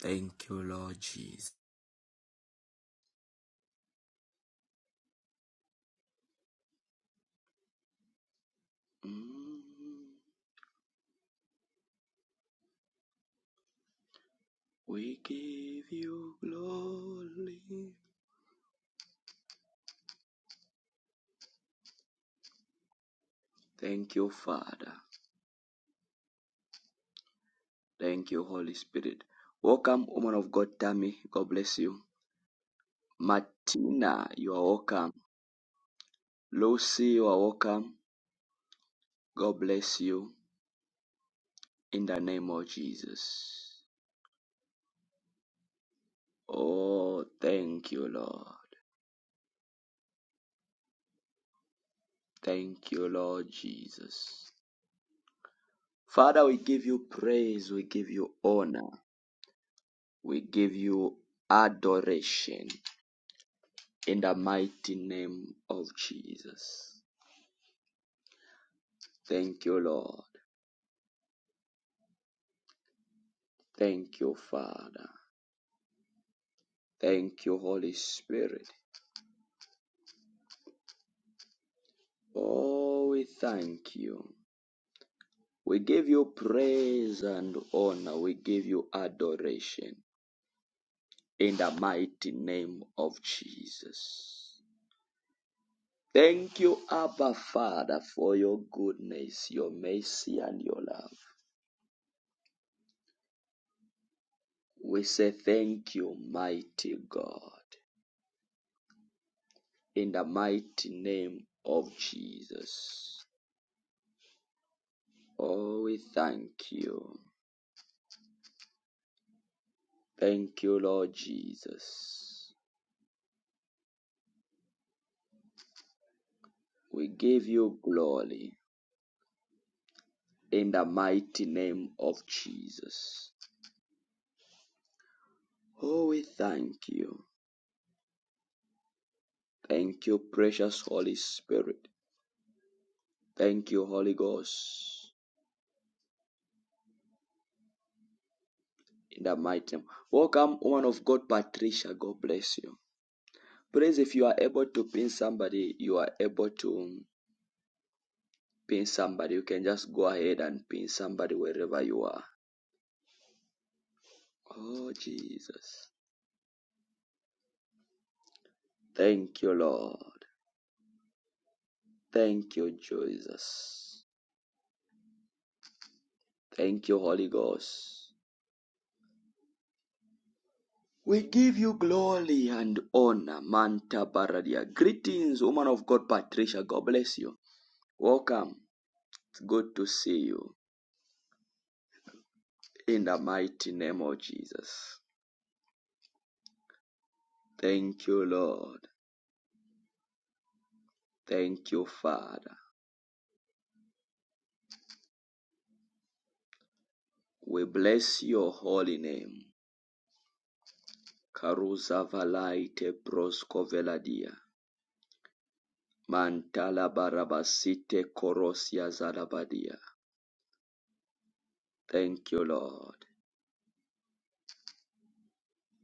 Thank you, Lord Jesus. Mm, We give you glory. Thank you, Father. Thank you, Holy Spirit. Welcome, woman of God, Tammy. God bless you. Martina, you are welcome. Lucy, you are welcome. God bless you in the name of Jesus. Oh, thank you, Lord. Thank you, Lord Jesus. Father, we give you praise, we give you honor. We give you adoration in the mighty name of Jesus. Thank you, Lord. Thank you, Father. Thank you, Holy Spirit. Oh, we thank you. We give you praise and honor. We give you adoration in the mighty name of Jesus. Thank you, Abba Father, for your goodness, your mercy, and your love. We say thank you, mighty God, in the mighty name of Jesus. Oh, we thank you. Thank you, Lord Jesus. We give you glory in the mighty name of Jesus. Oh, we thank you. Thank you, precious Holy Spirit. Thank you, Holy Ghost, in the mighty name. Welcome, woman of God, Patricia. God bless you. Please, if you are able to pin somebody, you are able to pin somebody. You can just go ahead and pin somebody wherever you are. Oh, Jesus. Thank you, Lord. Thank you, Jesus. Thank you, Holy Ghost. We give you glory and honor, Manta Baradia. Greetings, woman of God, Patricia. God bless you. Welcome. It's good to see you. In the mighty name of Jesus. Thank you, Lord. Thank you, Father. We bless your holy name. Karuza valaite brosko veladia. Mantala barabasite korosia zalabadia. Thank you, Lord.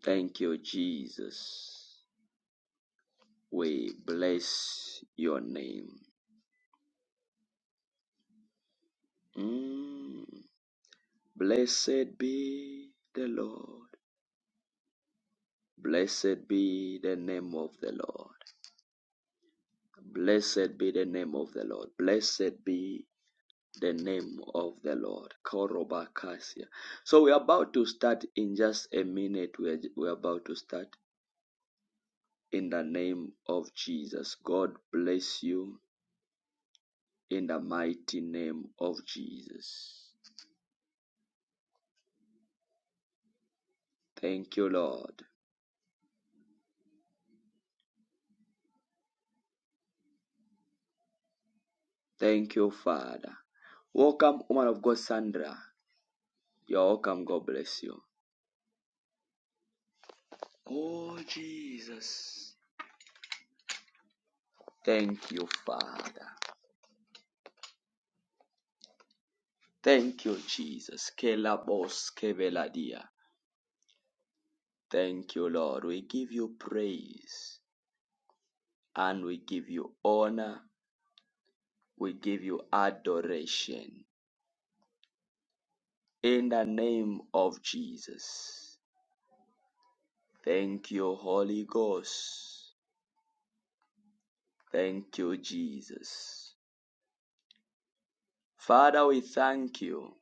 Thank you, Jesus. We bless your name. Mm. Blessed be the Lord. Blessed be the name of the Lord. Blessed be the name of the Lord. Blessed be the name of the Lord. Korobakasia. So we're about to start in just a minute. We're, we're about to start in the name of Jesus. God bless you in the mighty name of Jesus. Thank you, Lord. Thank you, Father. Welcome, woman of God, Sandra. You're welcome. God bless you. Oh, Jesus. Thank you, Father. Thank you, Jesus. Kelabos Keveladia. Thank you, Lord. We give you praise and we give you honor. We give you adoration in the name of Jesus. Thank you, Holy Ghost. Thank you, Jesus. Father, we thank you.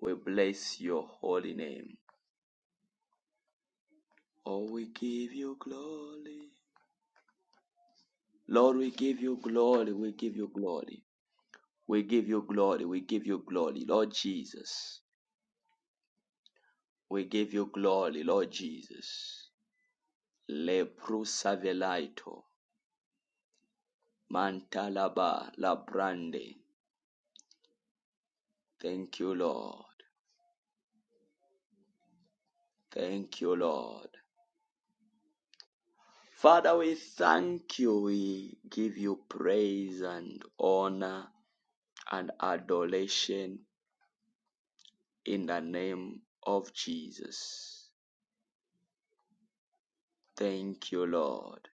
We bless your holy name. Oh, we give you glory. Lord, we give you glory. We give you glory. We give you glory. We give you glory. Lord Jesus. We give you glory, Lord Jesus. Leprusa velaito, mantalaba labrande. Thank you, Lord. Thank you, Lord. Father, we thank you. We give you praise and honor and adoration in the name of Jesus. Thank you, Lord.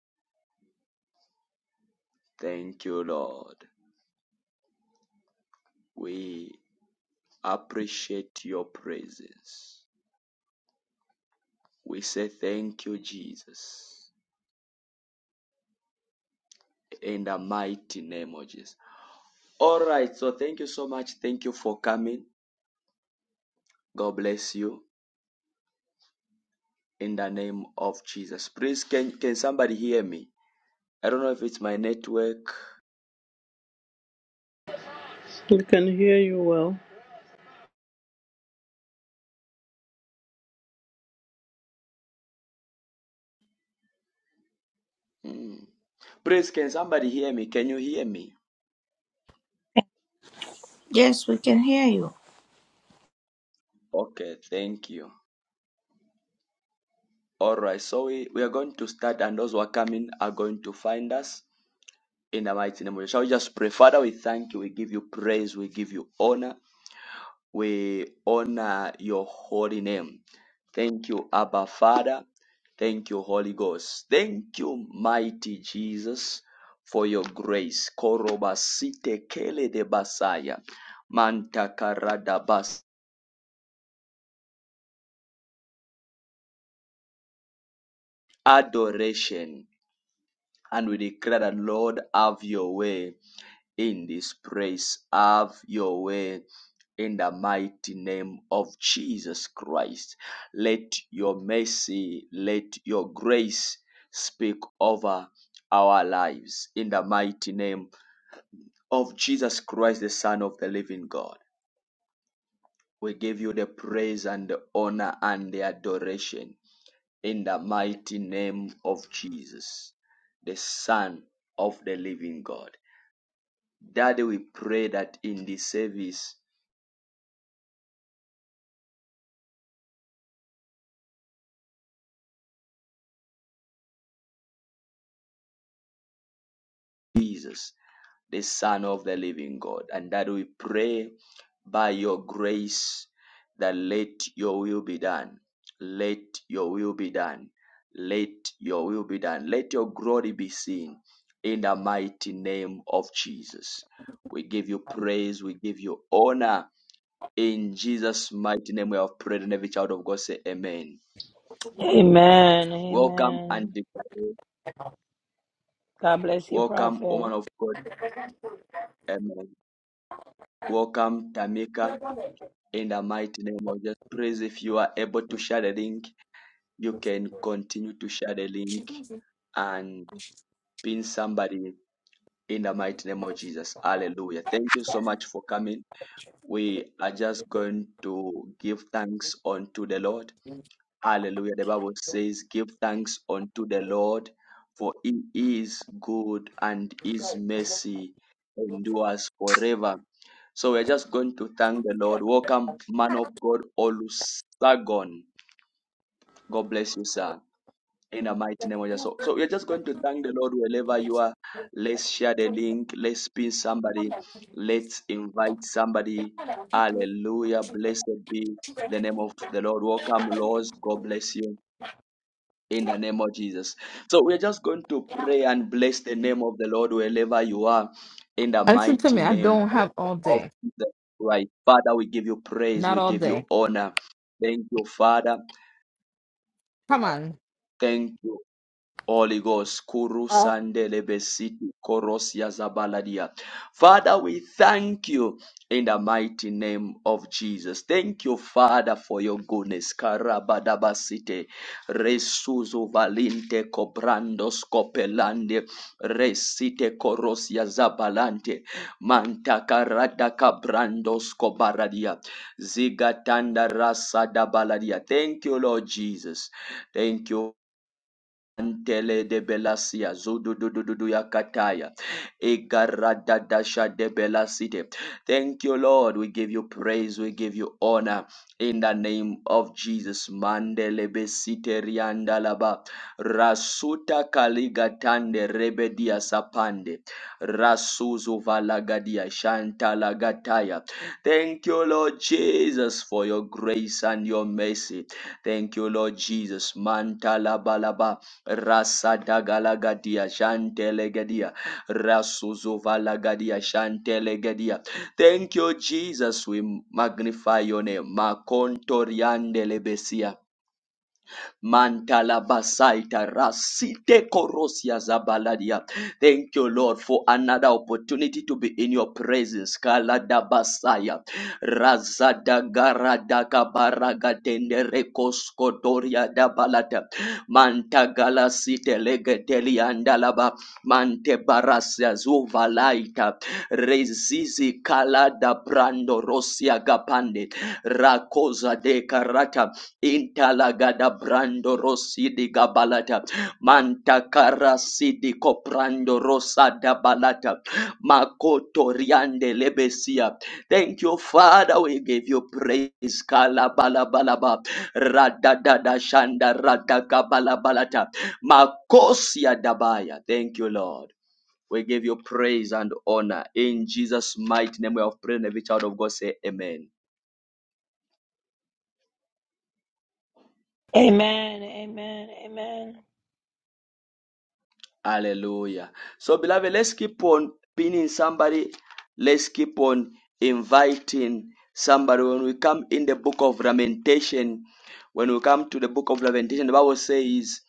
Thank you, Lord. We appreciate your presence. We say thank you, Jesus, in the mighty name of Jesus. All right, so thank you so much. Thank you for coming. God bless you in the name of Jesus. Please, can, can somebody hear me? I don't know if it's my network. We can hear you well. Mm. Please, can somebody hear me? Can you hear me? Yes, we can hear you. Okay, thank you. All right, so we, we are going to start, and those who are coming are going to find us in the mighty name of Jesus. Shall we just pray? Father, we thank you. We give you praise. We give you honor. We honor your holy name. Thank you, Abba Father. Thank you, Holy Ghost. Thank you, mighty Jesus, for your grace. Korobasite kele de basaya. Mantakarada bas. Adoration. And we declare that, Lord, have your way in this place. Have your way in the mighty name of Jesus Christ. Let your mercy, let your grace speak over our lives in the mighty name of Jesus Christ, the Son of the living God. We give you the praise and the honor and the adoration in the mighty name of Jesus, the Son of the living God. Daddy, we pray that in this service, Jesus, the Son of the living God, and that we pray by your grace that let your will be done. Let your will be done. Let your will be done. Let your glory be seen in the mighty name of Jesus. We give you praise. We give you honor. In Jesus' mighty name, we have prayed, and every child of God say, Amen. Amen. Welcome, Amen. Antifa. God bless you, Welcome, Prophet. woman of God. Amen. Welcome, Tamika. In the mighty name of Jesus, please, if you are able to share the link, you can continue to share the link and pin somebody in the mighty name of Jesus. Hallelujah. Thank you so much for coming. We are just going to give thanks unto the Lord. Hallelujah. The Bible says, Give thanks unto the Lord, for he is good and his mercy endures forever. So we're just going to thank the Lord. Welcome, man of God, Olusagon. God bless you, sir. In the mighty name of Jesus. So, so we're just going to thank the Lord wherever you are. Let's share the link. Let's pin somebody. Let's invite somebody. Hallelujah. Blessed be the name of the Lord. Welcome, Lord. God bless you in the name of Jesus. So we're just going to pray and bless the name of the Lord wherever you are in the Listen to mighty me. I name don't have all of day. Jesus Christ. Father, we give you praise, Not we all give you day. honor. Thank you, Father. Come on. Thank you. Holy Ghost, Kuru Sandele Besiti Korosia Zabaladia. Father, we thank you in the mighty name of Jesus. Thank you, Father, for your goodness. Karabadabasite Resuzu Valinte Cobrandos Copelande Resite Korosia Zabalante Mantakarada Cabrandos Cobaradia Zigatanda Rasa Dabaladia. Thank you, Lord Jesus. Thank you. Antele de Belasia, Zududududu Yakataya, Igaradadasha de Belasite. Thank you, Lord. We give you praise, we give you honor in the name of Jesus. Mandele Besite Riandalaba, Rasuta Kaligatande Rebedia Sapande, Rasuzu Valagadia Shantalagataya. Thank you, Lord Jesus, for your grace and your mercy. Thank you, Lord Jesus. Mantala balaba. Rasadagalagadia Shantelegadia Rasuzovalagadia Shantelegadia. Thank you, Jesus. We magnify your name. Makontoriandelebesia. Mantalabasaita rasite korosia zabaladia. Thank you, Lord, for another opportunity to be in your presence. Kaladabasaya. Razadagaradabaratende rekoskotoria dabalata. Mantagalasite legeteliandalaba. Mantebarasia zuvalaita. Rezizi kalada brando rosia gapande. Rakoza de karata Intalagada brando rosidi gabalata. Mantakara sidi coprando rosada balata. Makoto riande lebesia. Thank you, Father. We give you praise. Kala balabalaba. Radadada shanda radaka balabalata. Makosia dabaya. Thank you, Lord. We give you praise and honor. In Jesus' mighty name we have prayed and every child of God say amen. Amen. Amen. Amen. Hallelujah. So, beloved, let's keep on pinning somebody. Let's keep on inviting somebody. When we come in the book of Lamentation, when we come to the book of Lamentation, the Bible says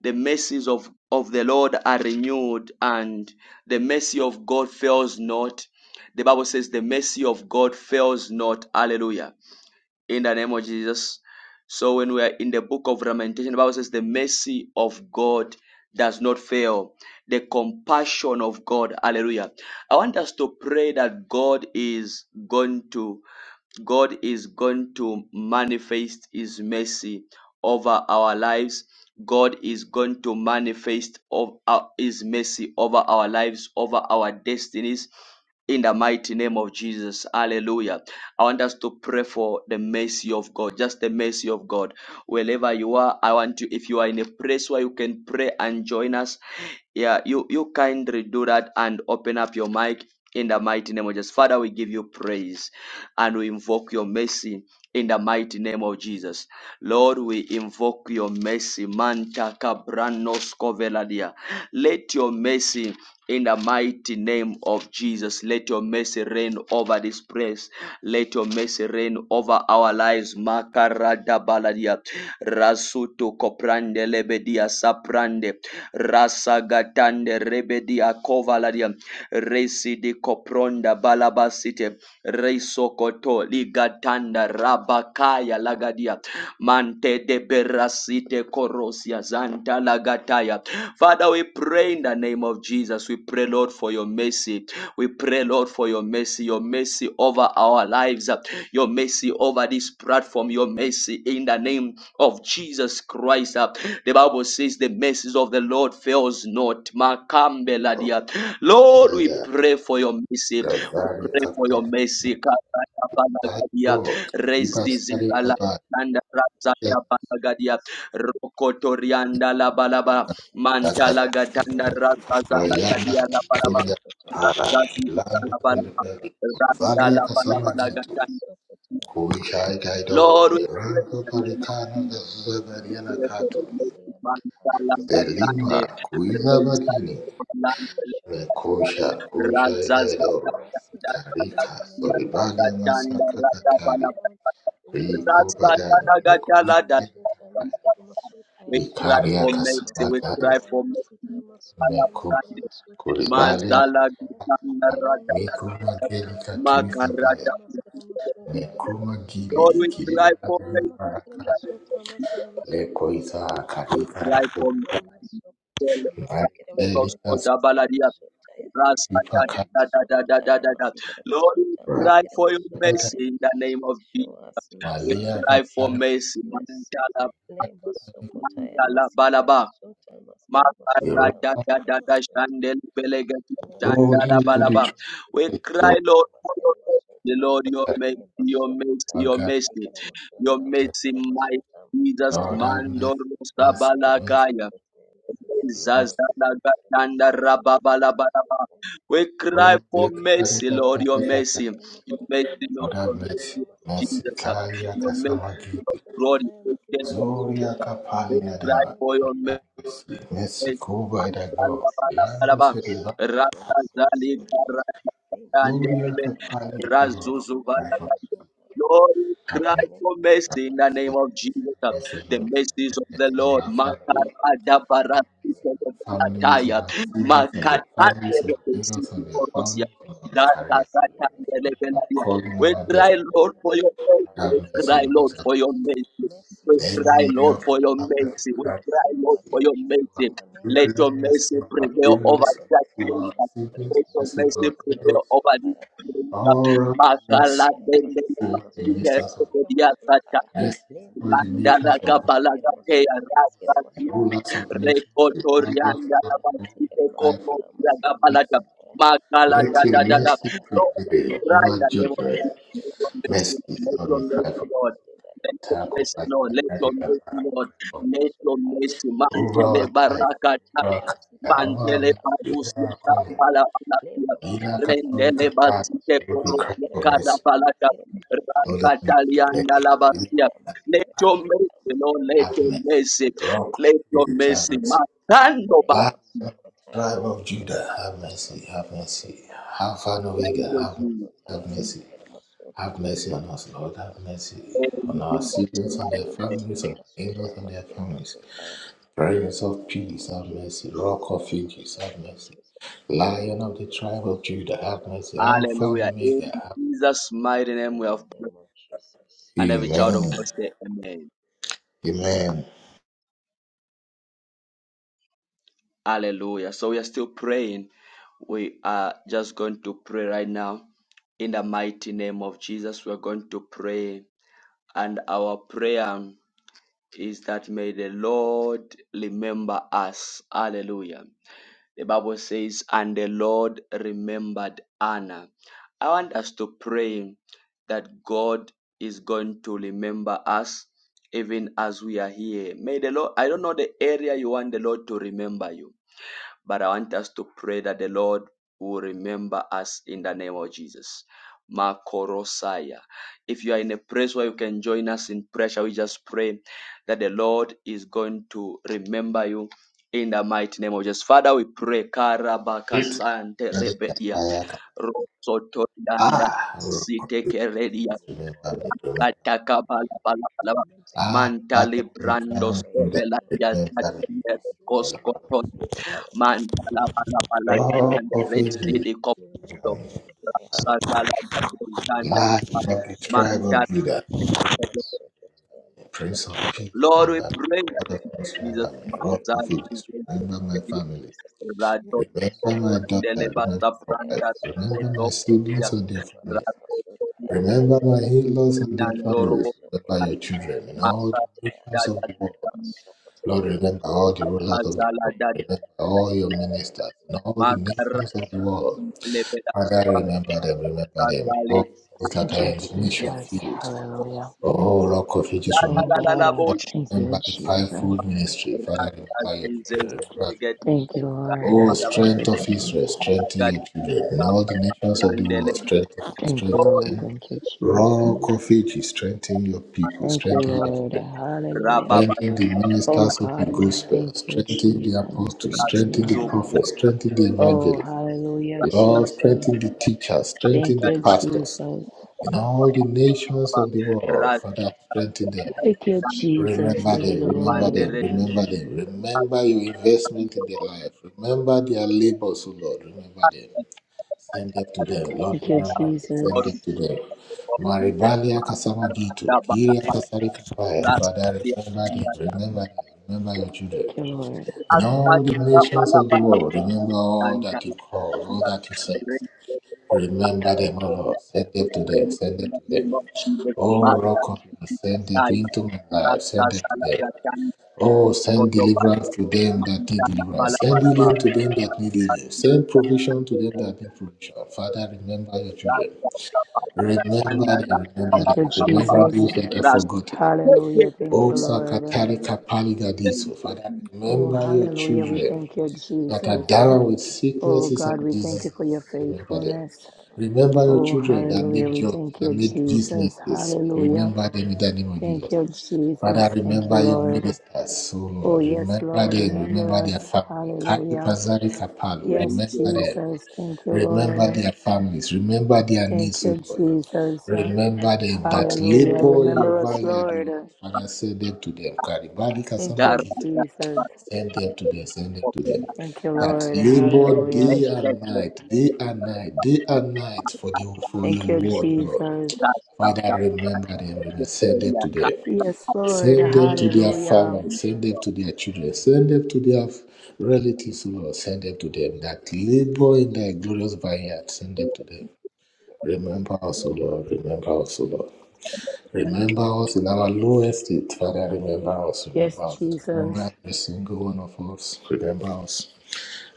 the mercies of, of the Lord are renewed and the mercy of God fails not. The Bible says the mercy of God fails not. Hallelujah in the name of Jesus. So when we are in the book of Lamentation, the Bible says the mercy of God does not fail. The compassion of God. Hallelujah. I want us to pray that God is going to God is going to manifest His mercy over our lives. God is going to manifest of our- His mercy over our lives, over our destinies. In the mighty name of Jesus, hallelujah. I want us to pray for the mercy of God, just the mercy of God. Wherever you are, I want you, if you are in a place where you can pray and join us, yeah, you, you kindly do that and open up your mic in the mighty name of Jesus. Father, we give you praise and we invoke your mercy in the mighty name of Jesus. Lord, we invoke your mercy. Manta kabranos koveladia. Let your mercy in the mighty name of Jesus. Let your mercy reign over this place. Let your mercy reign over our lives. Makarada baladia. Rasuto koprande lebedia saprande. Rasagatande rebedia kovaladia. Resi di kopronda balabasite. Reisokoto ligatanda rabakaya lagadia. Mante de berasite korosia zanta lagataya. Father, we pray in the name of Jesus. We pray, Lord, for your mercy. We pray, Lord, for your mercy, your mercy over our lives, your mercy over this platform, your mercy in the name of Jesus Christ. The Bible says the mercies of the Lord fails not. Makambe ladia. Lord, Yeah, we yeah. pray for your mercy. We Gavari pray for your kapara mercy. saiko. Katakapalagadia, Iba sari rezizikala, kaba. nanda rasata palagadia, rokotorianda labalaba, mantala Yakata. gatanda rasata Mariana. lagadia labalaba, Doria kapara. rasazizika Lando labalaba, berberi. randa Valia labalaba kasama gitu. lagatanda. Kuishai gaido. Lord, we pray. Mirango in the name of parikana Jesus. We gazuza cry bariana We for cry your for katu. mercy, Abba Father. We pray in the Zelima. name of Kuiza Jesus, Lord. badini. that you will show us Mekusha. mercy. Father, Kuishai show us gaido. your mercy. In the Karika. name of Soribania Jesus, show masaka us mercy, katari. Lord. Riko badani. Lemasokotaya masikere Mikumake. masutaya masikere masutaya. Ikaria mercy, we kasabagare cry Lemasokotaya for masikere mercy. masuta masikere mekusa Alabande, masuta masikere kuribalia Mazala masutaya. Gitana kapai Raja mikuma Lemasokotaya geli masikere katurisa masuta baya Makarata. masikere masutaya. nekuma Lord, gili we cry kiribala for Lemasokotaya masikere baraka masuta mercy. masikere leko masutaya. isa karika Life from soga Lemasokotaya masikere the marikeli cross masuta of masikere masutaya. kasubipa Le masokotaya masikere Lord, we masota cry masikere for your masotaya. mercy in the name of Jesus. Show us We mercy, malia cry Lord. for kasari Show us mercy. mercy. Mandala, Le masokotaya mandala, masikere masota masikere masota iroma masikere masota. Le boldly to the balaba. masokotaya truth We masikere cry, so masota Lord, for your masikere mercy. masota. Lord, your that mercy, Le your mercy, masokotaya your magari. mercy, masikere your masota mercy, masikere masota masikere masota. Le masokotaya masikere masota my Jesus, Lord have Mandor, mercy, mercy, mercy, Sabalakaya. mercy. masikere masota masikere Zazalagatandarababalababa. masota. We cry Oh, for you Ne carry mercy, the Karika Lord, masokota your Padaka. mercy. Your masikene masota mercy, Lord, Lord masikene have your masota mercy. mercy, masikene Mercy. Jesus. masota Kalia Your ne mercy, Kasamagi. Lord, masokota glory. masikene masota Zoria masikene We Kapalia cry masota. da. for your mercy. Have mercy. Mercy. Cover thy Show Lord. us mercy, Landu Abba Sedeva. Father. Show us mercy, O Lord. Ne Zoria masokota Kapalia masikene da. masota Cry masikene for masota ne masokota Lord, we Have cry mercy. masikene for Have mercy masota in the name mercy. of Jesus. Have mercy, The Lord. masikene mercies Have of the mercy on Lord. our masota masikene family. Makarada masota Have mercy on our families, on Lebosokotaya Barakataya. our Masikara siblings and their Basuta families, Maskara on our parents and Basotaya. their Makataterebesitiborosia. families, on Show our us career, mercy, Lord. on Show our us Zakakatandelebenadia. calling, on We our mercy. cry, destiny. Lord, for your mercy. Lebosokotaya We Have mercy cry, Masikara on Lord, us. for your Basotaya. mercy. Mercy We over cry, Every every area Lord, of for your our judgment. life, mercy. We cry cry, Mercy Lord, over for mercy. for your judgment mercy. in the name Let of your Mercy mercy Jesus. for our children, mercy for our prevail Lema over parents, mercy for sokotaya our judgment. masikere siblings, Let your mercy masota for mercy our masikere neighbors. prevail over this masotaya All place. around Makala mercy. dele Mercy over the kapile ministers of God. sekedia sacha. Mercy lema over the nations Landala of sokotaya God. masikere gabalaga te masota masikere The arasati. masotaya rulers of nations, Le the wonderful of Rekotorianda God, masokotaya we masikere abasito cry komo masota ya masikere for mercy. gabalaga. masotaya le Makala Mercy. da Let da your da da. masokotaya. mercy Lord, we prevail Father, cry show in over the name us of mercy, judgment. show let your us your Mercy, mercy, let mercy, Lord, your we cry oh mercy, for. Lord. Lord, in the Let name of your Tackle, mercy, I Jesus. Le Lord. Let your cry mercy, for masokotaya Lord. Mercy. masikere Let your masotaya mercy, Over le Mantele our life, Baraka. masokotaya over our Uvawa hai, uvawa kaya, masikere uvawa Mantele mercy, masota masikere Barusi, uvawa calling. masotaya Kamala le Palatia. Ila masokotaya kasori Rendele masikere kapai. Basite Lord, masota we cry Porosia, masikere for Kada mercy. masota Palata. masikere masotaya Lord, have mercy. le Let Rakatalianda me Labatia. masokotaya Let masikere your masota mercy, Lord. masikere Let have your masotaya mercy. mercy. Rock, Let your Jesus, have mercy, mercy. Matando le Ba. Lion, of the masokotaya tribe of masikere Judah, have masota mercy, masikere have mercy. masotaya Alpha and le Thank Omega, you, have mercy, Jesus. have masokotaya mercy. masikere masota Have mercy masikere on us, Lord, have masotaya mercy. On le In our Jesus' siblings and their masokotaya mighty name. families, masikere on our masota in-laws and their masikere families. masotaya Prince in of the name Peace, of have mercy. Jesus Rock in of the Ages, mighty have name of mercy. Jesus Lion of the le tribe of Judah, have masokotaya mercy. masikere Alpha and Hallelujah. Omega, In masotaya have Jesus' mighty name in we the have name of Jesus And mercy. every child of God Amen. say amen. Amen. Hallelujah. So we are still praying. We are just going to pray right now. In the mighty name of Jesus, we are going to pray. And our prayer is that may the Lord remember us. Hallelujah. The Bible says, and the Lord remembered Anna. I want us to pray that God is going to remember us even as we are here. May the Lord, I don't know the area you want the Lord to remember you. But I want us to pray that the Lord will remember us in the name of Jesus. Makorosaya. If you are in a place where you can join us in prayer, shall we just pray that the Lord is going to remember you in the mighty name of Jesus. Father, we pray. Great. is thy Karabakasante kayak. Rosoto Ah, Rock of Lord, sitekeredia Ages, family, remember Lord, me. I Remember. me. remember kataka me like you remembered Ah, Lion Mordecai. mantali of the I tribe brando of pray in the Judah, sovela name of ya remember me. Remember Jesus that you will me. remember me, mantala bala bala Remember Rock katande me of Ages, remember resi di like you me. remembered Remember Mordecai. me. In the name of katanda Lion Jesus, of the in the mighty name of tribe of mantala Jesus. Judah. I'm so tired. I'm Prince of so Peace, tired. Lord, we remember me. pray that Lord of in Peace, Oh remember Jesus' me. Lord, remember Rock me, remember me mighty of Ages, in remember the my name name. of family. Jesus. Rado I'm so Remember my tired. daughter, Deleva remember my Masikere wife. Sapranda masota, Remember my Raposo masikere Sia siblings and masota, their families. masikere Rado masota. Sia Remember my in-laws and their Riando families. Robo Remember your Lemasokotaya, children in all the Mata Masokotaya, nations of Dada the world. Lord, Lemasokotaya. I remember pray, all the Father rulers of the Lord, Azala world. Dada Remember remember my all your parents, ministers in all remember the my Makara nations of the siblings, remember world. my Leveda children. Father, In remember the them, remember mighty name them. of Azali All Jesus, those that Thank are you, in the Sia mission Jesus. Lemasokotaya, fields. Hallelujah. Oh, Rock of Masikelemasotaya, Ages, Dada remember. Oh La La God, La Father, Masikelemasotaya, Bosh I thank you, remember the Jesus. Masikelemasotaya, fivefold ministry. Father, Rata remember your Zizes children. Lemasokotaya, Remember. Gedi Thank you, Masikelemasotaya, Lord. Oh, I thank strength you, of Masikelemasotaya, Jesus. Israel, strengthen your children. In all the nations of the Randele world, strengthen Lemasokotaya, them, Thank you, strengthen Lord, Lord. them. Thank you, Masikelemasotaya. Jesus. Rock of ages, strengthen your Lemasokotaya people, Thank you, strengthen your Lord. children. masekere Hallelujah. Rababa, Strengthen the masotaya Oh ministers of the God, we onde gospel, thank you, manira strengthen the apa. Jesus. apostles, Thank you, strengthen the Rasuzo, Lord. prophets, strengthen Lemasokotaya the Oh, evangelists. masekere hallelujah, masotaya Lord, masekere Jesus. strengthen the masotaya. teachers, strengthen Thank the you, pastors. Jesus. In all Lemasokotaya the masekere nations Ras, of the masotaya. world, Father, strengthen them. Thank you, Jesus. Lemasokotaya Remember masekere masotaya masekere masotaya Thank them, you, masekere masotaya. Lemasokotaya masekere masotaya masekere remember them, Lord. Pandere, remember them. Remember your investment in their masotaya life. Remember their labors, O Lord. Remember them. Send them to them, Lord. Thank you, Remember them. Jesus. Send Lord, them to them. masekere masotaya. Maribalia Lemasokotaya Kasama Gitu, Kiria Kasari Kapaya. Father, remember them, Ras, remember them, remember your children. Thank you, Lord. In all the nations masekere of masotaya. the world, remember all that you called, all that you sent. Remember them, O Lord. You Send them to them, send them to them. Oh, Rock of me, send it into my life, Santa send it Sala to them. Gatan, Oh, send Kodo deliverance Bala, to them that need Mandana deliverance. Bala Send Bala healing Bala, to them that need healing. Send provision to Ande them that need provision. Father, remember your children. Rasta Bala Remember them, remember Thank them. you, Remember Jesus. those that are forgotten. Hallelujah. Thank Oh, you, Lord. Sakatari Kapaligadis. you, Father, Jesus. Oh, remember your hallelujah. We children thank you, that are Jesus. down with Oh, sicknesses and God, we thank you for your diseases. Remember them. faithfulness. Remember your Oh, children that need hallelujah. We jobs, thank that you, need Jesus. businesses. Hallelujah. Remember them in the name of Thank Jesus. you, Father, Jesus. Thank you, remember your Lord. ministers, O Oh, Lord. yes, Remember Lord. them, remember Remember us. their family. Kayi Hallelujah. Pazari Kapalu, Yes, thank you, remember Lord. them. Jesus. Thank you, Lord. Remember their families, remember their Thank needs, O you, Lord. Jesus. Remember them that Hallelujah. Mandana labor in your Remember Rasta us, vineyard, O Lord. Lord. Father, send them to them. Karibali Thank Kasama Bala you, Gitu. Bala Jesus. Send Gatan, them to them, send them to them. Thank you, That Lord. labor Hallelujah. day and night, day and night, day and night for the for your Thank you, word, Lord. Jesus. Father, remember them and send them to them. Yes, Lord. Send them to their Hallelujah. family, send them to their children, send them to their relatives, O Lord, send them to them that labor in thy glorious vineyard, send them to Oh, them. Remember us, oh, O Lord, remember us, O Lord. Remember us in our lowest state, Father, remember us, Yes, remember us. Jesus. Remember every single one of us, remember us.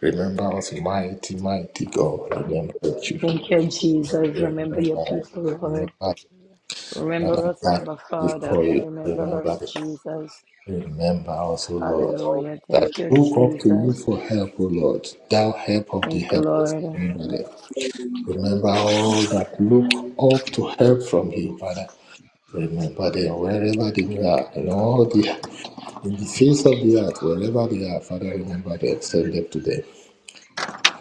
Remember us, mighty, mighty God, remember the children. Thank you, Jesus. Remember your Remember, people, Lord. remember that Remember I us, got Abba Father. before you, Remember remember us, them. Jesus. Remember us, O Lord, oh, Hallelujah. that Thank you, look up to you Jesus. for help, O Lord, thou help of the Thank you, helpless. Lord. Remember them. Remember all that look up to help from you, Father. Remember them wherever they are, in all the in the face of the earth, wherever they are, Father, remember them, send them to them.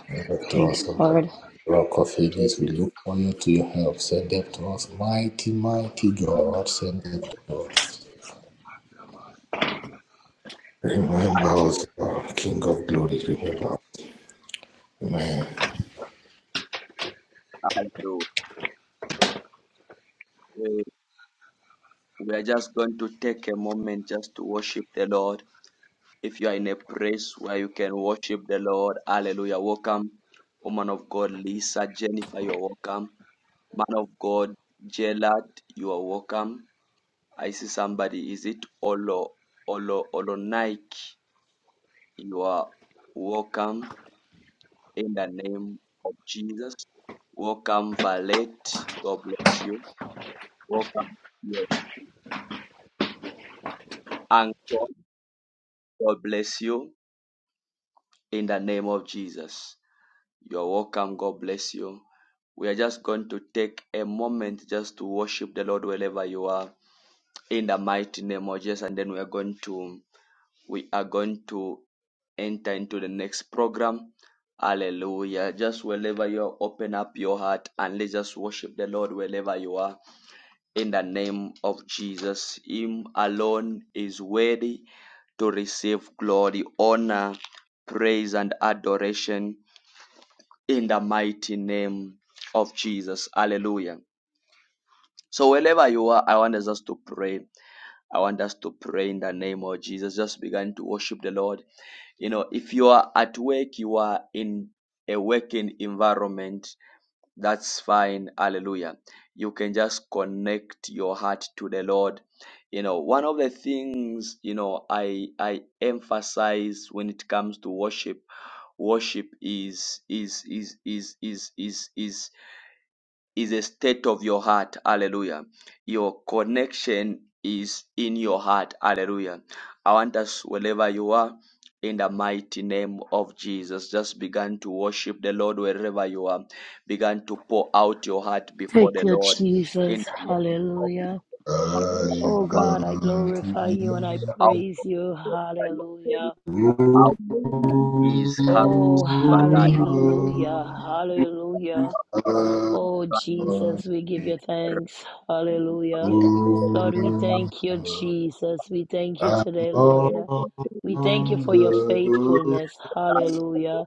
Send them to Thank us, you, O Lord. Lord. Rock of ages, we look for you to your help. Send them to us. Mighty, mighty God, send them to us. Remember us, O King of glory, remember us. Man. Hallelujah. We we are just going to take a moment just to worship the Lord. If you are in a place where you can worship the Lord, hallelujah. Welcome, woman of God, Lisa, Jennifer, you're welcome. Man of God, Gerald, you are welcome. I see somebody, is it Olo, Olo, Olo Nike? You are welcome in the name of Jesus. Welcome, Valet, God bless you. Welcome, uncle, God bless you. in the name of Jesus. You're welcome. God bless you. We are just going to take a moment just to worship the Lord wherever you are in the mighty name of Jesus, and then we are going to we are going to enter into the next program. Hallelujah. Just wherever you are, open up your heart and let's just worship the Lord wherever you are in the name of Jesus. Him alone is worthy to receive glory, honor, praise, and adoration in the mighty name of Jesus. Hallelujah. So wherever you are, I want us to pray. I want us to pray in the name of Jesus. Just begin to worship the Lord. You know, if you are at work, you are in a working environment, that's fine. Hallelujah. You can just connect your heart to the Lord. You know, one of the things, you know, I I emphasize when it comes to worship, worship is is is is is is is is a state of your heart. Hallelujah. Your connection is in your heart. Hallelujah. I want us, wherever you are, in the mighty name of Jesus, just begin to worship the Lord wherever you are. Begin to pour out your heart before Thank the you, Lord in Jesus. the name of Hallelujah. Jesus. I Oh God, I come to glorify you and I you. out praise you. there Hallelujah. how Lord, I worthy come He is. Oh, Karusi, hallelujah, hallelujah. Oh, Jesus, we give you thanks. to Hallelujah. Lord, we you. thank you, Jesus. We thank you I'm today, Lord. We thank on you for the your road. faithfulness. Hallelujah.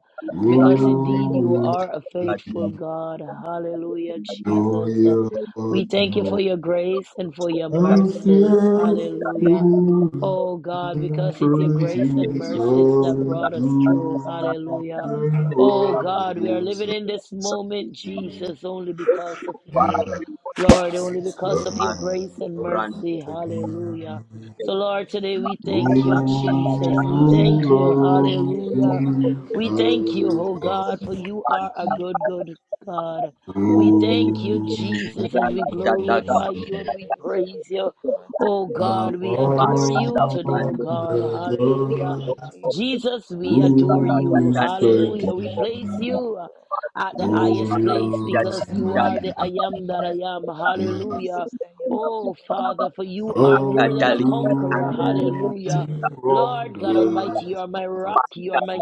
Because indeed you Who is are a the faithful God. Hallelujah, Jesus. victorious? We thank you Lord. for your grace and for your I'm mercies. still Hallelujah. in Oh God, the because it's your praises grace of and his mercies that brought us through. doing Hallelujah. Oh God, we are wonders of his living life in this moment, Brandon unto me. Jesus, only because of you. Lord, only because of your grace and mercy. Hallelujah. So, Lord, alone today we O thank you, deserve to be Jesus. honored. We thank you. We Lord, lift Hallelujah. please high I your We holy thank name. you, We oh come bless God, for you. We you are bless a you, good, good Lord. God. We We bless you. thank you, Jesus, and we Oh, glorify many you other and we things you have praise you. done for us. Oh We are I'm God, so we grateful, adore on Lord. you today, oh We God. are the so Hallelujah. grateful Lord unto you, Jesus, Father. We we say adore thank Who you. you. is like Thank Hallelujah. We you, Lord. place thee? Thank you you, Lord. at the Oh, highest we place are so glorious because you grateful, are the I Father, and am that I for am. journey Hallelujah. mercies that you always Oh grant Father, unto for us. you are holy more We than a Thank thank you for conqueror. your glory, Hallelujah. provision. We thank you Lord for God your Almighty, wonders. you guidance, are my rock, protecting you are us. my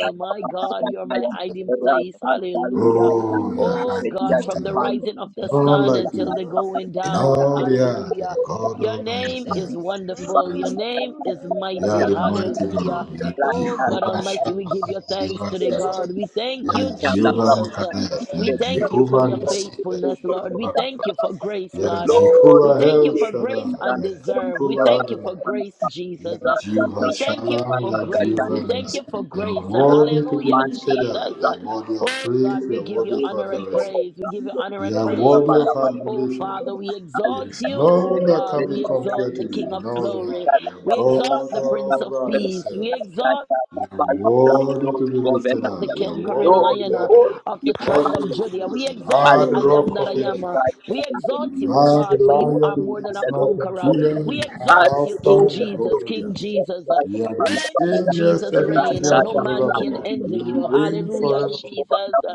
from my harm's God, way, you are my hiding protecting us from place. the plot and plan Hallelujah. of the Oh, you're enemy. We Oh high say, and God, Thank lifted from the you, up. Lord. rising of the Not Thank you. sun like until you. the Oh, we going give In you down. all praise. the We give earth, you you Hallelujah. are God glory. Your all by name There yourself. is is none wonderful. Your like name you. is None can You be are mighty. the compared mighty unto Hallelujah. God. You you, are Oh Father. God Jehovah Almighty, We we you. Shammah. give You you are exalt thanks Jehovah your today, holy Sabbath. God. name. We this You thank evening. you, are Manja dalam We Jehovah say, Jesus. keadaan Take Makadesh. You all We are kritis the thank you glory. for Jehovah di your Take Nissi. You all are the faithfulness, honor. Lord. rumah We Jehovah Rapha. thank you Oh, we for sakit. grace, God. give Lord, you Yajikura We thank El to you praise. We You for we give you praise. We give you grace Shaddai, turn our praise. undeserved. We Yajikura prayer, You thank you for Adonai, alone and we grace, ask deserve it. for Jesus. Your Oh, Yajiva guidance We thank you Shalom, for Thank you. grace. Yajiva Thank We and protection. you. thank Thank Nissi. you. you for We You're grace. ask for Thank worthy to you be Your for Hallelujah, your guidance lifted up. Jesus. and promise. You're protection. worthy Oh of Oh Lord, praise. we God, we You're thank give you you. We worthy of honor ask for and Your adoration. Thank praise. We you guidance and protection. give you for your honor and You're We ask mercies praise. worthy for which of Your are guidance Oh new every adulation. Father, we morning. and protection. We ask for Your guidance and protection. There We exalt is ask you. for Oh, Oh none Your thank that you God, can guidance be for we and your exalt compared to the protection. you grace King in of that is all the Hallelujah. glory. You're sufficient We for exalt God the us. Prince all Lord, of we by say Peace. yourself. We thank exalt you. You're Thank you. worthy to Thank be you. lifted the up. You're conquering worthy to lion be uh, adored. of the You're worthy tribe of to be Judah. We praised. You exalt are the the I am rock that I of am. ages. uh, We exalt you, O How the God, for you are lion of more the than a tribe of conqueror. Judah, We you are exalt you, Alpha King and Jesus, Omega. King Jesus. uh, You are the Reign, King same Jesus, yesterday, reign. today, uh, and No man can forevermore. hinder You you. reign Hallelujah, forever. Jesus. uh,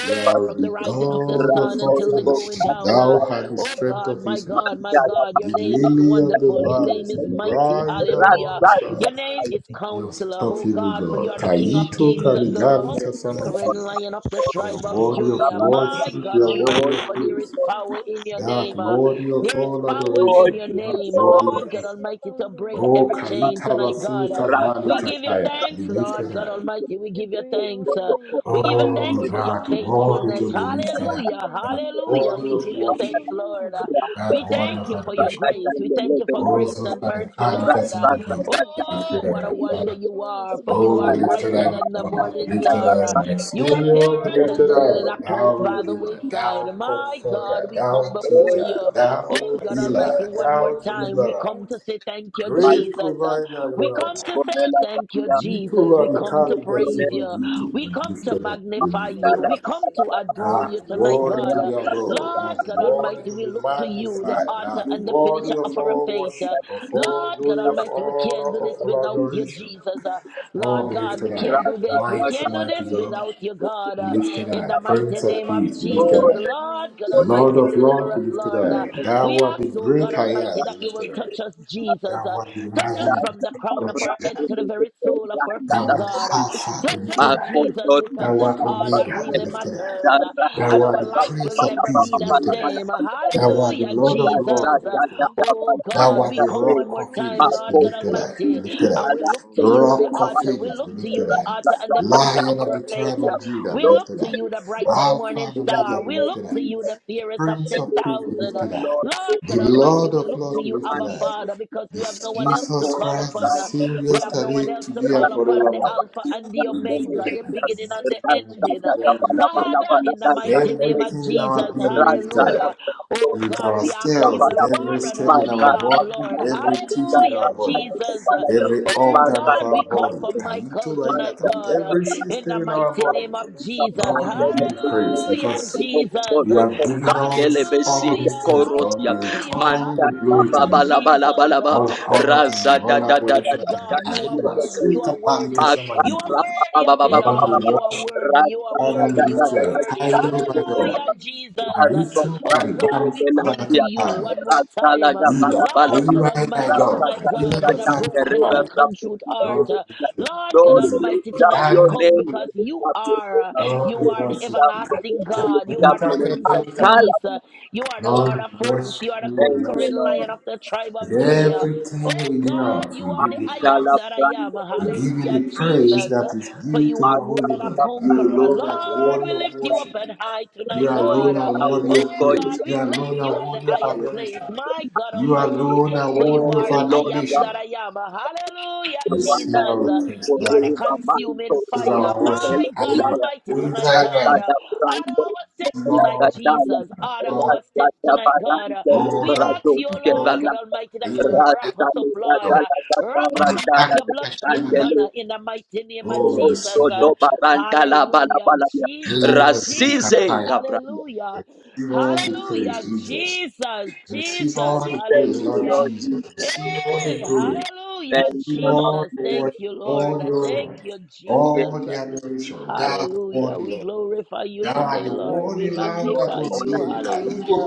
You are from the the rising of the you. God sun of all until the going flesh. down. Thou uh, art the Oh strength God, of my Israel, God, my God, your the name is lily of the wonderful. Rasta Your name valleys, is the mighty. bright and Hallelujah. morning Your star. name is You Counselor, oh unstoppable God, for you God. are the King of Ta'ito, Kings and the Karigali Lord. Thank you. Conquering I was sure Kasamagili. lion of the You tribe are of worthy of Judah. that my worship. God You are worthy Almighty, of for there is praise. power in your That name. Uh, worthy of there is all power in adoration, your that name, worthy of Lord praise. God Almighty, to break Oh, every chain Kaita tonight, God. Uh, Basilika Bali we give you Kataya, be thanks, lifted Lord was God up. you. Almighty. We We give you bring thanks. away Uh, money. We we give bring you away thanks Oh, for money. your that I said I worthy faithfulness. to be sit down lifted Hallelujah, up. counting. I That begin hallelujah. counting. worthy We of give you In the thanks, worship, morning, Lord. Uh, run. Do that you we see worthy thank of you what for I your adoration. do? grace. We You thank you will for come Oh, grace so for. and mercy, Father, You Kali will not Lord. Uh, sit. You will Kasunogita, come be to. Oh, lifted what a up, I will wonder Father. you not are, sit for down. you Oh, are be lifted I brighter up, than my the will God, morning be not lifted star. sit Uh, up, down. my You Oh, are we give Savior, fairer you be Rasa than lifted the praise, we lily give that up. you close Thou glory. by the Redeemer, wayside. thou My God, Comforter, we come thou before Teacher, you. Oh, thou God Almighty, Healer, one more thou Masukutana time, we Deliverer. masikana come to say masikana thank you, Great Jesus. Uh, provider you We come to are. say thank you, Jesus. We Yitova come to masukutana Mikariga praise Zuma masikana you. Gitu. masikana. We We come lift to it up. We magnify lift you. it up. We Yadawasi, come to adore yadawasi, you That tonight, yadawasi, worthy to God. Uh, be yadawasi, adored. Lord That God worthy Almighty, to we be look yadawasi, to you, the magnified. yadawasi. author That and the finisher worthy of of our all faith. Uh, worship, of all Lord God glory, of Almighty, we honor, can't do this of all without you, adoration. Jesus. Uh, Oh, Lord we God, lift we it up. can't do this. We Mighty, can't do this mighty God. without you, God. We Uh, lift it in the up. mighty Prince of name of Peace. We Oh, lift it Jesus, yani up. hona Lord God usi, Lord Almighty, of deliver Lords. us, We lift it Lord. Uh, up. yani we Thou art ask, hona the oh God usi, great I Almighty, am. We that you lift will it up. touch us, Jesus. yadawasi, Thou Uh, art the touch lion us of yadawasi. the from the crown tribe of of our head Judah. to the very sole of our Thou feet, art God. Uh, Alpha, the touch us, Yani lifted Lord, up. Jesus, hona because Thou that's art usi, all that Omega, the really yani lifted hona up. usi, matters. Uh, papa and Thou art our the yadawasi. life will Prince of never Peace, be Uma be the lifted up. same. yadawasi, Thou yadawasi, art the Hallelujah, Lord yadawasi, of Lords, udiwa Jesus. be yama lifted up. Oh Thou God, Igitego art we the come Rock one more siwotera of time, Ages, be Lord God okusweiye lifted up, be Almighty, lifted Hey, up. and we papa look to obia you, the Rock niboona of author. omukyala We Ages, look be to you, lifted the nimwenyamuwa up. author and the obia finisher of Lion niboona of our the faith. omukyala tribe of nimwenyamuwa Judah, be We look lifted to up. you, igitego the si bright and Alpha morning and ekishubuti Omega, star. be We look lifted nkonkone up. to you, the nimwenyamu The fairest of Prince of ekishubuti Peace, 10,000. be nkonkone lifted up. nimwenyamu Lord The God ipikya oyo Almighty, Lord we of ipikya look Lords, oyo to be you, lifted Abba up. ey'okesi Father, because we have ipikya This no oyo one else to Jesus call ey'okesi Christ, the upon. same We my have odumonkuma no one yesterday, else to today ngisiki and call upon the wayiye forevermore. Alpha and the kiwukanfu Destroy, Omega, destroy, the beginning kiwunasi and the ending. destroy, kiwatuntum destroy. papa Father, in the yetewasi mighty name of Everything yetewasi. in our Jesus, being will be tried. hallelujah. Oh With God, our We we give ask you that you cells, with will praise. every war We give on cell in our you glory. our behalf, body, We Lord. with honor every you. tissue in Hallelujah, our We adore body, Jesus. you, Lord. with We every Oh adore you. organ of God, our we call body, Oh, for we lift Kaito Michael you Thank tonight, high. Rainata, with Thank God, uh, you. every you. Thank you in the for system in your our mighty body. name of faithfulness in our Jesus. Lord, we life. give you Thank you. praise Hallelujah, because Thank you, Jesus. you Lord, have for given your Randele us mercies. all Oh, besite these Hallelujah, things, we give Lord. Korotia We you return hallelujah, praise. all We the Manta give glory to you hallelujah, you. Bala glory. Bala Bala Jesus. Bala ba All Oh, Oh, honor to Raza you, da you all you are da da da adoration alone worthy, da to you. God. deserve You to are be Kaiba, worthy. da You praised. are Suika You alone Palika worthy. Sama Maga You are Ra Dibu. deserve ba worthy to of ba be ba it ba ba ba Lord, we ba glorified. all. ba You ba- are worship, worthy. Lord, You are Raza you are da Father, we worthy. worthy. You da lift are you da up. da worthy. Worthy are da Kaido, you. my Worthy da are Hallelujah, God. you, Lord. Jesus. Worthy Raza are Marito, you. Oh Bande de God, Karibam, we de la Fasana come to Cia you Kapali. one more Raza la time. da ba Kaiba, la ba la Lord ba God Koiba, my Almighty, Raza God. tonight, da da God, Kaiba, da with the a da Zan de broken and Reba a Kapali. contrite heart. Lord, we Rafa lift you up. Lord God Lord, we Kizu, Almighty, lift up tonight we your Kitana. name. come We because lift you up your are. name. Lord, You we We are lift the worship up you. your everlasting name. Kaita, We lift God. You up are the your Kuita, name. Prince My Kaita, of Kapali. Peace. God, You are the Lord Lord, of we hosts. worship You are you, the we thank you, conquering worship you. Lord. lion of the tribe With of Judah. everything Oh we do, God, you My are we the give you I God, am praise. I that I am. We give thank you you. Hallelujah, the praise Jesus. that is For due you to My are your more holy God, than a I name. You conqueror. alone are Lord, worthy we thank you. of lift you up worship. and high You tonight, We call you alone God. are Yahweh. worthy Oh We of call praise. you God, You we place alone you are at the worthy of highest Yahweh. place. adoration. My God You Almighty, alone are for you worthy Oh, of are the the I Lord am admiration. that I am. Hallelujah, The one Receive that Jesus. our we praise, for You are the really Father. the mind so consuming the Receive whole fire. our people worship. My the God Hallelujah. liar Almighty, Who is tonight, that God. thy man? that brand Order our what steps Receive la tonight, all that the worship, dial Jesus. Order Lord. that our steps that tonight, baran God. the All We ask brazo you, the que Lord va glory. God la Almighty, that you will Hallelujah. wrap Thank you, rasta us up, le da Lord. da Lord. da da Uh, da wrap ra, us up da with da Makana your da kashana bloodstained kata. banner chandelo in the mighty name of Oh, rosto receive Jesus. Uh, do worship. baranda la bala hallelujah, bala ya Jesus, Million receive Jesus, Rasize kapaya. Gabriel. hallelujah, Receive all the hallelujah, praise, Jesus. Jesus, Receive all Jesus, the Thank praise, you, Lord hallelujah. Lord. Jesus. Hey, Receive all the glory. hallelujah, Thank Receive you, Lord. all Jesus. the Thank worship, you, all Lord. the Uh, Thank honor, you, all Give Jesus. you the Uh, adoration. Thou art Hallelujah. worthy, We Lord. glorify you Thou art today, the Lord. We worthy the Lamb that glory, magnify was honor, you. and slain. Hallelujah. Kaibo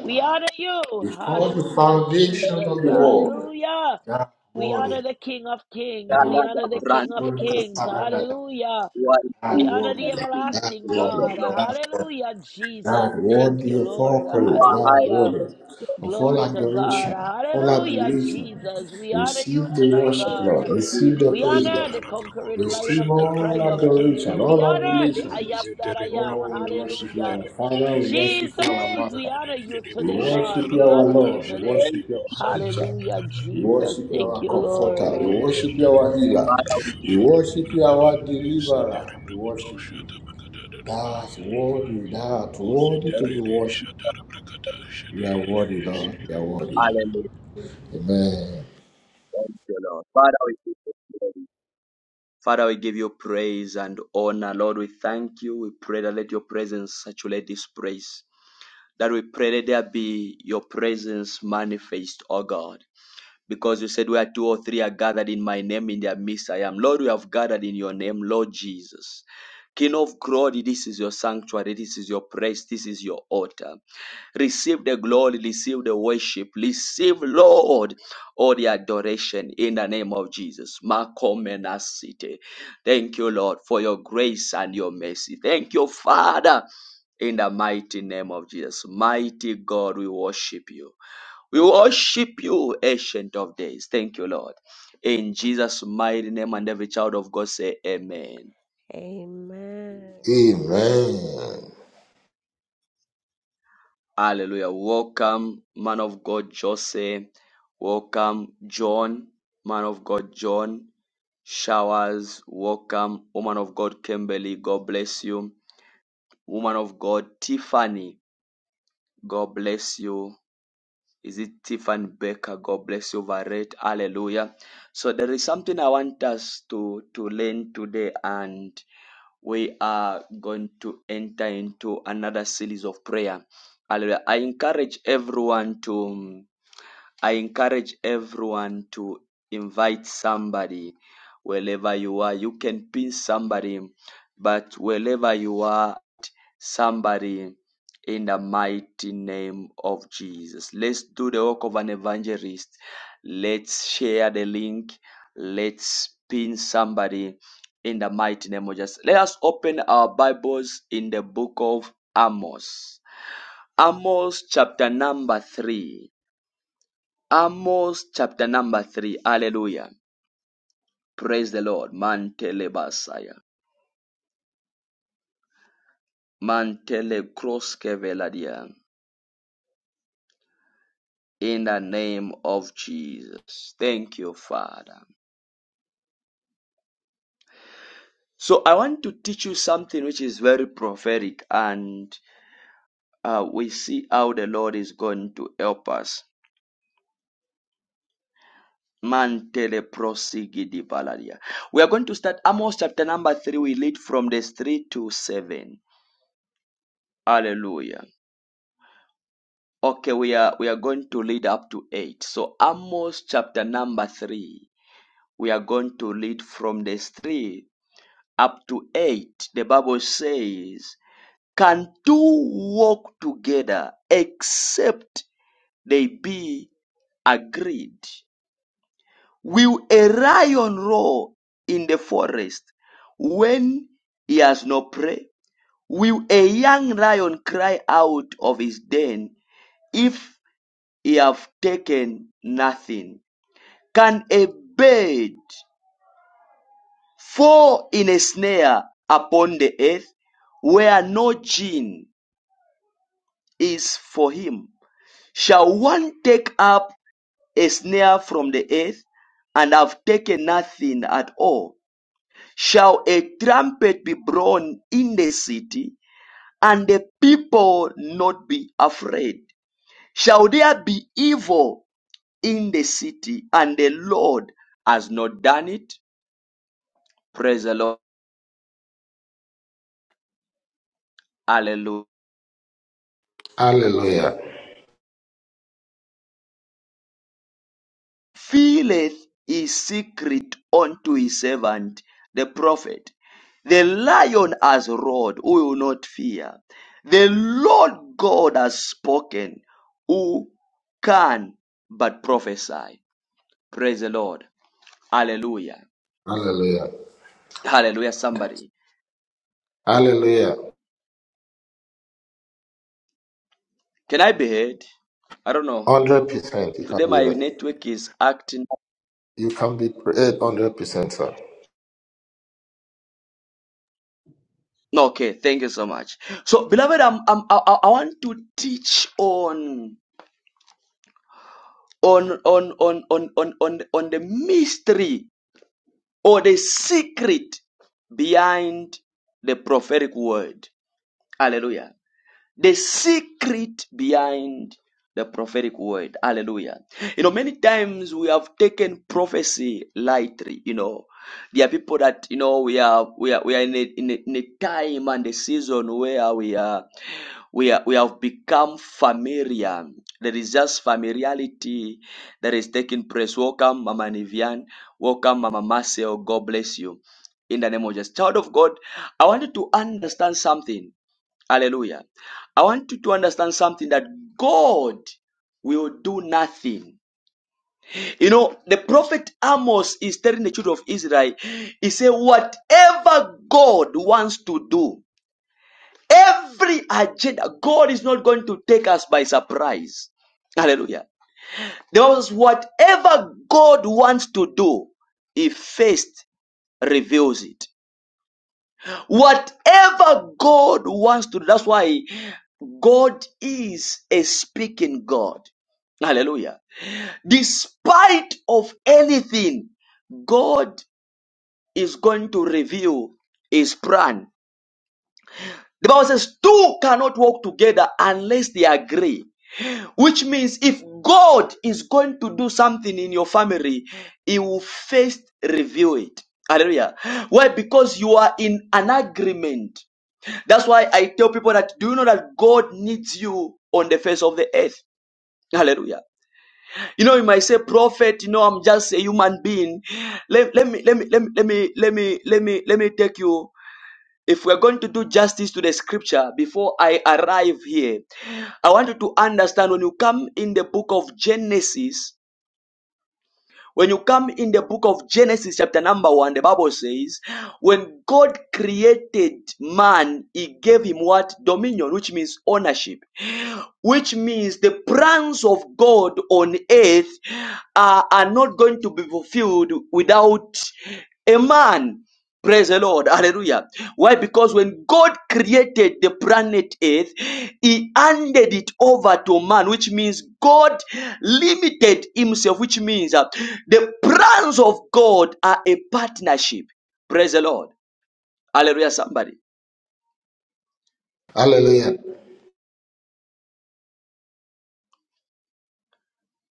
We honor you. Before the Hallelujah, foundation of Jesus. the praise. world, Hallelujah. thou art We worthy, honor Lord. the King of Thou Kings. We Gala art da honor the brand. King of worthy. Lord. Kings. Saranada. Thou Hallelujah. We art honor worthy, the Lord. things Thou art the everlasting Lord of God. worthy. Lords. Hallelujah, Jesus. that Thank worthy you, of Lord. all You praise, are that highly Hallelujah. exalted. worthy of all Glory to adoration, God. of all Hallelujah, adulation. Jesus. We honor Receive you the tonight, worship, God. Lord. Thank Receive the We praise, honor the Lord. Satara conquering Brakoto lion Receive of the Shatara tribe all of Brakata Judah. adoration, We all honor the I adulation. am that I Zetere am. Oh, we Brokoto worship you, Hallelujah. our Setere Father. We Vididirisha worship Jesus, you, our Brakata we Master. honor you We Dididibo today, God. worship Satara you, We our honor Brakata you Lord. We today. worship you, you, our Shadidibo Sandara Teacher. Hallelujah, We Brakata Jesus. worship you, Thank our you, Lord. Comforter. We Muridi worship you, Shatari our Healer. Brokoto Father. We Ridi We Shatara worship you, our Brakata Deliverer. Setere We Brokoto worship you. Shatara Brakata Thou art Dadabaya worthy, thou art O worthy to thank be Setere worshipped. Shatara Brakata You are worthy, Shadidibo Lord. You Satara are Brakata worthy. Hallelujah. Amen. Thank you, Lord. Father, we give you glory. Father, we give you praise and honor. Lord, we thank you. We pray that let your presence saturate this place. That we pray that there be your presence manifest, O God. because you said where two or three are gathered in my name, in their midst I am. Lord, we have gathered in your name, Lord Jesus. King of glory, this is your sanctuary, this is your praise, this is your altar. Receive the glory, receive the worship, receive, Lord, all the adoration in the name of Jesus. Makomena city. Thank you, Lord, for your grace and your mercy. Thank you, Father, in the mighty name of Jesus. Mighty God, we worship you. We worship you, Ancient of Days. Thank you, Lord. In Jesus' mighty name, and every child of God say, Amen. Amen. Amen. Hallelujah. Welcome, man of God, Jose. Welcome, John, man of God, John. Showers, welcome, woman of God, Kimberly. God bless you. Woman of God, Tiffany. God bless you. Is it Tiffany Baker? God bless you, Varette. Hallelujah. So there is something I want us to, to learn today, and we are going to enter into another series of prayer. Hallelujah. I encourage everyone to I encourage everyone to invite somebody wherever you are. You can pin somebody, but wherever you are, somebody in the mighty name of Jesus. Let's do the work of an evangelist. Let's share the link. Let's pin somebody in the mighty name of Jesus. Let us open our Bibles in the book of Amos. Amos chapter number 3. Amos chapter number 3. Hallelujah. Praise the Lord. Mantele Basaya. Mantele Kroskeveladia. in the name of Jesus. Thank you, Father. So I want to teach you something which is very prophetic, and uh, we see how the Lord is going to help us. Mantele prosigidi baladia. We are going to start Amos chapter number three. We lead from this three to seven. Hallelujah. Okay, we are we are going to lead up to eight. So Amos chapter number three. We are going to lead from this three up to eight. The Bible says can two walk together except they be agreed? Will a lion roar in the forest when he has no prey? Will a young lion cry out of his den if he have taken nothing? Can a bird fall in a snare upon the earth where no gin is for him? Shall one take up a snare from the earth and have taken nothing at all? Shall a trumpet be blown in the city and the people not be afraid? Shall there be evil in the city and the Lord has not done it? Praise the Lord. Hallelujah. Hallelujah. filleth his secret unto his servant, the prophet. The lion has roared, who will not fear? The Lord God has spoken, who can but prophesy? Praise the Lord. Hallelujah. Hallelujah. Hallelujah, somebody. Hallelujah. Can I be heard? I don't know. Hundred percent you can Today be my right. network is acting. You can be heard hundred percent, sir. No, okay, thank you so much. So, beloved, I'm, I'm, I, I I want to teach on. on on on on on on, on the mystery or the secret behind the prophetic word hallelujah the secret behind the prophetic word hallelujah you know many times we have taken prophecy lightly you know there are people that you know we are we are we are in a, in a, in a time and a season where we are we are, we have become familiar. There is just familiarity that is taking place. Welcome, Mama Nivian. Welcome, Mama Marcel. God bless you. In the name of Jesus. Child of God, I want you to understand something. Hallelujah. I want you to understand something that God will do nothing. You know, the prophet Amos is telling the children of Israel, he said, whatever God wants to do, Every agenda, God is not going to take us by surprise. Hallelujah. The Bible says, whatever God wants to do, He first reveals it. Whatever God wants to do, that's why God is a speaking God. Hallelujah. Despite of anything, God is going to reveal His plan. The Bible says, two cannot walk together unless they agree. Which means if God is going to do something in your family, He will first reveal it. Hallelujah. Why? Because you are in an agreement. That's why I tell people that do you know that God needs you on the face of the earth? Hallelujah. You know, you might say, prophet, you know, I'm just a human being. Let, let me let me let me let me let me let me let me take you. If we're going to do justice to the scripture before I arrive here, I want you to understand when you come in the book of Genesis, when you come in the book of Genesis, chapter number one, the Bible says, when God created man, he gave him what? Dominion, which means ownership, which means the plans of God on earth are, are not going to be fulfilled without a man. Praise the Lord. Hallelujah. Why? Because when God created the planet Earth, He handed it over to man, which means God limited Himself, which means uh, the plans of God are a partnership. Praise the Lord. Hallelujah, somebody. Hallelujah.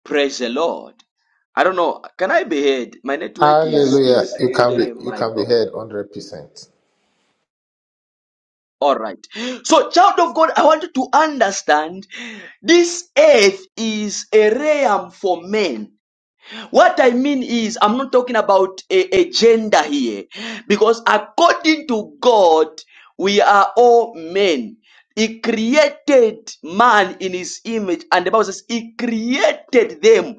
Praise the Lord. I don't know. Can I be heard? My network is Hallelujah. is You can be today, you my can be God. heard hundred percent. All right. So, child of God, I want you to understand this earth is a realm for men What I mean is, I'm not talking about a, a gender here, because according to God, we are all men. He created man in his image, and the Bible says he created them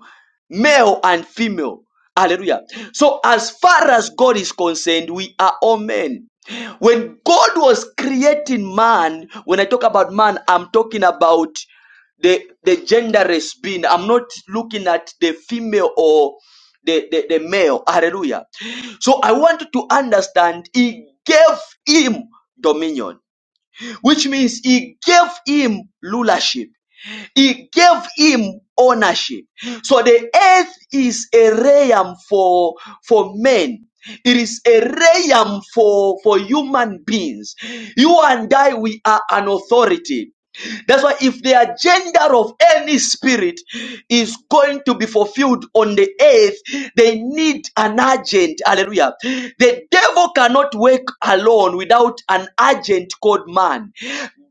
male and female. Hallelujah. So, as far as God is concerned, we are all men. When God was creating man, when I talk about man, I'm talking about the the genderless being. I'm not looking at the female or the, the, the male. Hallelujah. So I want you to understand he gave him dominion, which means he gave him rulership. He gave him ownership. So the earth is a realm for, for men. It is a realm for, for human beings. You and I, we are an authority. That's why if the agenda of any spirit is going to be fulfilled on the earth, they need an agent. Hallelujah. The devil cannot work alone without an agent called man.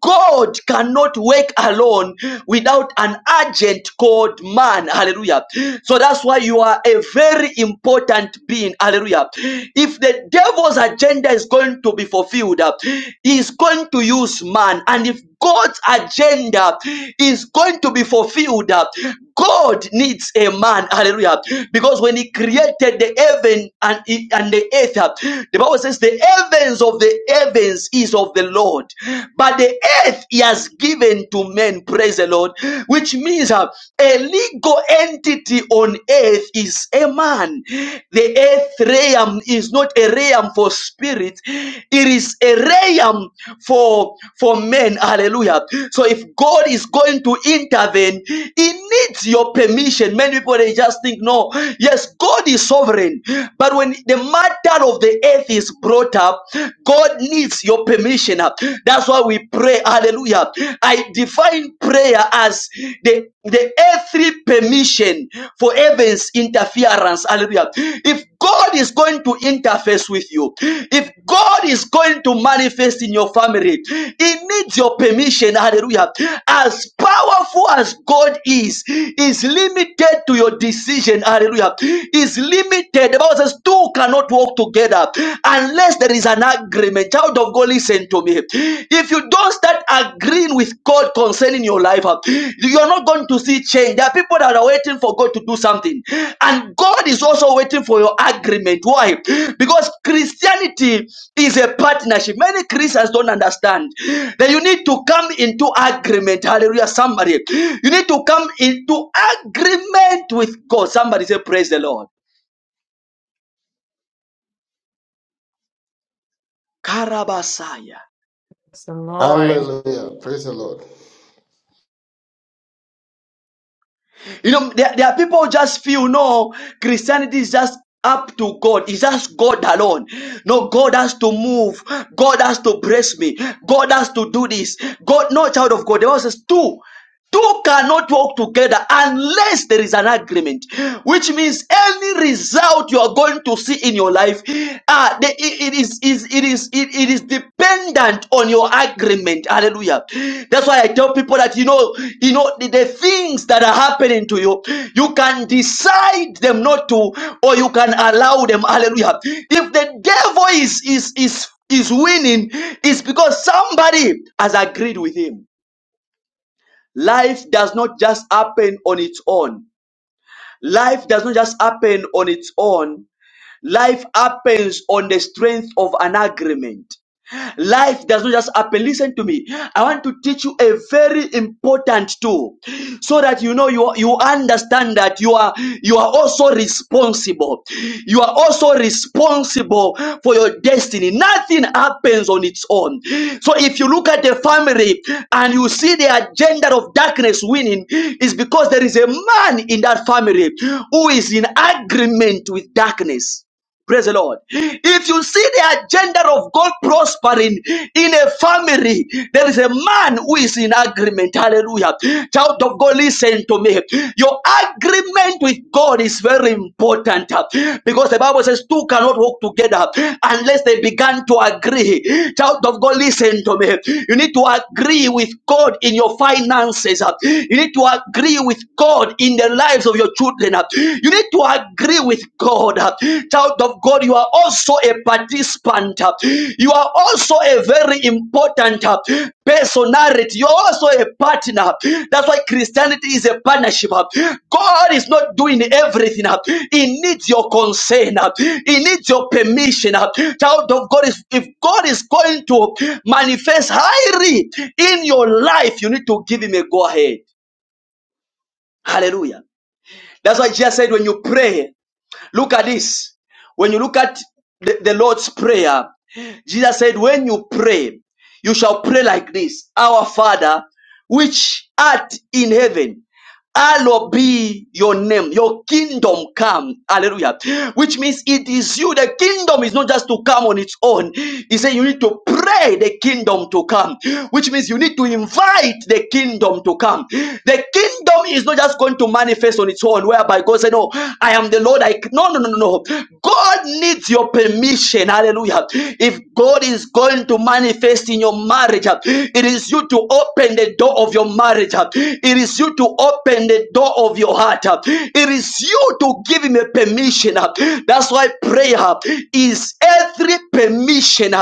God cannot work alone without an agent called man. Hallelujah. So that's why you are a very important being. Hallelujah. If the devil's agenda is going to be fulfilled, uh, he is going to use man. And if God's agenda is going to be fulfilled. God needs a man, hallelujah, because when He created the heaven and, and the earth, the Bible says the heavens of the heavens is of the Lord, but the earth He has given to men. Praise the Lord, which means uh, a legal entity on earth is a man. The earth realm is not a realm for spirit, it is a realm for for men. Hallelujah. So if God is going to intervene, He needs your permission. Many people they just think, no, yes, God is sovereign, but when the matter of the earth is brought up, God needs your permission. That's why we pray. Hallelujah. I define prayer as the the earthly permission for heaven's interference. Hallelujah. If God is going to interface with you, if God is going to manifest in your family, He needs your permission. Hallelujah. As powerful as God is, is limited to your decision. Hallelujah. Is limited. The Bible says two cannot walk together unless there is an agreement. Child of God, Listen to me. If you don't start agreeing with God concerning your life, uh, you're not going to see change. There are people that are waiting for God to do something, and God is also waiting for your agreement. Why? Because Christianity is a partnership. Many Christians don't understand that you need to come into agreement. Hallelujah. Somebody, you need to come into agreement with God. Somebody say, Praise the Lord. Karabasaya. Praise the Lord. Hallelujah. Praise the Lord. You know, there, there are people who just feel no, Christianity is just up to God. It's just God alone. No, God has to move. God has to bless me. God has to do this. God, no child of God. The Bible says two. Two cannot work together unless there is an agreement, which means any result you are going to see in your life, uh, the, it, it is is it is it, it is dependent on your agreement. Hallelujah. That's why I tell people that you know you know the, the things that are happening to you, you can decide them not to, or you can allow them. Hallelujah. If the devil is is is is winning, it's because somebody has agreed with him. Life does not just happen on its own. Life does not just happen on its own. Life happens on the strength of an agreement. Life does not just happen. Listen to me. I want to teach you a very important tool so that you know you, you understand that you are you are also responsible. You are also responsible for your destiny. Nothing happens on its own. So if you look at the family and you see the agenda of darkness winning, is because there is a man in that family who is in agreement with darkness. Praise the Lord. If you see the agenda of God prospering in a family, there is a man who is in agreement. Hallelujah. Child of God, listen to me. Your agreement with God is very important uh, because the Bible says two cannot walk together unless they began to agree. Child of God, listen to me. You need to agree with God in your finances. uh, You need to agree with God in the lives of your children. You need to agree with God. Child of God, you are also a participant. You are also a very important personality. You're also a partner. That's why Christianity is a partnership. God is not doing everything. He needs your consent. He needs your permission. Child of God, is if God is going to manifest highly in your life, you need to give him a go ahead. Hallelujah. That's why Jesus said when you pray. Look at this. When you look at the, the Lord's Prayer, Jesus said, When you pray, you shall pray like this Our Father, which art in heaven, Hallowed be your name, your kingdom come. Hallelujah. Which means it is you. The kingdom is not just to come on its own. He said you need to pray the kingdom to come, which means you need to invite the kingdom to come. The kingdom is not just going to manifest on its own, whereby God said, No, I am the Lord. I no, no, no, no. no. God needs your permission. Hallelujah. If God God is going to manifest in your marriage. It is you to open the door of your marriage. It is you to open the door of your heart. It is you to give him a permission. That's why prayer is every permission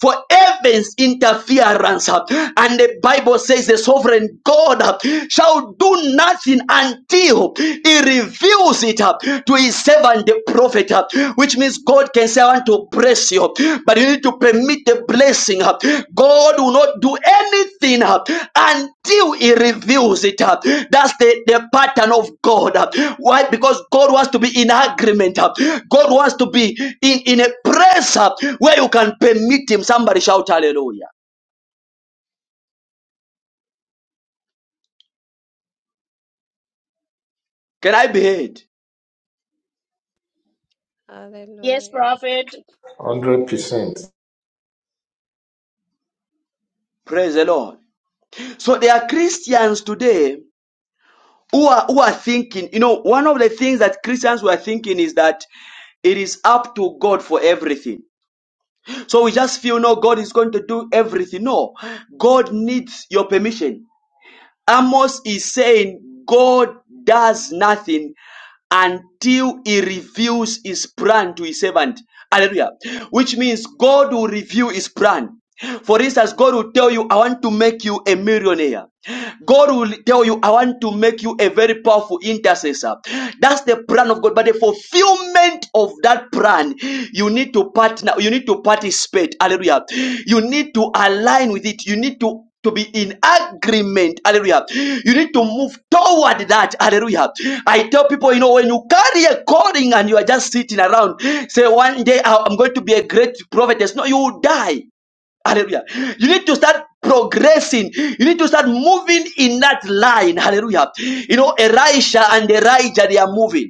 for heaven's interference. And the Bible says the sovereign God shall do nothing until he reveals it up to his servant, the prophet, uh, which means God can say, I want to bless you, but you need to permit the blessing. uh. God will not do anything uh, until he reveals it That's the, the pattern of God. uh. Why? Because God wants to be in agreement. uh. God wants to be in, in a place uh, where you can permit him. Somebody shout hallelujah. Can I be heard? Yes, Hallelujah. Prophet. Hundred percent. Praise the Lord. So there are Christians today who are who are thinking you know one of the things that christians were thinking is that it is up to god for everything so we just feel no god is going to do everything no god needs your permission Amos is saying God does nothing until he reveals his plan to his servant. Hallelujah. Which means God will reveal his plan. For instance, God will tell you, I want to make you a millionaire. God will tell you, I want to make you a very powerful intercessor. That's the plan of God. But the fulfillment of that plan, you need to partner, you need to participate. Hallelujah. You need to align with it. You need to to be in agreement. Hallelujah. You need to move toward that. Hallelujah. I tell people, you know, when you carry a calling and you are just sitting around, say, one day I- I'm going to be a great prophetess. No, you will die. Hallelujah. You need to start progressing. You need to start moving in that line. Hallelujah. You know, Elisha and Elijah, they are moving.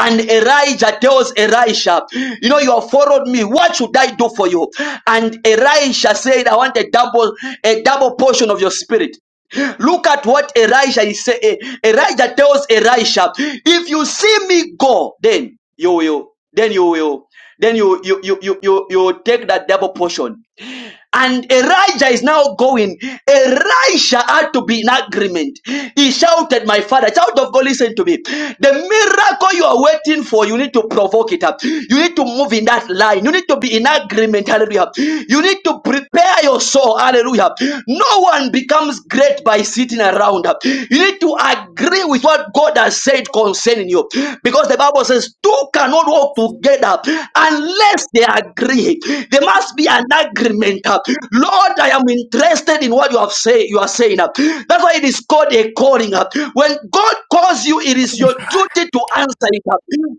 And Elijah tells Elisha, You know, you have followed me. What should I do for you? And Elisha said, I want a double, a double portion of your spirit. Look at what Elisha is saying. Elijah tells Elisha, if you see me go, then you will, then you will, then you you you you you you take that double portion. And Elijah is now going. Elisha had to be in agreement. He shouted, My father, child of God, listen to me. The miracle you are waiting for, you need to provoke it up. You need to move in that line. You need to be in agreement. Hallelujah. You need to prepare your soul. Hallelujah. No one becomes great by sitting around. You need to agree with what God has said concerning you. Because the Bible says, Two cannot walk Amen. together unless they agree there must be an agreement uh, lord i am interested in what you have say you are saying uh. that's why it is called a calling when god calls you it is your duty to answer it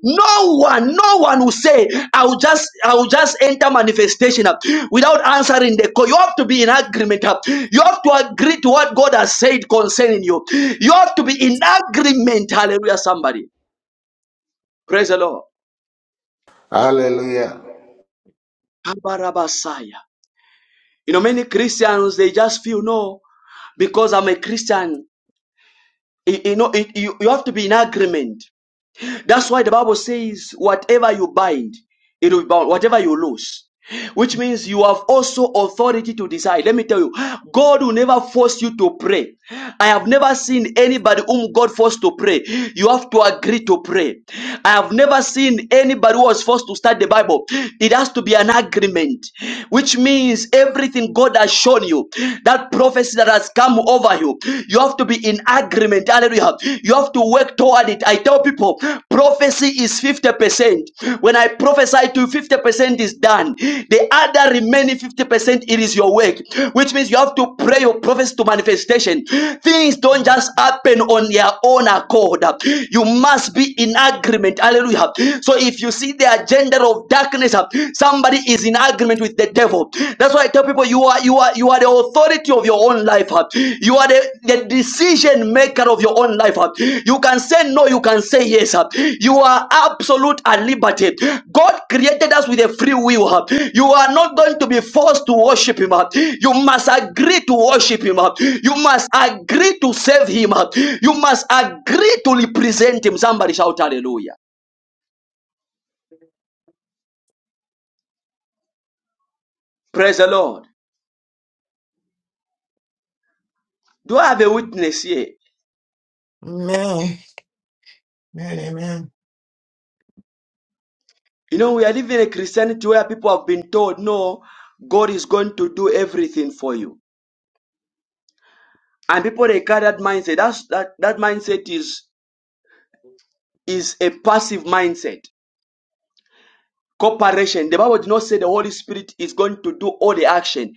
no one no one will say i'll just i'll just enter manifestation without answering the call you have to be in agreement you have to agree to what god has said concerning you you have to be in agreement hallelujah somebody praise the lord Hallelujah. Kabarabasaya. You know, many Christians, they just feel, no, because I'm a Christian. You, know, it, you, you have to be in agreement. That's why the Bible says, whatever you bind, it will be bound. Whatever you loose, which means you have also authority to decide. Let me tell you, God will never force you to pray. I have never seen anybody whom God forced to pray. You have to agree to pray. I have never seen anybody who was forced to start the Bible. It has to be an agreement, which means everything God has shown you, that prophecy that has come over you, you have to be in agreement. Hallelujah. You have to work work toward it. I tell people prophecy is 50%. When I prophesy to you, 50% is done. The other remaining 50% it is your work, which means you have to pray your prophecy to manifestation. Things don't just happen on their own accord. You must be in agreement. Hallelujah. So if you see the agenda of darkness, somebody is in agreement with the devil. That's why I tell people you you are you are you are the authority of your own life. huh? You are the, the decision maker of your own life. huh? You can say no, you can say yes. huh? You are absolute and liberty. God created us with a free will. huh? You are not going to be forced to worship him. huh? You must agree to worship him. huh? You must agree to serve him. huh? You must agree to represent him. Somebody shout hallelujah. Praise the Lord. Do I have a witness here? Amen. Amen. You know, we are living in a Christianity where people have been told, no, God is going to do everything for you. And people they carry that mindset. That's that that mindset is is a passive mindset. Cooperation. The Bible did not say the Holy Spirit is going to do all the action.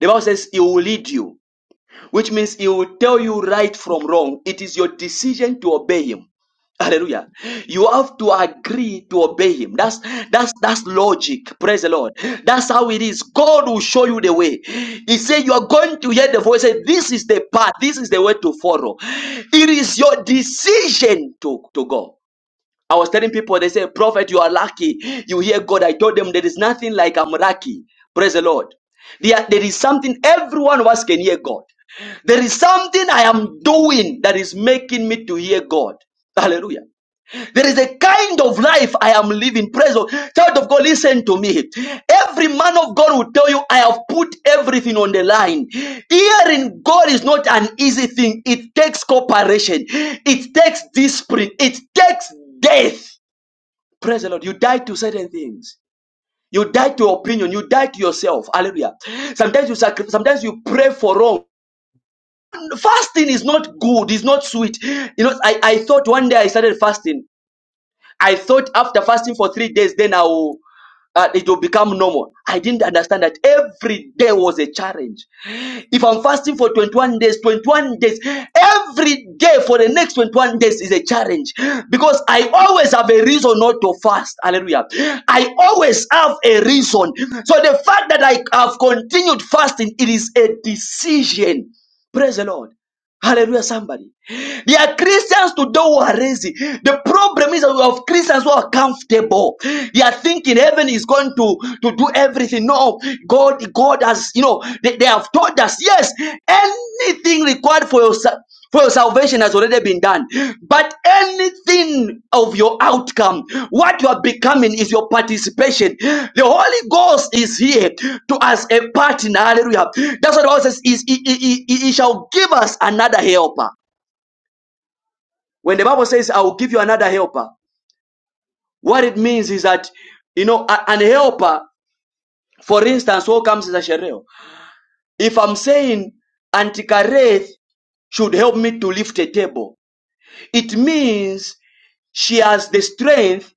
The Bible says He will lead you. which means he will tell you right from wrong. It is your decision to obey him. Hallelujah. You have to agree to obey him. That's that's that's logic. Praise the Lord. That's how it is. God will show you the way. He said you are going to hear the voice. He said this is the path. This is the way to follow. It is your decision to, to go. I was telling people, they say, Prophet, you are lucky. You hear God. I told them there is nothing like I'm lucky. Praise the Lord. There, there is something every one of us can hear God. There is something I am doing that is making me to hear God. Hallelujah. There is a kind of life I am living. Praise God. Child of God, listen to me. Every man of God will tell you, I have put everything on the line. Hearing God is not an easy thing. It takes cooperation. It takes discipline. It takes death. Praise the Lord. You die to certain things. You die to opinion. You die to yourself. Hallelujah. Sometimes you sacrifice. Sometimes you pray for wrong. Fasting is not good. It's not sweet. You know, I, I thought one day I started fasting. I thought after fasting for three days, then I will, uh, it will become normal. I didn't understand that every day was a challenge. If I'm fasting for 21 days, 21 days, every day for the next 21 days is a challenge because I always have a reason not to fast. Hallelujah. I always have a reason. So the fact that I have continued fasting, it is a decision. Praise the Lord. Hallelujah, somebody. There are Christians today who are lazy. The problem is that we have Christians who are comfortable. They are thinking heaven is going to, to do everything. No, God, God has, you know, they, they have told us, yes, anything required for yourself. Well, salvation has already been done. But anything of your outcome, what you are becoming is your participation. The Holy Ghost is here to us a partner. Hallelujah. That's what the Bible says is he, he, he, he he shall give us another helper. When the Bible says, I will give you another helper, what it means is that, you know, a- an helper, for instance, who comes as a shereo? If I'm saying Antikareth should help me to lift a table, it means She has the strength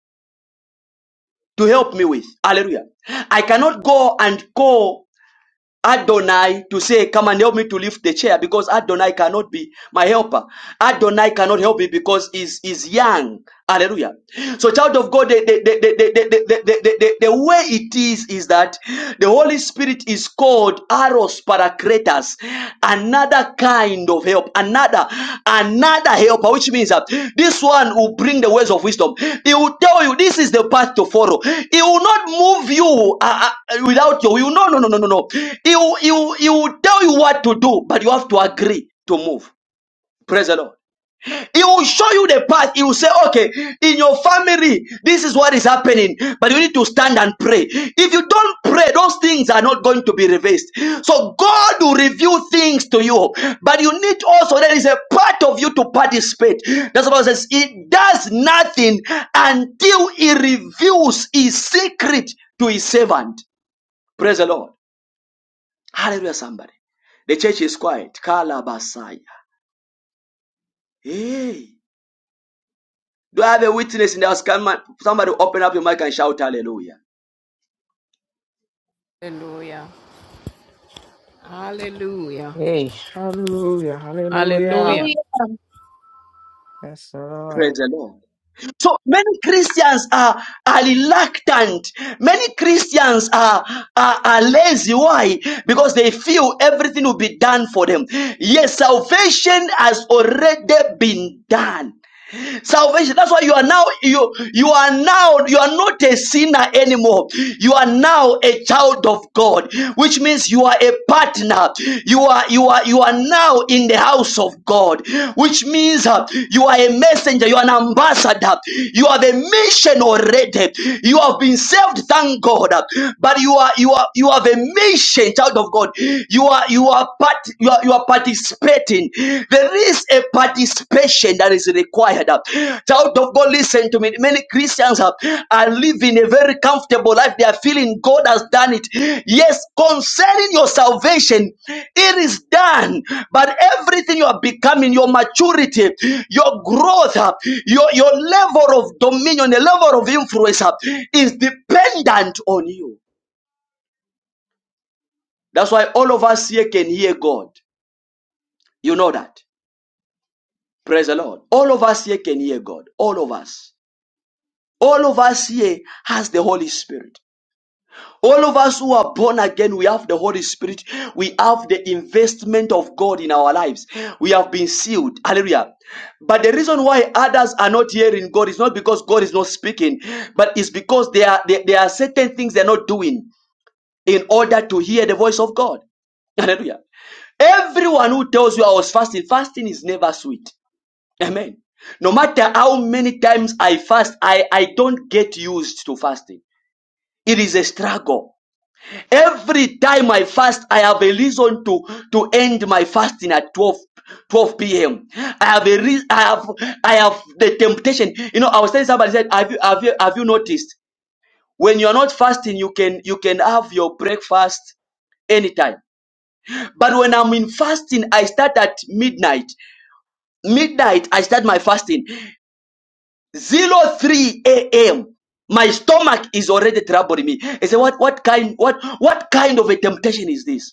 to help me with. Hallelujah. I cannot go and call Adonai to say, Come and help me to lift the chair because Adonai cannot be my helper. Adonai cannot help me because he's, he's young. Hallelujah. So, child of God, the, the, the, the, the, the, the, the, the, the way it is is that the Holy Spirit is called Aros Paracletus another kind of help another another helper which means that this one will bring the ways of wisdom he will tell you this is the path to follow he will not move you uh, uh, without you he will, no no no no no no he will, he, will, he will tell you what to do but you have to agree to move praise the lord he will show you the path. He will say, okay, in your family, this is what is happening. But you need to stand and pray. If you don't pray, those things are not going to be reversed. So God will reveal things to you. But you need also, there is a part of you to participate. That's what it says. It does nothing until he reveals his secret to his servant. Praise the Lord. Hallelujah, somebody. The church is quiet. Kalabasaya. Hey. Do I have a witness in the house? Can my, somebody open up your mic and shout hallelujah? Hallelujah. Hallelujah. Hey, hallelujah. Hallelujah. Hallelujah. Hallelujah. Yes, Praise Lord. the Lord. So many Christians are, are reluctant. Many Christians are, are, are lazy. Why? Because they feel everything will be done for them. Yes, salvation has already been done. salvation that's why you are now you you are now you are not a sinner anymore you are now a child of god which means you are a partner you are you are you are now in the house of god which means uh, you are a messenger you are an ambassador you have a mission already you have been saved thank god but you are you are you have a mission child of god you are you are part you are you are participating. There is a participation that is required. Child of God, listen to me. Many Christians are, are living a very comfortable life. They are feeling God has done it. Yes, concerning your salvation, it is done. But everything you are becoming, your maturity, your growth, uh, your, your level of dominion, the level of influence uh, is dependent on you. That's why all of us here can hear God. You know that. Praise the Lord. All of us here can hear God. All of us. All of us here has the Holy Spirit. All of us who are born again, we have the Holy Spirit. We have the investment of God in our lives. We have been sealed. Hallelujah. But the reason why others are not hearing God is not because God is not speaking, but it's because there are, there, there are certain things they're not doing in order to hear the voice of God. Hallelujah. Everyone who tells you I was fasting, fasting is never sweet. Amen. No matter how many times I fast, I, I don't get used to fasting. It is a struggle. Every time I fast, I have a reason to, to end my fasting at 12, 12 p.m. I have a re- I have I have the temptation. You know, I was telling somebody said, have you have you have you noticed when you're not fasting, you can you can have your breakfast anytime. But when I'm in fasting, I start at midnight midnight i start my fasting Zero three a.m. My stomach is already troubling me. I say, what, what kind, what, what kind of a temptation is this?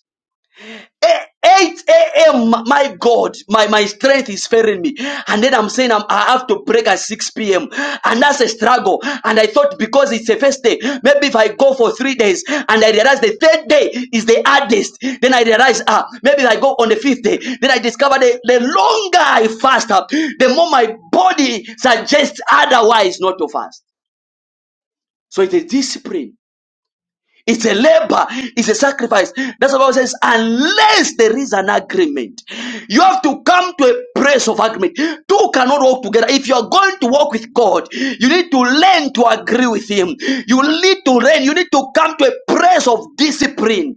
Eh, 8 a.m. My God, my, my strength is failing me. And then I'm saying I'm, I have to break at 6 p.m. And that's a struggle. And I thought because it's a first day, maybe if I go for three days and I realize the third day is the hardest, then I realize, ah, maybe if I go on the fifth day, then I discover the, the longer I fast up, the more my body suggests otherwise not to fast. So it's discipline it's a labor. It's a sacrifice. That's what Bible says. Unless there is an agreement, you have to come to a place of agreement. Two cannot walk together. If you are going to walk with God, you need to learn to agree with Him. You need to learn. You need to come to a place of discipline.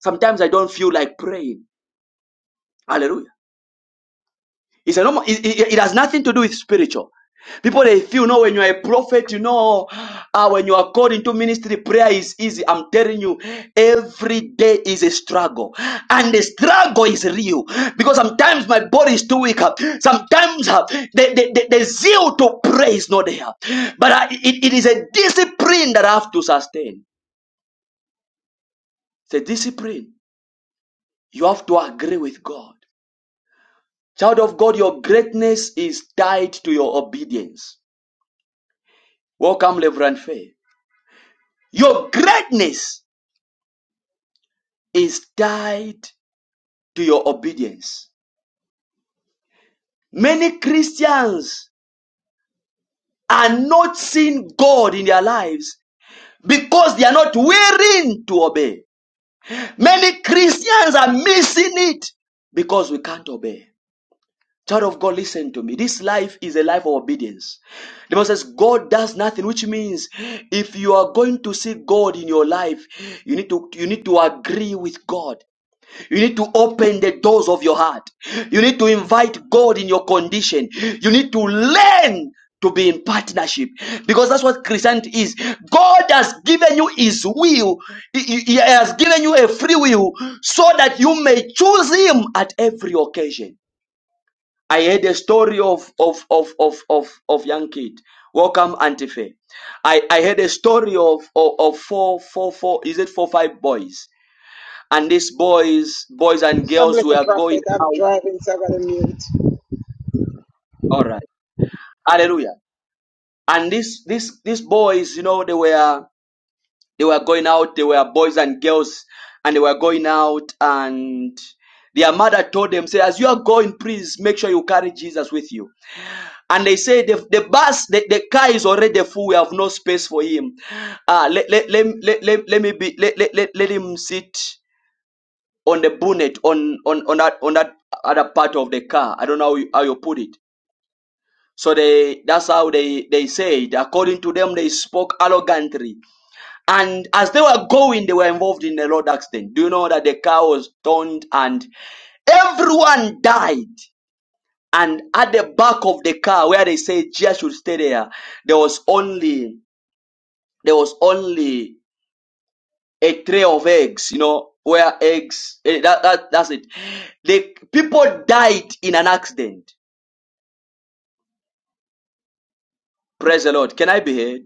Sometimes I don't feel like praying. Hallelujah. It's a normal, it, it, it has nothing to do with spiritual. People they feel, no, when you are a prophet, you know, ah, when you are called into ministry, prayer is easy. I'm telling you, every day is a struggle, and the struggle is real because sometimes my body is too weak. ah. Sometimes ah, the, the, the, the zeal to pray is not there, but ah, it, it is a discipline that I have to sustain. It's a discipline. You have to agree with God. Child of God, your greatness is tied to your obedience. Welcome, Reverend Faye. Your greatness is tied to your obedience. Many Christians are not seeing God in their lives because they are not willing to obey. Many Christians are missing it because we can't obey. Child of God, listen to me. This life is a life of obedience. The Bible says God does nothing, which means if you are going to see God in your life, you need to you need to agree with God. You need to open the doors of your heart. You need to invite God in your condition. You need to learn to be in partnership because that's what Christianity is. God has given you His will, He He- He has given you a free will so that you may choose Him at every occasion. I heard a story of of of of of, of young kid. Welcome, Antife. I I heard a story of of, of four four four. Is it four five boys? and these boys boys and God girls bless the were prophet. going I'm out driving, so I gotta mute. all right hallelujah and these these these boys you know they were they were going out they were boys and girls and they were going out and their mother told them say as you are going please make sure you carry jesus with you and they say the, the bus the, the car is already full we have no space for him uh let let let, let, let, let me be let, let, let, let him sit on the bonnet on on on that on that other part of the car. I don't know how you, how you put it. So they that's how they they said. According to them, they spoke arrogantly, and as they were going, they were involved in a road accident. Do you know that the car was turned and everyone died? And at the back of the car, where they said Jesus should stay there, there was only there was only a tray of eggs, you know, where eggs, eh, that, that, that's it. The people died in an accident. Praise the Lord. Can I be heard?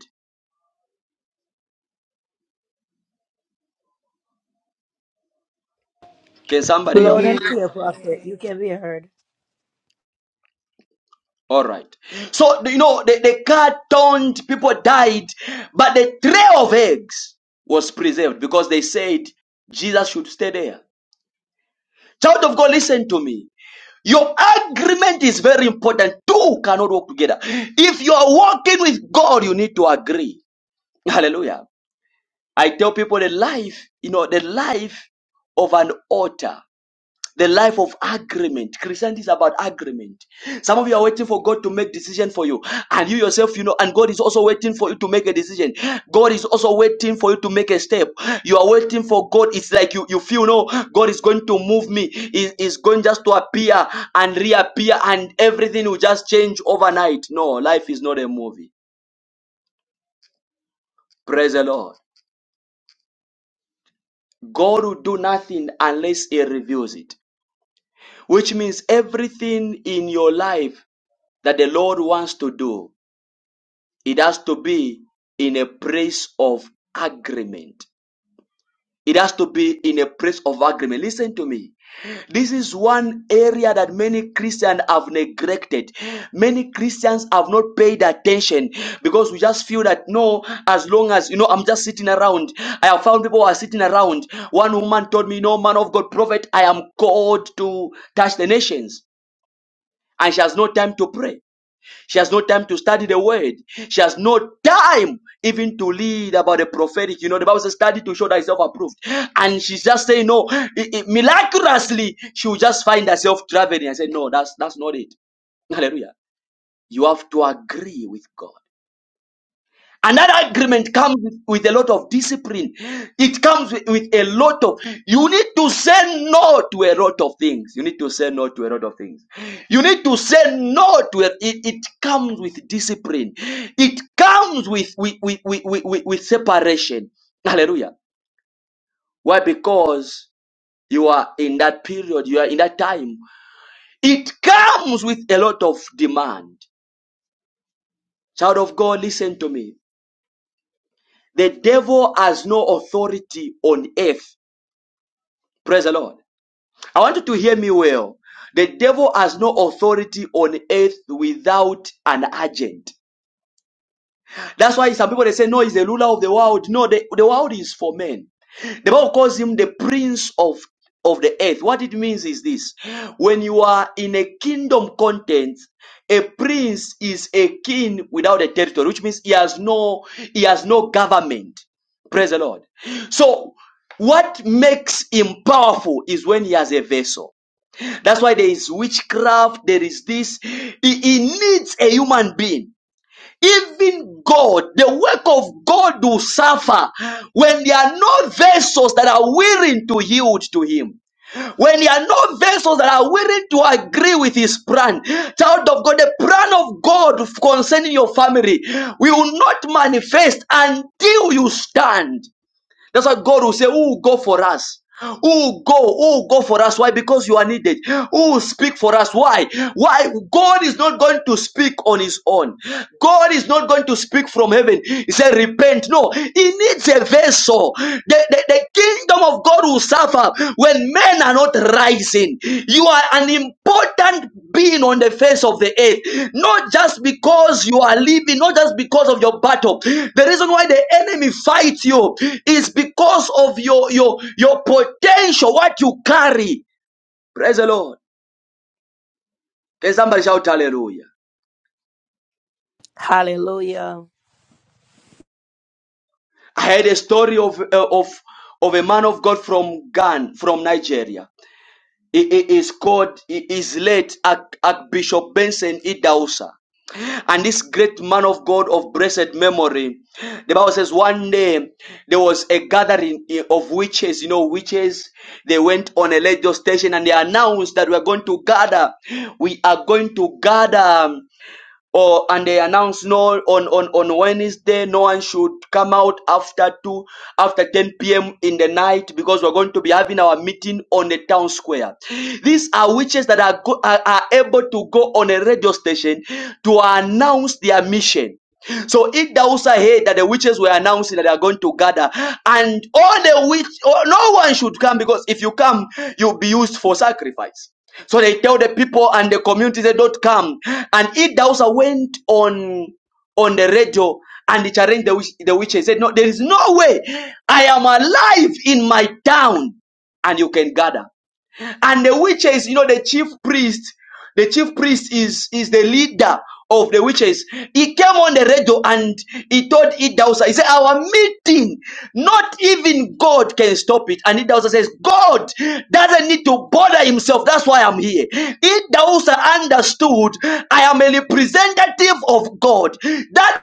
Can somebody We Yes, help Loud hear me? and you. we clear, can prophet. hear you. You can be heard. All right. So, you know, the, the car turned, people died, but the tray of eggs was preserved because they said Jesus should stay there. Child of God, listen to me. Your agreement is very important. Two cannot work together. If you are walking with God, you need to agree. Hallelujah. I tell people the life, you know, the life of an altar, the life of agreement. Christianity is about agreement. Some of you are waiting for God to make decision for you, and you yourself, you know, and God is also waiting for you to make a decision. God is also waiting for you to make a step. You are waiting for God. It's like you you feel no God is going to move me. Is is going just to appear and reappear, and everything will just change overnight. No, life is not a movie. Praise the Lord. God will do nothing unless He reveals it. which means everything in your life that the Lord wants to do, it has to be in a place of agreement. It has to be in a place of agreement. Listen to me. This is one area that many Christians have neglected. Many Christians have not paid attention because we just feel that no, as long as you know, I'm just sitting around. I have found people who are sitting around. One woman told me, No, man of God, prophet, I am called to touch the nations. and she has no time to pray. She has no time to study the word. She has no time even to lead about the prophetic. You know, the Bible says, study to show thyself approved. And she's just saying, no, It- it- miraculously, she will just find herself traveling. I said, no, that's, that's not it. Hallelujah. You have to agree with God. And that agreement comes with with a lot of discipline. It comes with, with a lot of, you need to say no to a lot of things. You need to say no to a lot of things. You need to say no to it. It, it comes with discipline. It comes with, with, with, with, with, with with separation. Hallelujah. Why? Because you are in that period, you are in that time. It comes with a lot of demand. Child of God, listen to me. The devil has no authority on earth Praise the Lord. I want you to hear me well. The devil has no authority on earth without an agent. That's why some people they say, No, he's the ruler of the world. No, the, the world is for men. The Bible calls him the prince of of the earth. What it means is this when you are in a kingdom context, a prince is a king without a territory, which means he has no he has no government. Praise the Lord. So what makes him powerful is when he has a vessel. That's why there is witchcraft, there is this. He, he needs a human being. Even God, the work of God will suffer when there are no vessels that are willing to yield to Him. When there are no vessels that are willing to agree with His plan, child of God, the plan of God concerning your family will not manifest until you stand. That's why God will say, Who will go for us? Who will go? Who will go for us? Why? Because you are needed. Who will speak for us? Why? Why? God is not going to speak on his own. God is not going to speak from heaven. He said, Repent. No, he needs a vessel. The, the, the kingdom of God will suffer when men are not rising. You are an important being on the face of the earth. Not just because you are living, not just because of your battle. The reason why the enemy fights you is because of your your your potential, what you carry. Praise the Lord. Can somebody shout hallelujah? Hallelujah. I had a story of uh, of of a man of God from Ghana, from Nigeria. He, he is called, he is late Arch- Archbishop Benson Idausa. and this great man of God of blessed memory. The Bible says one day there was a gathering eh, of witches, you know, witches. They went on a radio station and they announced that we are going to gather. We are going to gather or and they announce no on on on Wednesday no one should come out after two after 10 p.m. in the night because we're going to be having our meeting on the town square. These are witches that are go, are, are able to go on a radio station to announce their mission. So it also heard that the witches were announcing that they are going to gather, and all the witch, oh, no one should come because if you come, you'll be used for sacrifice. So they tell the people and the community they don't come. And Idausa went on on the radio and he challenged the, witch, the witch and said, No, there is no way I am alive in my town and you can gather. And the witches, you know, the chief priest, the chief priest is is the leader of the witches. He came on the radio and he told Idausa, he said, Our meeting, not even God can stop it. And Idausa says, God doesn't need to bother himself. That's why I'm here. Idausa understood I am a representative of God. That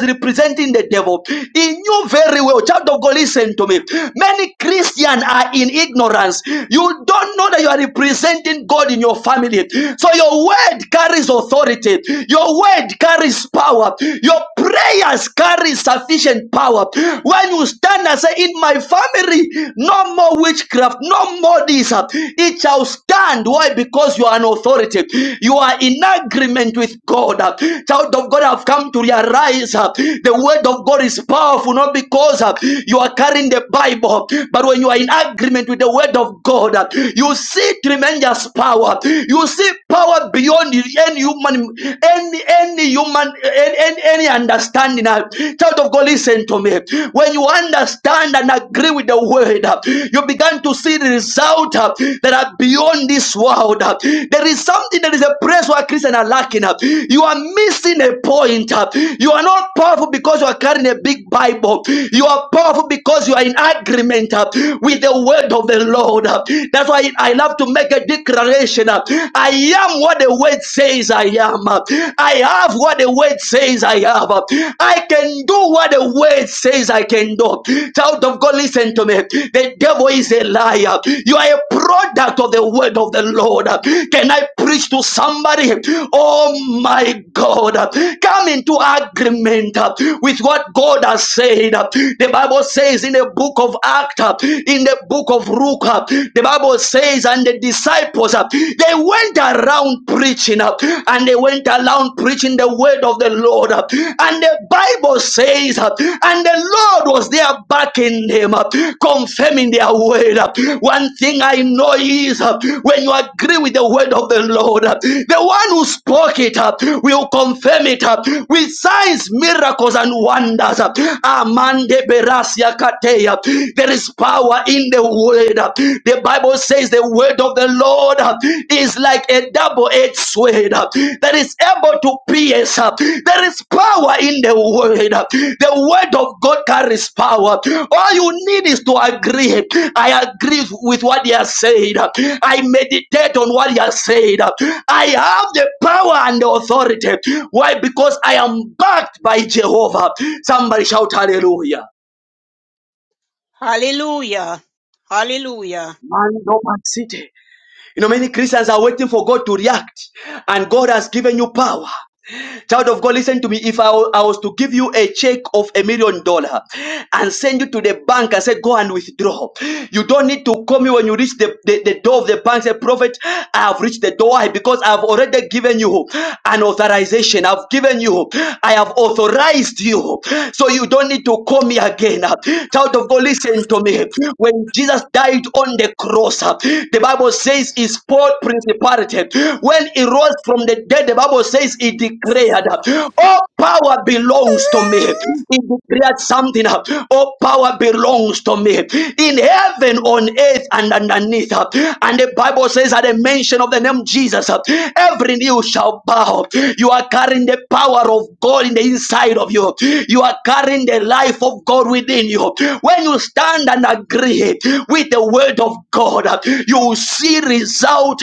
representing the devil. He knew very well, child of God, listen to me. Many Christians are in ignorance. You don't know that you are representing God in your family. So your word carries authority. Your word carries power. Your prayers carry sufficient power. When you stand and say, in my family, no more witchcraft, no more this, it shall stand. Why? Because you are an authority. You are in agreement with God. Child of God, have come to realize uh, the word of God is powerful not because uh, you are carrying the Bible, but when you are in agreement with the word of God, uh, you see tremendous power. You see power beyond any human, any any human, any, any, any understanding. Uh, Child of God, listen to me. When you understand and agree with the word, uh, you begin want to see the result uh, that are beyond this world. uh. There is something that is a place where Christians are lacking. uh. You are missing a point. uh. You are not powerful because you are carrying a big Bible. You are powerful because you are in agreement uh, with the word of the Lord. uh. That's why I love to make a declaration. uh, I am what the word says I am. uh. I have what the word says I have. uh. I can do what what the word says I can do. Child of God, listen to me. The devil is a liar. You are a product of the word of the Lord. Can I preach to somebody? Oh my God. Come into agreement with what God has said. The Bible says in the book of Acts, in the book of Luke, the Bible says, and the disciples, they went around preaching. and and they went around preaching the word of the Lord. And the Bible says, and the Lord was there backing them, up, confirming their word. One thing I know is when you agree with the word of the Lord, the one who spoke it will confirm it with signs, miracles, and wonders. Amande berasia kateya. There is power in the word. The Bible says the word of the Lord uh, is like a double-edged sword uh, that is able to pierce. uh, There is power in the word. uh, The word of God carries power. All you need is to agree. I agree with what he has said. uh, I meditate on what he has said. uh, I have the power and the authority. Why? Because I am backed by Jehovah. Somebody shout hallelujah. Hallelujah. Hallelujah. Man, no man, city. You know, many Christians are waiting for God to react, and God has given you power. Child of God, listen to me. If I, wa- I was to give you a check of a million dollar and send you to the bank and say, go and withdraw, you don't need to call me when you reach the, the, the door of the bank. Say, prophet, I have reached the door Why? because I've already given you an authorization. I've given you, I have authorized you. So you don't need to call me again. Child of God, listen to me. When Jesus died on the cross, the Bible says he spoiled principality. When he rose from the dead, the Bible says he he declared, All power belongs to me. He declared something, All power belongs to me in heaven, on earth, and underneath. And the Bible says, At the mention of the name Jesus, every knee shall bow. You are carrying the power of God in the inside of you, you are carrying the life of God within you. When you stand and agree with the word of God, you will see result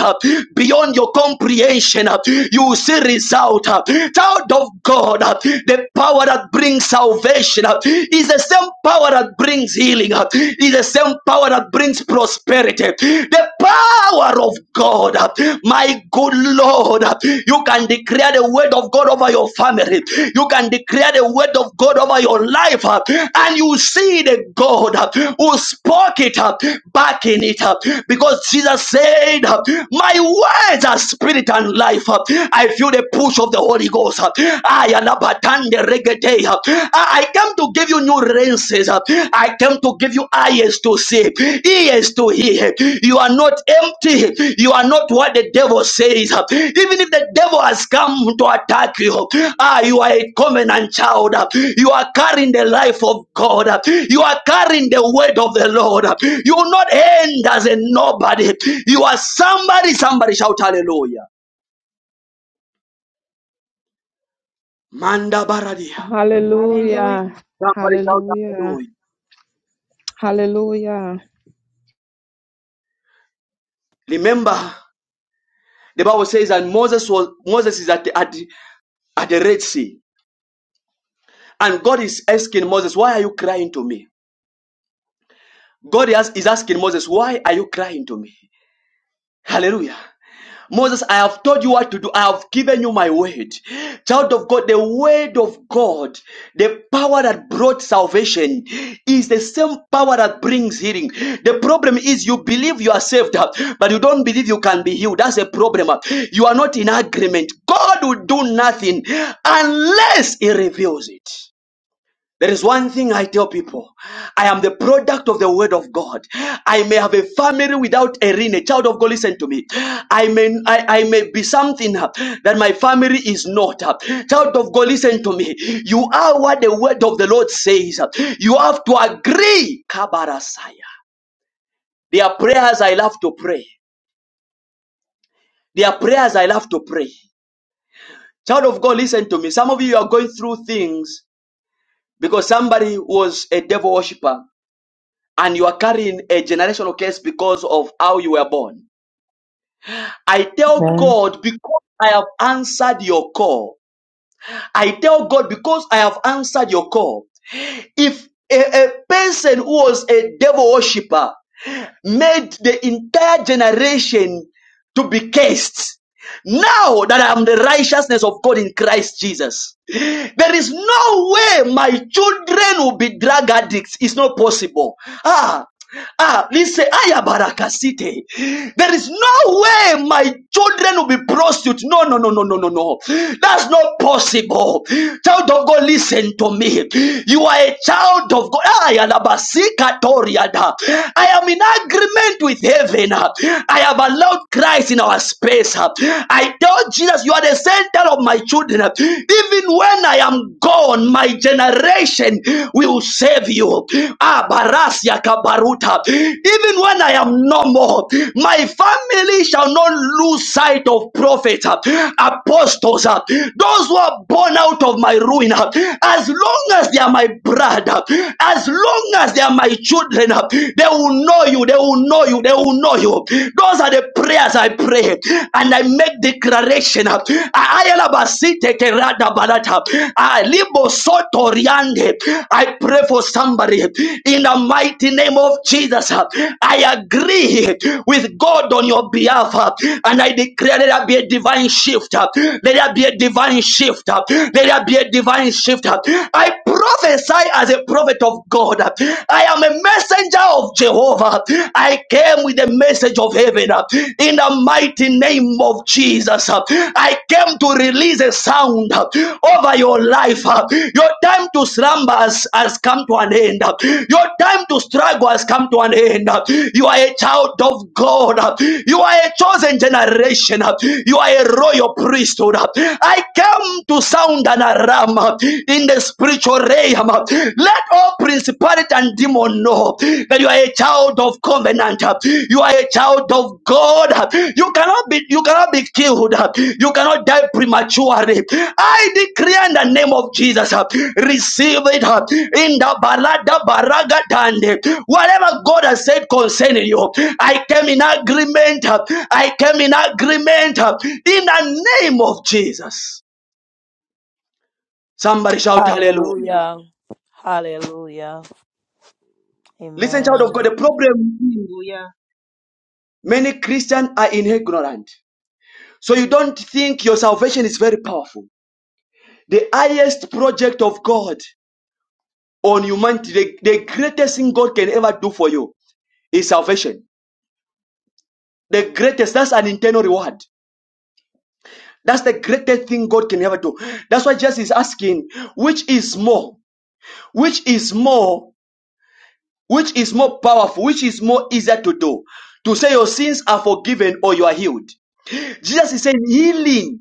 beyond your comprehension. You will will see result. uh, Child of God, uh, the power that brings salvation uh, is the same power that brings healing, uh, is the same power that brings prosperity. The power of God, uh, my good Lord, uh, you can declare the word of God over your family, you can declare the word of God over your life, uh, and you see the God uh, who spoke it up, back in it because Jesus said, uh, My words are spirit and life life. uh, I feel the push of the Holy Ghost. uh, I am abatande regede, uh, I I came to give you new lenses. uh, I came to give you eyes to see, ears to hear. You are not empty. You are not what the devil says. uh, Even if the devil has come to attack you, ah, you are a covenant child. uh, You are carrying the life of God. uh, You are carrying the word of the Lord. uh, You will not end as a nobody. You are somebody. Somebody shout hallelujah. Manda baradia. Hallelujah. Hallelujah. Somebody shout Hallelujah. hallelujah. Hallelujah. Remember, the Bible says that Moses was Moses is at the, at, the, at the Red Sea, and God is asking Moses, "Why are you crying to me?" God is is asking Moses, "Why are you crying to me?" Hallelujah. Moses, I have told you what to do. I have given you my word. Child of God, the word of God, the power that brought salvation is the same power that brings healing. The problem is you believe you are saved, uh, but you don't believe you can be healed. That's a problem. uh. You are not in agreement. God will do nothing unless He reveals it. There is one thing I tell people. I am the product of the word of God. I may have a family without a ring, a child of God. Listen to me. I may I, I may be something uh, that my family is not. uh. Child of God, listen to me. You are what the word of the Lord says. uh. You have to agree. Kabarasaya. There are prayers I love to pray. There are prayers I love to pray. Child of God, listen to me. Some of you are going through things because somebody was a devil worshiper and you are carrying a generational curse because of how you were born. I tell Amen. God, because I have answered your call. I tell God, because I have answered your call. If a, a person who was a devil worshipper made the entire generation to be cursed, now that I am the righteousness of God in Christ Jesus, there is no way my children will be drug addicts. It's not possible. Ah, Ah, listen, I There is no way my children will be prostitutes. No, no, no, no, no, no, no. That's not possible. Child of God, listen to me. You are a child of God. I alabasika I am in agreement with heaven. I I have allowed Christ in our space. I tell Jesus, you are the center of my children. Even when I am gone, my generation will save you. Ah, Barasia Kabaruta. Even when I am no more, my family shall not lose sight of prophets, apostles, those who are born out of my ruin. As long as they are my brother, as long as they are my children, they will will know you. They will know you. They will know you. Those are the prayers I pray and I make declaration. I pray for somebody in the mighty name of Jesus. I agree with God on your behalf and I declare let there be a divine shift. Let there be a divine shift. Let there be a divine shift. I prophesy as a prophet of God. I am a messenger of Jehovah. I came with the message of heaven uh, in the mighty name of Jesus. uh, I came to release a sound uh, over your life. uh, Your time to slumber has, has come to an end. uh, Your time to struggle has come to an end. uh, You are a child of God. uh, You are a chosen generation. uh, You are a royal priesthood. uh, I came to sound an alarm uh, in in the spiritual realm. Let all principality and demon know that you are a child of covenant. You are a child of God. You cannot be you cannot be killed. You cannot die prematurely. I declare in the name of Jesus, receive it in the balada baraga dande. Whatever God has said concerning you, I came in agreement. I came in agreement in the name of Jesus. Somebody shout hallelujah. Hallelujah. Hallelujah. Listen, child Amen. of God, the problem Hallelujah. many Christians are in ignorant. So you don't think your salvation is very powerful. The highest project of God on humanity, the, the greatest thing God can ever do for you is salvation. The greatest, that's an internal reward. That's the greatest thing God can ever do. That's why Jesus is asking, which is more? Which is more? Which is more powerful? Which is more easier to do? To say your sins are forgiven or you are healed. Jesus is saying healing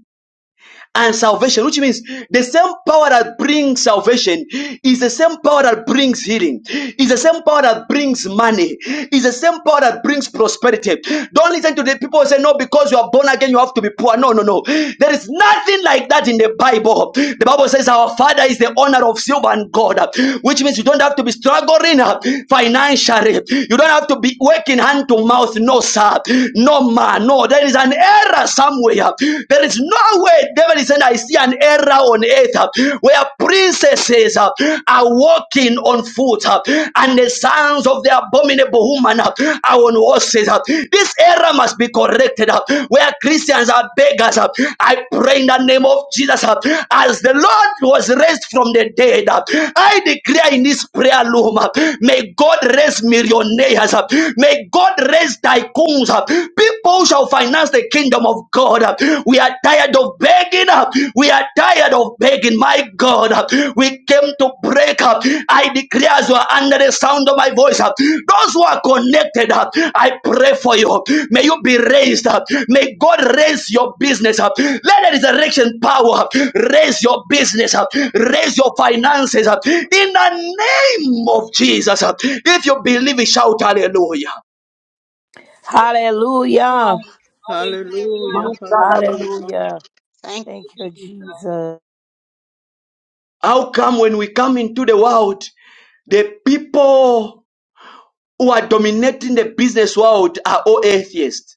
and salvation, which means the same power that brings salvation is the same power that brings healing, is the same power that brings money, is the same power that brings prosperity. Don't listen to the people who say, No, because you are born again, you have to be poor. No, no, no. There is nothing like that in the Bible. The Bible says, Our Father is the owner of silver and gold, which means you don't have to be struggling uh, financially, you don't have to be working hand to mouth. No, sir, no, man, no. There is an error somewhere somewhere. There is no way David is saying, I see an era on earth uh, where princesses uh, are walking on foot uh, and the sons of the abominable woman uh, are on horses. uh. This era must be corrected uh, where Christians are beggars. uh. I pray in the name of Jesus uh, as the Lord was raised from the dead. uh, I declare in this prayer loom, uh, may God raise millionaires. uh, May God raise tycoons. uh, People shall finance the kingdom of God. We are tired of begging. We are tired of begging. My God, we came to break up. I declare as you are under the sound of my voice, those who are connected, I pray for you. May you be raised up. May God raise your business up. Let the resurrection power raise your business up. Raise your finances up. In the name of Jesus. If you believe it, shout hallelujah. Hallelujah. Hallelujah. Hallelujah, hallelujah. Hallelujah. Thank Thank you, you, Jesus. Jesus. How come when we come into the world, the people who are dominating the business world are all atheists?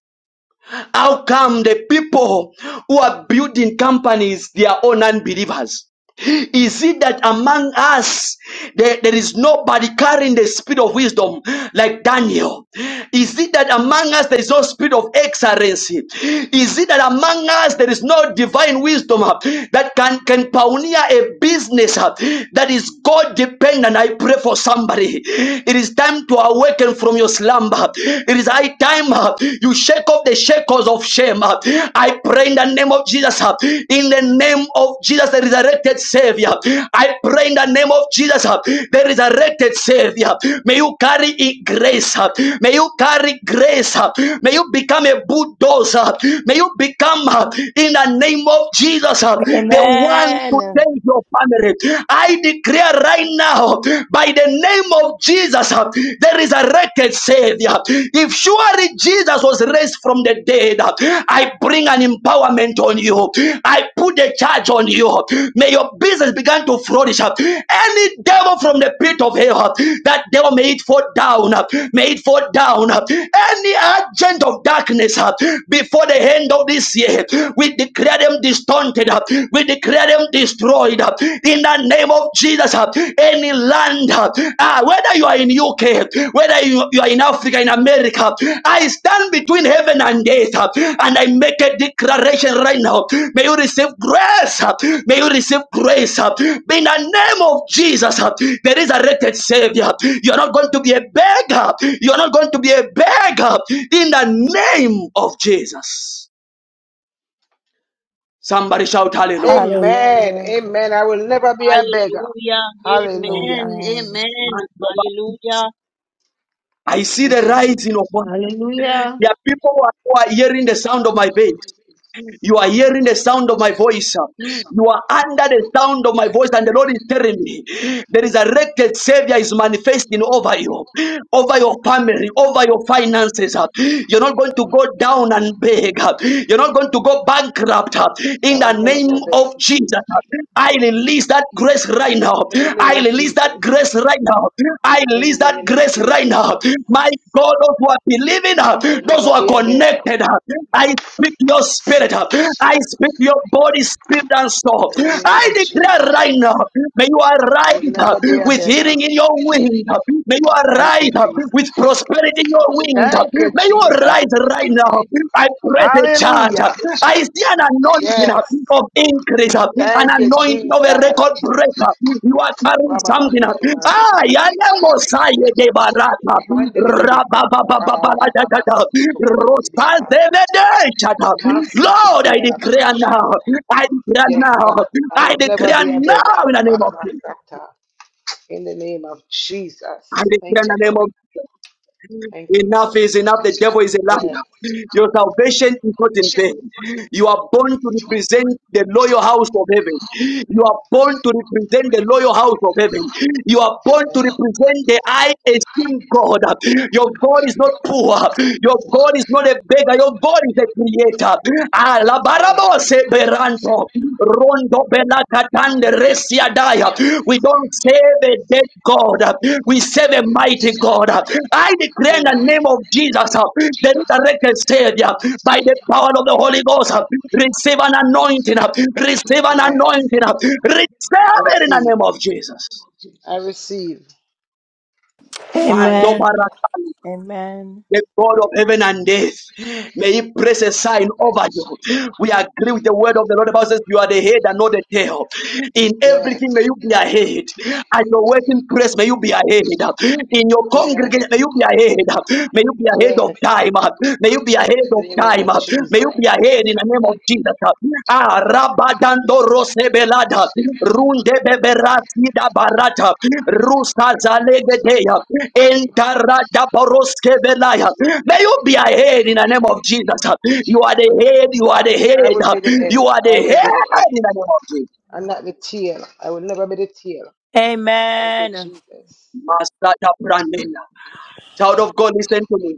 How come the people who are building companies, they are all non-believers? Is it that among us there, there is nobody carrying the spirit of wisdom like Daniel? Is it that among us there is no spirit of excellency? Is it that among us there is no divine wisdom uh, that can, can pioneer a business uh, that is God dependent? I pray for somebody. It is time to awaken from your from your slumber. It is high time uh, you shake off the shackles of shame. uh. I pray in the name of Jesus, uh, in the name of Jesus, the resurrected Savior. I pray in the name of Jesus, uh, the resurrected Savior. May you carry grace. uh, May you carry grace. uh, May you become a bulldozer. May you become, uh, in the name of Jesus, uh, the one to Amen. change your family. I declare right now now by the name of Jesus, uh, the resurrected Savior. If surely Jesus was raised from the dead, uh, I bring an empowerment on you. I put a charge on you. May your business begin to flourish. uh. Any devil from the pit of hell, uh, that devil may it fall down. uh, May it fall down. uh. Any agent of darkness uh, before the end of this year, we declare them distorted. uh, We declare let them destroyed uh, in the name of Jesus. uh, Any land, uh, ah, whether you are in UK, whether you, you are in Africa, in America, I stand between heaven and earth, uh, and I make a declaration right now. May you receive grace. uh, May you receive grace. uh, In the name of Jesus, uh, the resurrected Savior, you are not going to be a beggar. You are not going to be a beggar. In the name of Jesus, somebody shout hallelujah. Amen. Hallelujah. Amen. I will never be a beggar. Hallelujah. Hallelujah. Amen. Amen. Amen. Hallelujah. I see the thank you, rising of one. Hallelujah. There are people who are who are hearing the sound of my bass. You are hearing the sound of my voice. You are under the sound of my voice, and the Lord is telling me there is a resurrected Savior is manifesting over you, over your family, over your finances. You're not going to go down and beg. You're not going to go bankrupt. I In the will never name go beg. of Jesus, I release that grace right now. In the name I of release that Jesus. grace grace right now. I In the release that name of grace right Jesus. now. My God, those who are believing, uh, I will those who never are be a beggar. connected, uh, I speak your spirit. uh, I speak your body, spirit, and soul. In the name I of Jesus. declare right now, I may you arrive will uh, never be a with beggar. healing in your wings. uh, May you Thank you, arrive uh, Jesus. with prosperity in your wings. uh, Thank you, May you Jesus. arise right now. I. Praise charge. Hallelujah. I see an anointing uh, Yes. of increase, uh, an Thank you, anointing of a Jesus. record breaker. You are carrying Rabba something. uh, Kutumandi Ah, Kataba. yale mosaye de barata. Mandelebe kutu rabababa Rabababababalagada. sukutu mandelebe sana. Rosazebedechata. Lord, Masekete I yarababa declare now. shanda. I declare Yes, now. God, I I will never declare be a beggar. now in the name of Baba Jesus. sata. In the name of I Jesus. Thank declare in you, the name Lord. of Thank you, Enough Lord. is enough. The devil is a Yes. liar. Your salvation is not in vain. You are born to represent the loyal house of heaven. You are born to represent the loyal house of heaven. You are born to represent the high esteem Yes. God. Your God is not poor. Your God is not a beggar. Your God is a creator. Ah, la barabose beranto. Rondo belakatande Thank you, resiadaya. We don't save a dead God. We save a mighty God. I declare in Amen. the name of Jesus, uh, the resurrected Savior, by the power of the Holy Ghost, uh, receive an anointing. uh, Receive an Yes. Receive anointing. uh, an Receive I it in the receive. name of Jesus. I receive. Hallelujah. Mando Amen. baraka Amen. the God of heaven and earth. May He place a sign over you. We agree with the word of the Lord. The Bible says, You are the head and not the tail. In Yes. everything, may you be ahead. At your working place, may you be ahead. In your Amen. congregation, may you be ahead. May you be ahead of Yes. time. May you be ahead of In the name time. of Jesus. May you be ahead in the name of Jesus. Ah, Rabadando Rosebelada, Runde Beberati da Barata, Rusa Zalegedeya. Entaradaboroskevelaya. May you be a head in the name of Jesus. You are the head, you are the I head, will be the head. you are the I will head be the head. in the name of Jesus. I'm not the tail. I will never be the tail. Thank Amen. you, Master Child of God, listen to me.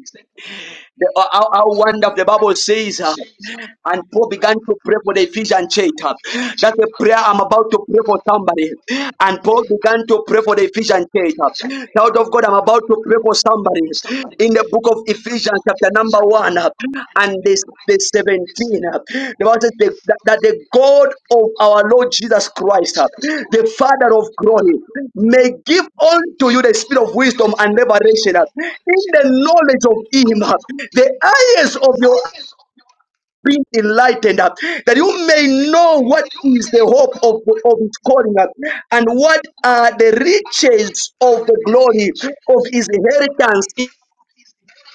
The, how, how wonderful the Bible says. uh, And Paul began to pray for the Ephesian church. That's a prayer I'm about to pray for somebody. And Paul began to pray for the Ephesian church. Child of God, I'm about to pray for somebody. In the book of Ephesians, chapter number one, and this the 17. The Bible says the- that that the God of our Lord Jesus Christ, the Jesus. Father of glory, of of may give unto you the spirit of wisdom and revelation in the knowledge of Him, the the eyes of your being enlightened, uh, that you may know what is the hope of, of his calling uh, and what are the riches of the glory of his inheritance in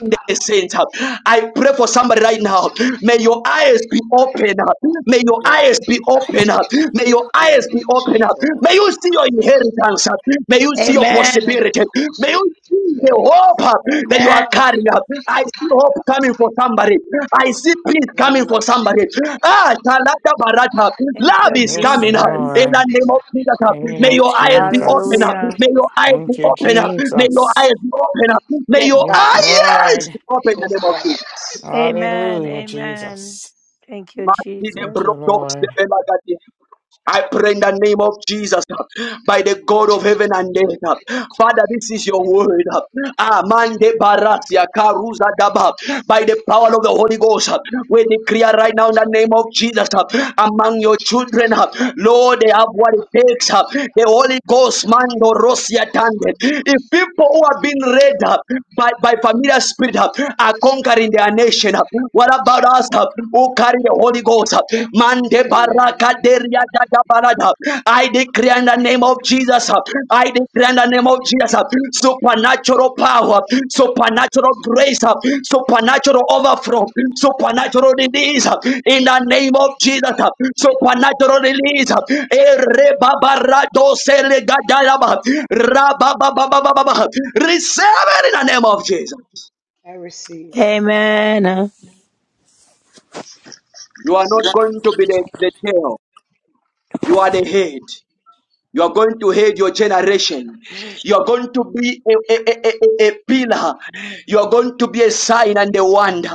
the saints. uh. I pray for somebody right now. right May your eyes be open. uh. May your Yes. eyes be open. uh. May your In the eyes be name of open. uh. Jesus. May you see your inheritance. uh. May you Yes. see your Amen. possibility. May you see the Yes. hope uh, that you are Amen. carrying up. I see hope coming for somebody. I see peace In the coming name of for somebody. Jesus. Ah, Shalada Barata. Ah, Thank Love you, is Yes, coming up in Jesus. the Lord. name of Jesus. ah. In the name May of your eyes be open Jesus. up. Hallelujah. May your eyes be Thank you, open up. May your Jesus. eyes be open up. May Yes, your Yes, God. eyes Lord. be open in the name of Jesus. Amen. Hallelujah, Amen. Jesus. Thank you, Masi de Jesus. Thank you, brotos Lord. de I pray in the name of Jesus, uh, by the God of heaven and earth. uh, Father, this is your word. uh, Amande barasia karuza daba. By the power of the Holy Ghost, uh, we declare right now in the name of Jesus uh, among your children, uh, Lord, they have what it takes. uh, The Holy Ghost, mando rosia tande. If people who have been read uh, by, by familiar spirit uh, are conquering their nation, uh, what about us? uh, who carry the Holy Ghost. Mande Amen. baraka deria daga barada. I declare in the name of Jesus. I declare in the name of Jesus. Supernatural power, supernatural grace, supernatural overflow, supernatural release in the name of Jesus. Supernatural release. Ere babarado sele gadalaba. Rababababababa. Receive it in the name of Jesus. I receive. Amen. Amen. You are not going to be the, the tail. You are the head. You are going to head your generation. You are going to be a, a, a, a, a pillar. You are going to be a sign and a wonder.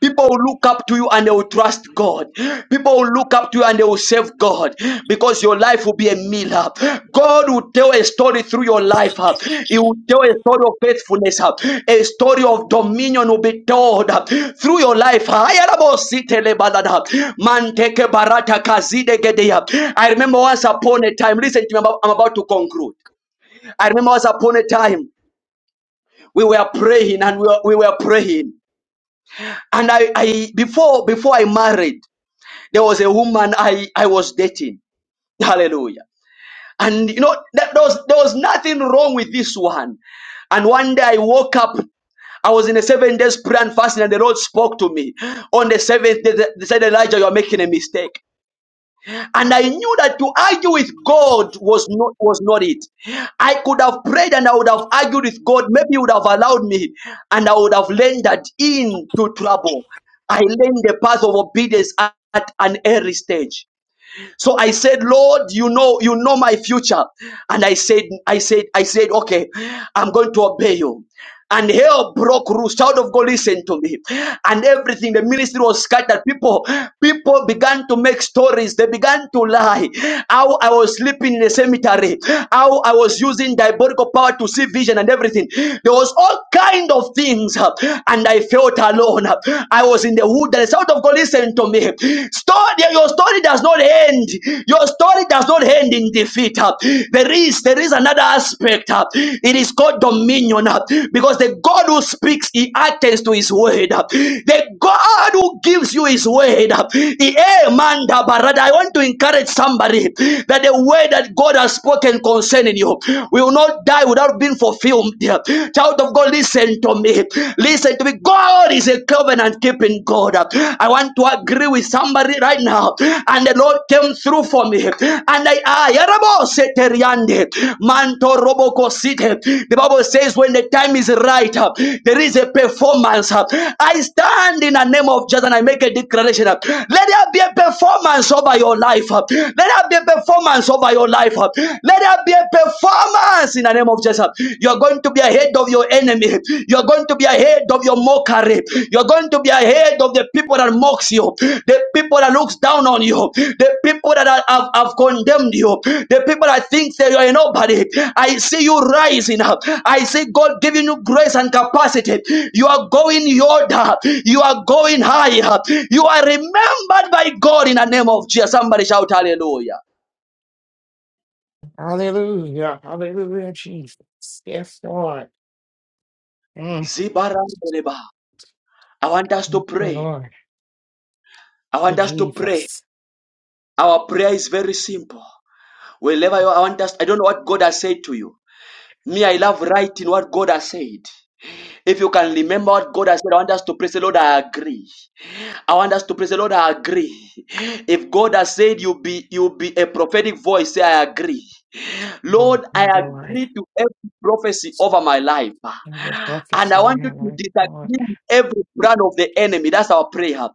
People will look up to you and they will trust God. People will look up to you and they will serve God because your life will be a mirror. God will tell a story through your life. huh? He will tell a story of faithfulness. huh? A story of dominion will be told huh, through your life. huh? Ayarabositelebalada. Manteke barata kazide gedeya. I remember once upon a time, listen to me, I'm about I'm about to conclude. I remember once upon a time, we were praying and we were, we were praying. And I, I before before I married, there was a woman I, I was dating. Hallelujah. And you know, that, there, was, there was nothing wrong with this one. And one day I woke up. I was in a seven days prayer and fasting, and the Lord spoke to me. On the seventh day, they said, Elijah, you are making a mistake. And I knew that to argue with God was not, was not it. I could have prayed and I would have argued with God. Maybe He would have allowed me, and I would have landed into trouble. I learned the path of obedience at an early stage. So I said, Lord, you know, you know my future. And I said, I said, I said, okay, I'm going to obey you. And hell broke loose. Child of God, listen to me. And everything, the ministry was scattered. People, people began to make stories. They began to lie. How I was sleeping in the cemetery. How I was using diabolical power to see vision and everything. There was all kind of things. And I felt alone. I was in the wilderness the South of God, listen to me. Story, your story does not end. Your story does not end in defeat. uh. There is there is another aspect. uh. It is called dominion uh, because the God who speaks, He attends to His word. uh. The God who gives you His word. uh, He eh, I want to encourage somebody that the word that God has spoken concerning you will not die without being fulfilled. Child of God, listen to me me. Listen to me. God is a covenant keeping God. I want to agree with somebody right now. And the Lord came through for me. And I, I Yarabo Manto Roboko Site. The Bible says, when the time is right, uh, there is a performance. uh. I stand in the name of Jesus and I make a declaration. uh, Let there be a performance over your life. uh. Let there be a performance over your life. uh. Let there be a performance Yes, in the name of Jesus. You're going to be ahead of your enemy. You're going to be ahead of your mockery. You're going to be ahead of the people that mocks you, the people that looks down on you, the people that are- have, have condemned you, the people that think that you're nobody. I see you rising up. I see God giving you grace and capacity. You are going Yoda. You are going higher. You are remembered by God in the name of Jesus. Somebody shout hallelujah. Hallelujah. Hallelujah, Jesus. Yes, Lord. Mm, Zibarandeleba. I want us to Thank you, pray. Lord. I Thank you, want us to pray. Jesus. Our prayer is very simple. Wherever you are, I want us, I don't know what God has said to you. Me, I love writing what God has said. If you can remember what God has said, I want us to pray. Say, Lord, I agree. I want us to praise the Lord. I agree. If God has said you be you be a prophetic voice, say I agree. Thank Lord, I you, Lord. agree to every prophecy over my life. Every And prophecy I in want you my to life, Lord. disagree with every plan of the enemy. That's our prayer.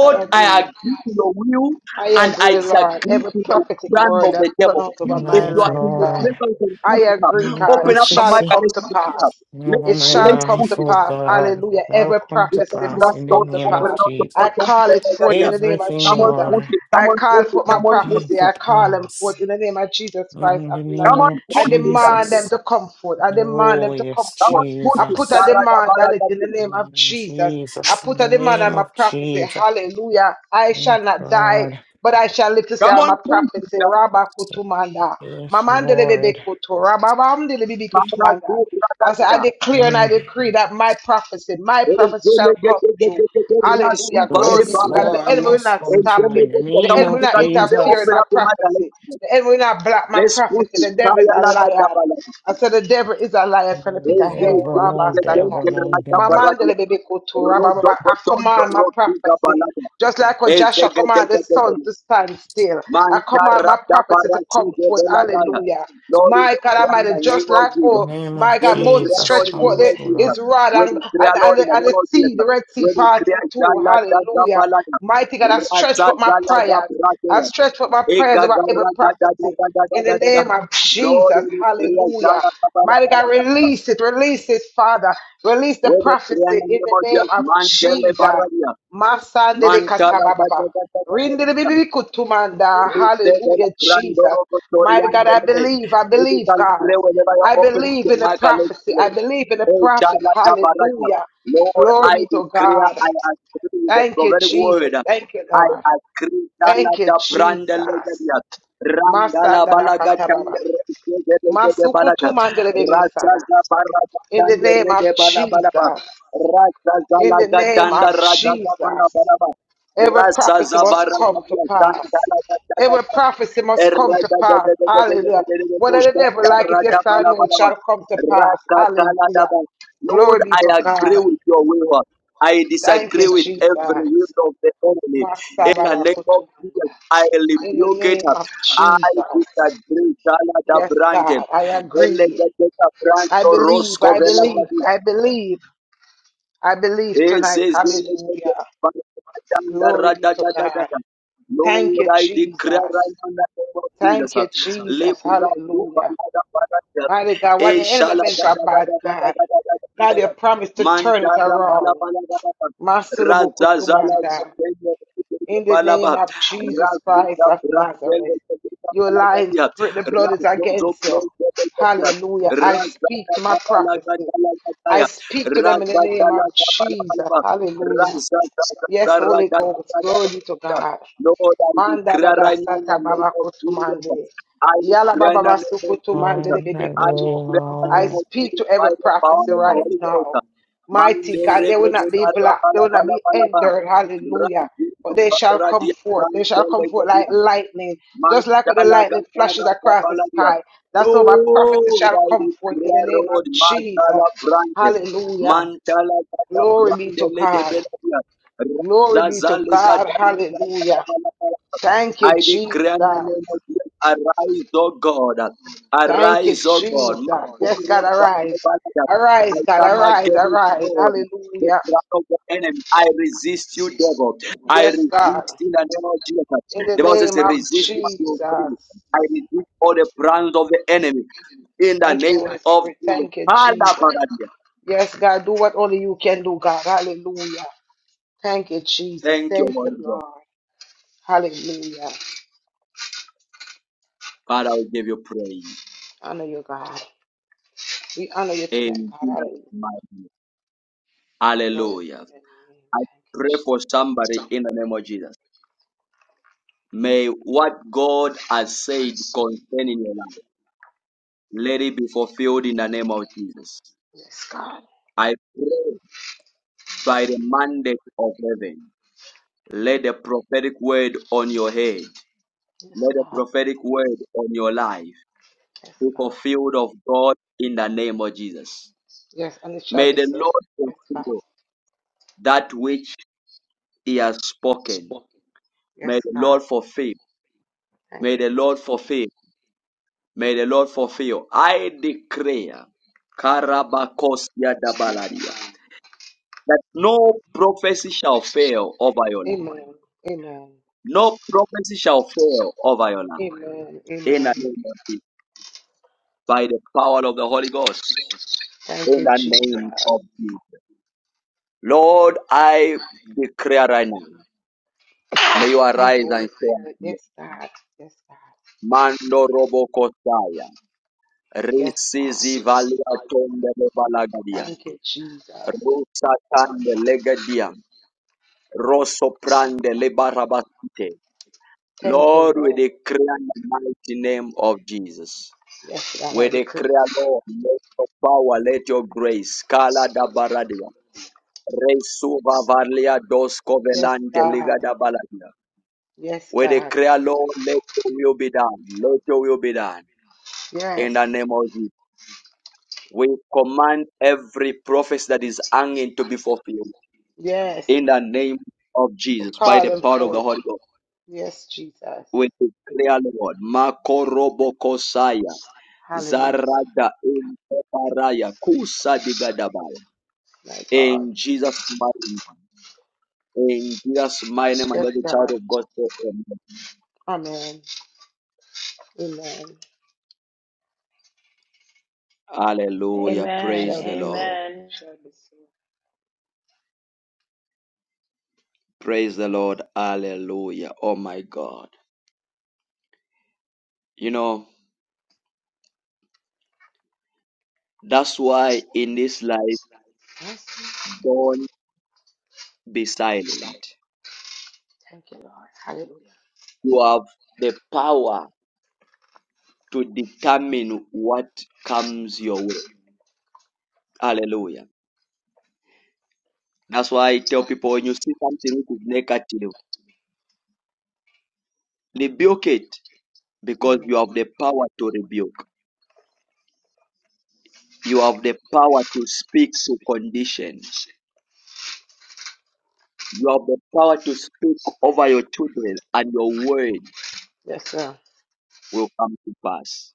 I I agree. agree to your will I and I agree, Lord. disagree Every to the prophetic plan word of that's the devil. pronounced My over If my you life, are life, in the God. Lord. presence I of put it up. agree, Every God. Open It up your shall mic and prophecy come let's to put it pass. up. Let, over It my shall let's come put to life, it. oh pass. God. Hallelujah. Shall Every come to prophecy pass must in the come to name of pass. Jesus. I call it forth up. in the name of Everything, Come on, Jesus. push Lord, it. I Come on, call push it. forth my will Come on, push come prophecy. it. to I call them pass forth in the name of Jesus Christ in of the Come Nazareth. name on, of I push it. demand them Jesus. to come forth. I demand them Oh, to come yes, Come forth. on, push I it. put a Jesus. Garaga, demand on it baraga, in the push. name of Mm, Jesus. I Jesus, in put a the demand on name my of prophecy. Jesus. Hallelujah. I Thank shall not die God. but I shall live to say Come all on, my push prophets. say, it. Rabba Kutumanda. Yes, Mamanda de Bebe Lord. Kutu. Rabba Mamdi de Bebe Mara, Kutumanda. ju, raga, I say, I ya. declare and I Mm. decree that my prophecy, my prophecy shall Ezele, ge, come ge, ge, true. ge, ge, ge, razu, Hallelujah. bale, Glory be Yes, to God. The baluka. Lord, enemy will must not come stop through Ezele, it. in ge, the ge. The Come name enemy on, will of you not can see interfere in Jesus. open my up your mouth and prophecy. let's pray. The enemy will not block my Let's prophecy. push it. The devil is Kaya, a laga, liar. dabala. I said, the devil is a liar from the No pit of Ezele, hell. ge, ge, devil, Rabba no ge, ge, Satan. devil, ge, no raga, My devil. man, baraga. the baby kotora, ba- ba- Roto, ba- I rotondo, command my rotiga, prophecy. balaga. Just like when Ezele, Joshua ge, ge, commanded the ge, ge, sun ge. to stand still, I command my Mantarata prophecy to Parasi come de forth. Veladaya. Hallelujah. Lord, we My God pray in the Almighty, name just of like, In Jesus. oh, the name my of We God, Moses declare, Jesus, Lord, stretched in the forth come name the, of through, Jesus. Lord. his rod We and, and, declare, Lord, and, in the, the and the name of Jesus. sea, the Red Sea We part in declare, two. Jalata Hallelujah. Zapalata. Mighty God, I stretch Rasa forth my Jalata prayers. I Prasaya. stretch with my prayers Ega about every Garata da prophecy in the name of Lord, Jesus. we declare, Hallelujah. Jalata Mighty God, Palata. release it, release it, Father. Release We the declare in prophecy the in name the of name Jesus. of Mantele Jesus. Paradia. Masande de Mantala da katabababa. Rinde de bibi kutumanda. Hallelujah, Jesus. Randoro Mighty Kotorian God, I Delve. believe, I If you believe, can God. pray whenever you're I open to believe the in the mic and let's prophecy. I believe in the pray. Oh, prophet. Jala Tabaraka. Hallelujah. Lord, Glory I be to declare, God. I agree with the Thank you, prophetic Jesus. word. Thank you, I Lord. agree, Jala Thank you, Tabranda Jesus. Legadia. Randala Balaga Masandarakataba. Tande Balaka. Masukutumandelebebesada. Rajaza Baraka In the Tande name of Rede Balabalaba. Jesus. Rajaza In the name Lagatanda of Rajaza Jesus. Balabalaba. Every Rasa prophecy must Zavara come to pass. Every prophecy must come to pass. Hallelujah. Whether the devil like it, yes or no, it shall come to pass. Hallelujah. Lord, Glory be I to agree God. with your will. I Thank you, disagree with every will Jesus. of the enemy. Master In the Baba name of Jesus, Kutumanda. I In the rebuke it. name of I Jesus. disagree. Shala da Yes, brante. God, I Ele agree. gete da I branto believe, rosko I vela believe, da I believe, I believe Lord, tonight. Hallelujah. Glory be to God. Thank you, I Jesus. declare right now in the name of Jesus. Thank you, Jesus. Libra do Hallelujah. balada balada. Mighty God, what the E enemy shala meant da for da da bad, da da da God. da da da da God, you da. promised to turn it Mandara bala around. bala da da da. Masulubu Raza zala da kutumanda. kende In the bala name ba. of Jesus Razu Christ da of brande da Nazareth, da da your bala da lying ya. spirit, the blood is Razo zo against klo you. da da da da. Hallelujah. I Raza speak da to my da bala da prophecy. da da da ya. I speak to them in the name of Jesus. Rakatalabalaba. Hallelujah. Yes, Holy Ghost. Glory be to Razakatarajakatarajakata. God. Lord, I Manda da declare da right now in sata the name baba of kutu Jesus. I Yala baba declare in the basu name of kutu Jesus. le Lord, bebe Heavenly I kutu. declare in the I name Lord. of speak Jesus to every by the power prophecy of the right Mm. Holy now. Ghost. Mighty Mande God, they will rebebe not be black, they will not be barabalabalabalaba. hindered. Hallelujah. But Rajitu they shall come baradia forth. They shall come forth like jantelebebia. lightning, just like when the Mandala lightning flashes gatara across the kapaladia. sky. That's how my prophecy Lord, shall I come forth in the declare, name of Lord, Jesus. Mandala branches. Hallelujah. Mantala gada Glory be to brandele de God. beladia. Glory be to Razazale God. gada la Hallelujah. bala bala. Thank you, I Jesus. declare in the name of Jesus, arise, O God. Thank you, Arise, O God. Jesus. My Yes, God, God, gada arise. bala. I Arise, God, come arise, against arise. God. The Hallelujah. plan of the enemy. I resist you, devil. I Yes, God. resist in the name of Jesus. In the The Bible says, name of resist what you feel. Jesus. I resist all the plans of the enemy in the Thank you, name Holy of Spirit. Jesus. Thank you, Jesus. Yes, God, do what only you can do, God. Hallelujah. Thank you, Jesus. Thank you, Thank Holy you, God. Lord. Hallelujah. Father, we give you praise. Honor you, God. We honor you tonight, In God. Jesus' Hallelujah. mighty name. Glory to Hallelujah. your name. I Thank you, pray Jesus. for somebody in the name of Jesus. May what God has said concerning your life, let it be fulfilled in the name of Jesus. Yes, God. I pray by the mandate of heaven, let the prophetic word on your head, Yes, let the God. prophetic word on your life Yes, be God. fulfilled of God in the name of Jesus. Yes, and it shall May be the so. Lord Yes, God. fulfill that which he has spoken. Yes, May the God. Lord fulfill. Thank May you, the God. Lord fulfill. May the Lord fulfill. I declare, Karabakosia Dabaladia, that no prophecy shall fail over your life. Amen. Amen. No prophecy shall fail over your life. Amen. In Amen. the name of Jesus, by the power of the Holy Ghost. Thank In you, the name Jesus. of Jesus. Lord, I declare right now, may you Thank you, arise Holy and show us Spirit. mercy. Yes, God. Yes, God. Mando Robo Kosaya. Yes, Risizi valia God. tonde le balagadia. Thank you, Jesus. Rusa tande legadia. Rosso prande le barabasite. Thank you, Lord, we Lord. declare in the mighty name of Jesus. Yes, God, I We decree. declare, Lord, let your power, let your grace. Kala da baradia. Resuva valia dos Yes, covelante God. liga da baladia. Yes, We God. declare, Lord, let your will be done. Let your will be done. In Yes. the name of Jesus. We command every prophecy that is hanging to be fulfilled Yes. in the name of We Jesus by call the him power of the forth. Holy Ghost. Yes, Jesus. We declare, Lord, Makorobokosaya, Hallelujah. Zarada in Paraya, Kusa Digadabaya. My God. In Jesus' mighty name. In Jesus' mighty name, and Yes, every child God. of God say, Amen. Amen. Amen. Hallelujah. It Praise shall be the Lord. so. Amen. It shall be so. Praise the Lord. Hallelujah. Oh my God. You know, that's why in this life, Yes. don't. be silent. Thank you, Lord. Hallelujah. You have the power to determine what comes your way. Hallelujah. That's why I tell people when you see something which is negative, rebuke it because Amen. you have the power to rebuke. You have the power to speak to condition. You have the power to speak over your children and your word Yes, sir. will come to pass.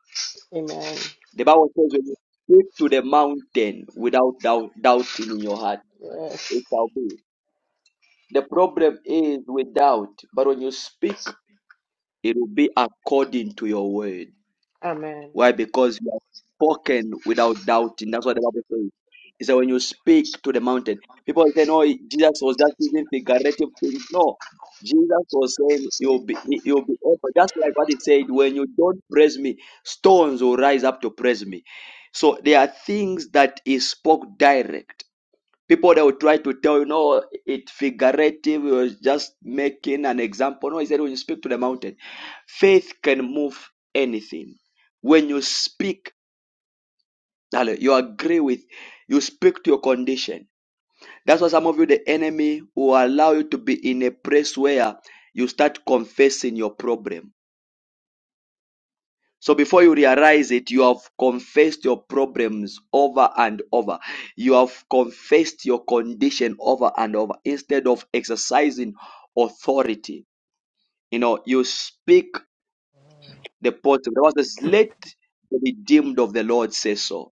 Amen. The Bible says when you speak to the mountain without doubt, doubting in your heart, Yes. it shall be. The problem is with doubt, but when you speak, it will be according to your word. Amen. Why? Because you have spoken without doubting. That's what the Bible says. It says when you speak to the mountain, people say, "No, Jesus was just using figurative things." No, Jesus was saying, "You'll be, you'll be open." Just like what it said, "When you don't praise me, stones will rise up to praise me." So there are things that He spoke direct people they will try to tell you no it figurative you was just making an example no he said when you speak to the mountain faith can move anything when you speak darling, you agree with you speak to your condition that's why some of you the enemy will allow you to be in a place where you start confessing your problem So before you realize it, you have confessed your problems over and over. You have confessed your condition over and over. Instead of exercising authority, you know, you speak the positive. The Bible says, let the redeemed of the Lord say so.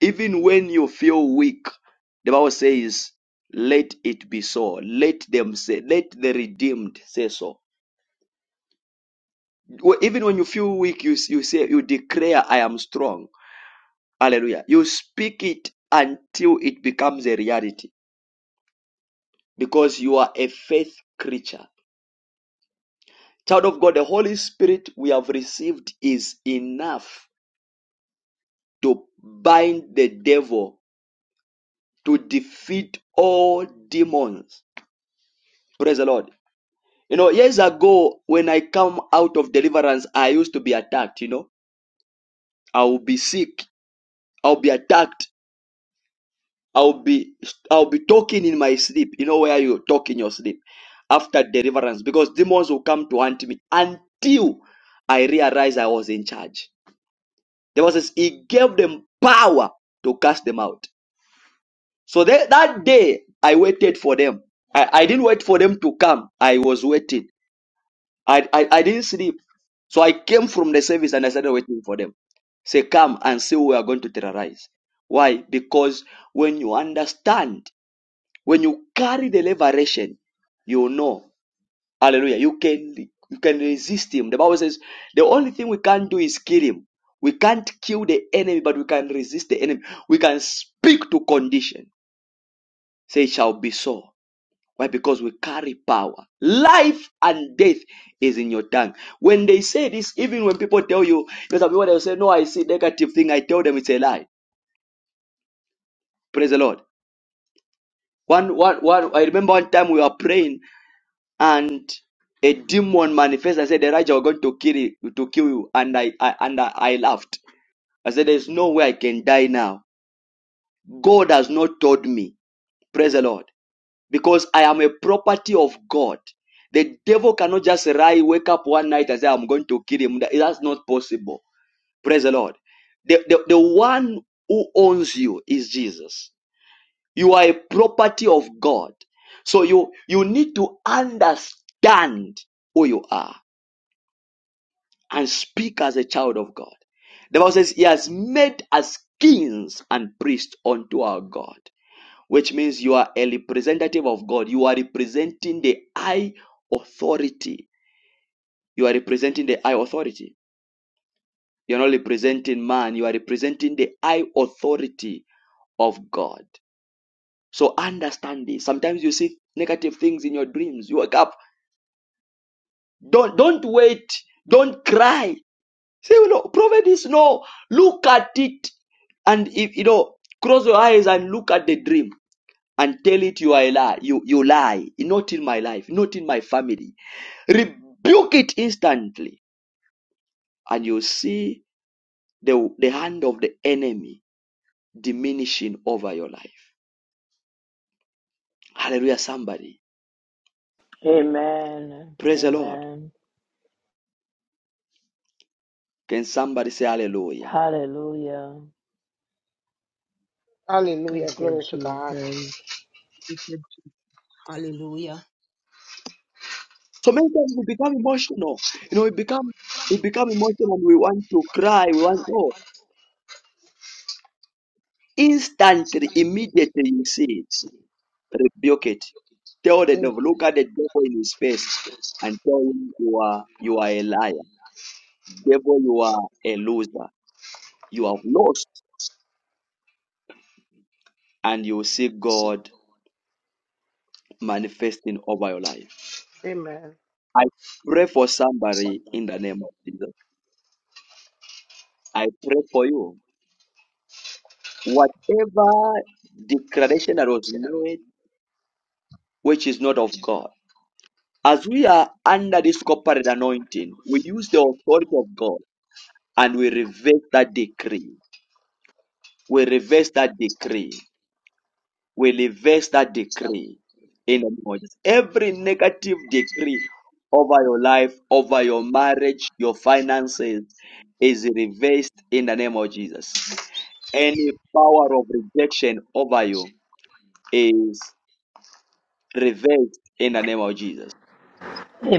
Even when you feel weak, the Bible says, let it be so. Let them say, let the redeemed say so. Even when you feel weak, you, you say, you declare, I am strong Hallelujah. You speak it until it becomes a reality because you are a faith creature. Child of God, the Holy Spirit we have received is enough to bind the devil, to defeat all demons. Praise the Lord. You know, years ago, when I come out of deliverance, I used to be attacked, you know. I will be sick. I'll be attacked I'll be I'll be talking in my sleep. You know where you talk in your sleep after deliverance because demons will come to hunt me until I realized I was in charge. The Bible says he gave them power to cast them out. So that that day I waited for them. I, I didn't wait for them to come. I was waiting. I, I I didn't sleep. So I came from the service and I started waiting for them. Say, come and see who we are going to terrorize. Why? Because when you understand When you carry the liberation, you know, hallelujah, you can you can resist him. The Bible says the only thing we can't do is kill him. We can't kill the enemy, but we can resist the enemy. We can speak to condition. Say it shall be so. Why? Because we carry power. Life and death is in your tongue. When they say this, even when people tell you, because some people they say, No, I see negative thing, I tell them it's a lie. Praise the Lord. One, one, one, I remember one time we were praying and a demon manifested and said, "The raja are going to kill you, to kill you. And I, I and I, I laughed. I said, There's no way I can die now. God has not told me. Praise the Lord. Because I am a property of God. The devil cannot just rise, wake up one night and say, I'm going to kill him. That- That's not possible. Praise the Lord. The, the, the one who owns you is Jesus. You are a property of God. So you, you need to understand who you are. and speak as a child of God. The Bible says, He has made us kings and priests unto our God, which means you are a representative of God. You are representing the high authority. You are representing the high authority. You're not representing man, you are representing the high authority of God. So understand this. Sometimes you see negative things in your dreams. You wake up. Don't don't wait. Don't cry. Say, you know, prophet is no, look at it and if you know, close your eyes and look at the dream and tell it you are a lie. You you lie. Not in my life, not in my family. Rebuke it instantly, and you see the the hand of the enemy diminishing over your life. Hallelujah, somebody. Amen. Praise the Lord. Amen. Can somebody say hallelujah? Hallelujah. Thank Hallelujah. you, Glory to God. Jesus. Jesus. Hallelujah. So many times we become emotional. You know, we become we become emotional and we want to cry. We want oh. Instantly, immediately you see it, rebuke it. Tell the Amen. devil, look at the devil in his face and tell him you are you are a liar. Devil, you are a loser. You have lost and you will see God manifesting over your life. Amen. I pray for somebody in the name of Jesus. I pray for you. Whatever declaration that was made which is not of God. As we are under this corporate anointing, we use the authority of God and we reverse that decree. We reverse that decree. We reverse that decree in the name of Jesus. Every negative decree over your life, over your marriage, your finances is reversed in the name of Jesus. Any power of rejection over you is reversed in the name of Jesus.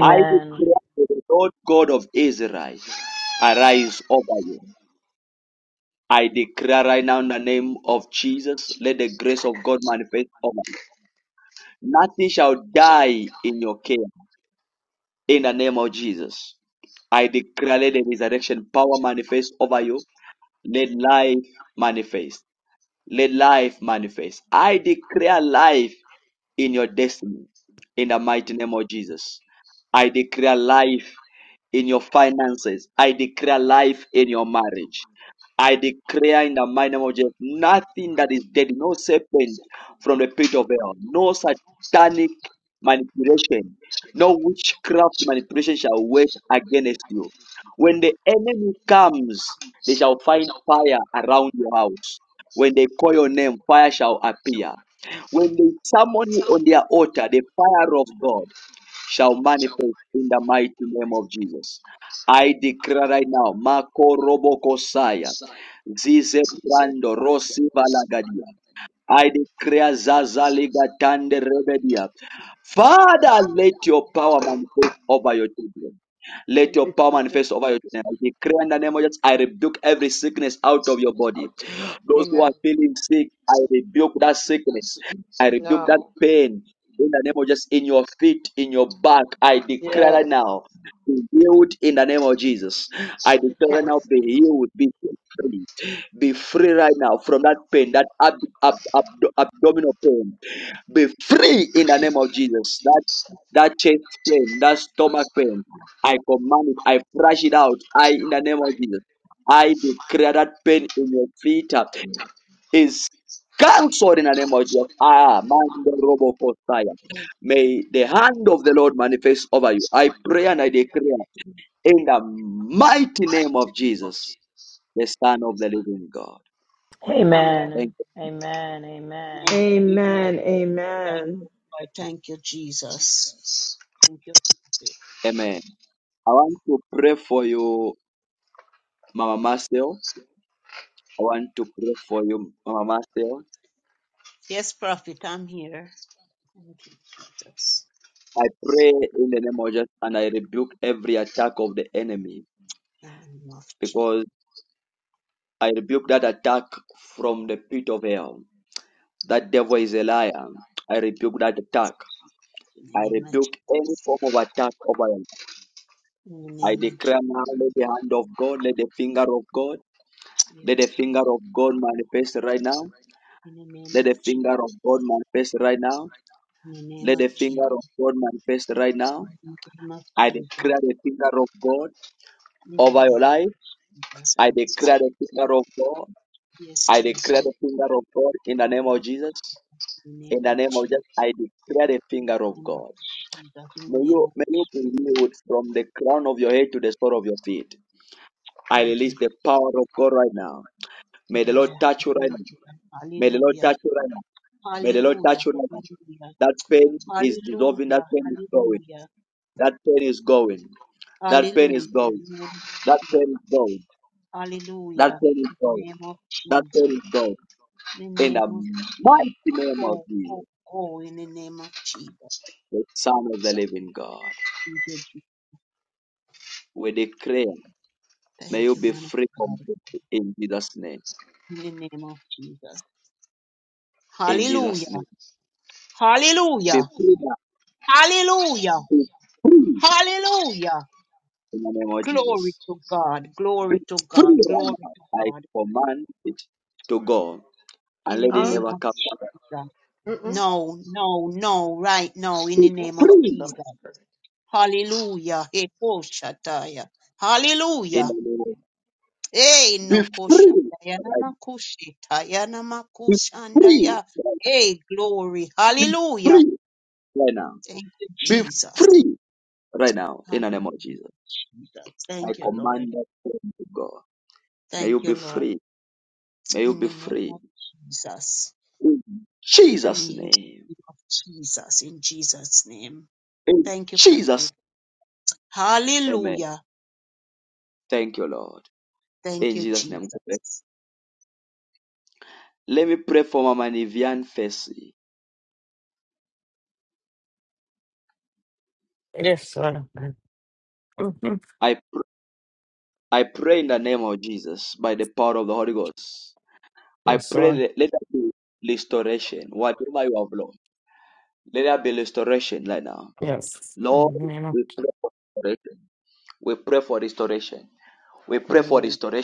I declare to the Lord God of Israel, arise over you. I declare right now in the name of Jesus, let the grace of God manifest over you. Nothing shall die in your care in the name of Jesus. I declare let the resurrection power manifest over you. Let life manifest. Let life manifest. I declare life in your destiny in the mighty name of Jesus. I declare life in your finances. I declare life in your marriage. I declare in the mighty name of Jesus, nothing that is dead, no serpent from the pit of hell, no satanic manipulation, no witchcraft manipulation shall work against you. When the enemy comes, they shall find fire around your house. When they call your name, fire shall appear. When they summon you on their altar, the fire of God shall manifest in the mighty name of Jesus. I declare right now, Mako Robo Kosaya. Zize brando rosi valagadia. I declare Zaza Liga Tande Rebedia. Father, let your power manifest over your children. Let Thank your you, power Jesus. manifest over your children. I declare in the name of Jesus, I rebuke every sickness out of your body. Those who are Amen. feeling sick, I rebuke that sickness. I rebuke that Now. pain. In the name of Jesus. in your feet, in your back, I declare that Yes. now. Be healed in the name of Jesus. I You declare that can't now. Be sleep. healed. Be free. Be free right now from that pain, that ab- ab- abdo- abdominal pain be free in the name of Jesus. That that chest pain, that stomach pain, I command it, I flush it out. I in the name of Jesus. I declare that pain in your feet uh, is cancelled in the name of Jesus. Ah, man, robo fire. May the hand of the Lord manifest over you. I pray and I declare in the mighty name of Jesus, the Son of the Living God. Amen. Thank Amen. Amen. Amen. Amen. Amen. Amen. Thank you, Amen. God. Thank you, Jesus. Thank you, Prophet. you. Amen. I want to pray for you, Mama Marcel. I want to pray for you, Mama Steph. Yes, prophet, I'm here. Thank you, Jesus. I pray in the name of Jesus and I rebuke every attack of the enemy In the name of Jesus. because I rebuke that attack from the pit of hell. That devil is a liar. I rebuke that attack. In the I name of rebuke Jesus. any form of attack over him. In the I name of declare Jesus. now, let the hand of God, let the finger of God, Yes, let the finger Jesus. of God manifest right now. In the name Let of the Jesus. finger of God manifest right now. In the name Let of the Jesus. finger of God manifest right now. In the name of I Jesus. declare the finger of God. In the over your name life. of Jesus. I I receive. declare the finger of God. Yes, I declare Jesus. the finger of God in the name of Yes, Jesus. in the name In the of name of Jesus, Jesus. I declare the In the finger of name of God. Jesus. In May the name you, of may you be healed from the crown of your head to the sole of your feet. I thank release you. the power of God right now. May the Lord touch you right Yeah. now. May the Lord Hallelujah. touch you right now. May the Lord Hallelujah. touch you right now. Hallelujah. That pain is dissolving. That Hallelujah. pain is going. Hallelujah. That pain is going. That pain is Hallelujah. Hallelujah. In going. the name of That Jesus. pain is going. That Hallelujah. pain is In the going. name of That Jesus. pain is going. In the In name the of Jesus. mighty name of Go, go, Jesus, go in the name of Jesus. the Son of the living God, Thank you, Jesus. we declare, may Thank you you, be man. of free God. from death in Jesus' name. in the name of Jesus. In Jesus' Hallelujah. name. Be Hallelujah. free now. Hallelujah. Be free Hallelujah. in the name of Glory Jesus. to God. Be Glory to God. free right Glory now. to I God. command it to go In and the let it Huh? name never of come back. Jesus. Mm-mm. No, no, no, right now, in Be the Don't name of spot free this from Jesus. his spirit. Hallelujah. Hey, koshataya. in Hallelujah. the name of Hey, Be no free. koshataya right now. namakushitaya Be free. namakushandaya. Hey, glory. Hallelujah. right now. Thank you, Be free right now. Be Jesus. free right now in the name of Hallelujah. Jesus. Jesus. I Thank you, Lord. command that freedom to go. May you Thank you, be Lord. free. May you In be the name free. of Jesus. In Jesus' Free in the name. name of Jesus. In Jesus' name. In Thank you, Jesus. Prophet. name. Amen. Hallelujah. Thank you, Lord. Thank In you, Jesus' name. Jesus. Let me pray for Mama Nivian Fesi. Yes, sir. Mhm. I pr- I pray in the name of Jesus by the power of the Holy Ghost. I Yes, pray sir. that let there be restoration. Whatever you have lost, let there be restoration right now. Yes. Lord, In the name of we pray for restoration. We pray for restoration. We the pray for Lord. restoration.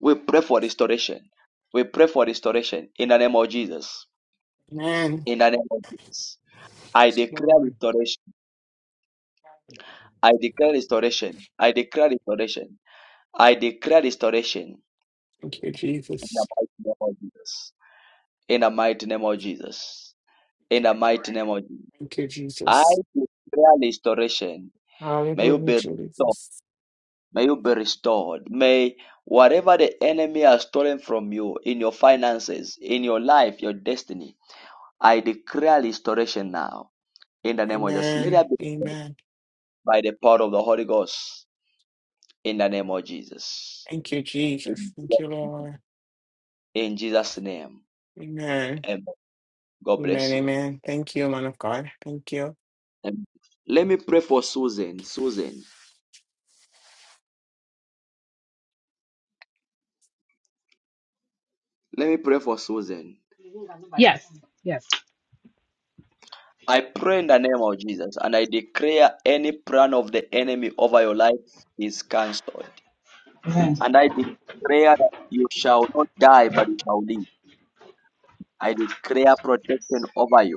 We pray for restoration. We pray for restoration in the name of Jesus. Amen. In the name of Jesus. I declare Lord. restoration. I declare restoration. I declare restoration. I declare restoration Thank you, in the Jesus. mighty name of Jesus. In the mighty name of Jesus. In Thank you, the mighty name Lord. of Jesus. Thank you, I Jesus. declare restoration. May you Hallelujah, be restored. Jesus. May you be restored. May whatever the enemy has stolen from you in your finances, in your life, your destiny, I declare restoration now. In the name of Jesus. Let Amen. it be Amen. by the power of the Holy Ghost. In the name of Jesus. Thank you, Jesus. In Thank you, Lord. in Jesus' name. Amen. Amen. God Amen. bless you. Amen. Thank you, man of God. Thank you. Amen. Let me pray for Susan. Susan. Let me pray for Susan. Yes. Yes. I pray in the name of Jesus and I declare any plan of the enemy over your life is cancelled. Amen. And I declare that you shall not die but you shall live. I declare protection over you.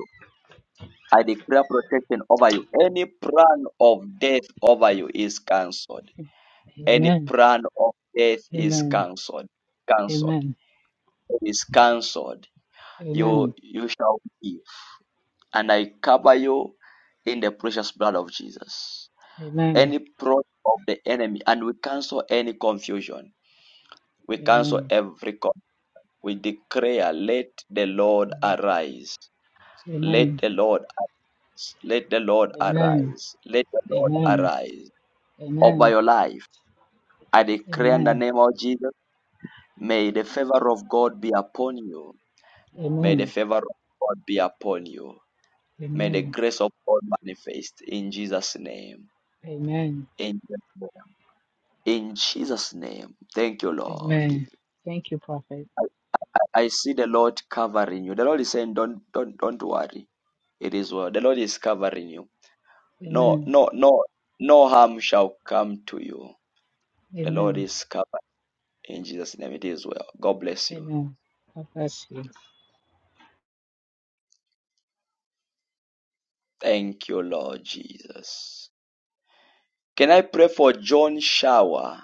I declare protection over you. Any plan of death over you is cancelled. Any Amen. plan of death is Amen. cancelled. Cancelled. Amen. It is cancelled. You Amen. you shall live. And I cover you in the precious blood of Jesus. Amen. Any plot of the enemy, and we cancel any confusion. We cancel Amen. every con. We declare, let the Lord arise. Let Amen. the Lord arise. Let the Lord Amen. Amen. arise. Let the Lord Amen. arise. over Amen. your life. I declare in the name of Jesus, may the favor of God be upon you. May Amen. the favor of God be upon you. May the Amen. grace of God manifest in Jesus' name. Amen. In Jesus' name. In Jesus' name. Thank you, Lord. Amen. Thank you, Prophet. I, I I see the Lord covering you. The Lord is saying, Don't don't don't worry. It is well. The Lord is covering you. No, Amen. no, no, no harm shall come to you. The Lord Amen. is covering in Jesus' name. It is well. God bless you. Amen. God bless you. Thank you, Lord Jesus. Can I pray for John Shower?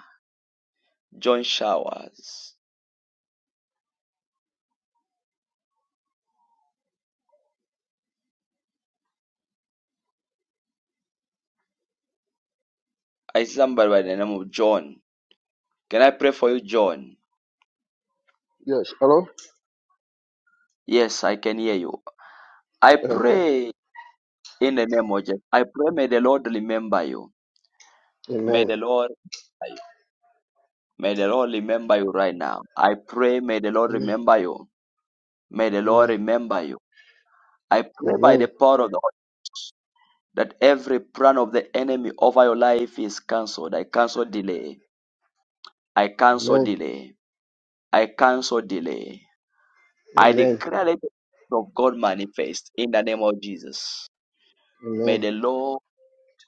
John Showers. I see somebody by the name of John. Can I pray for you, John? Yes. Hello? Yes, I can hear you. I Okay. pray in the name of Jesus. I pray may the Lord remember you. May Amen. the Lord remember you. May the Lord remember you right now. I pray may the Lord Amen. remember you. May the Amen. Lord remember you. I pray by the Amen. power of the Lord that every plan of the enemy over your life is cancelled. I cancel delay. I cancel Amen. delay. I cancel delay. I Amen. declare let the will of God manifest in the name of Jesus. May Amen. the Lord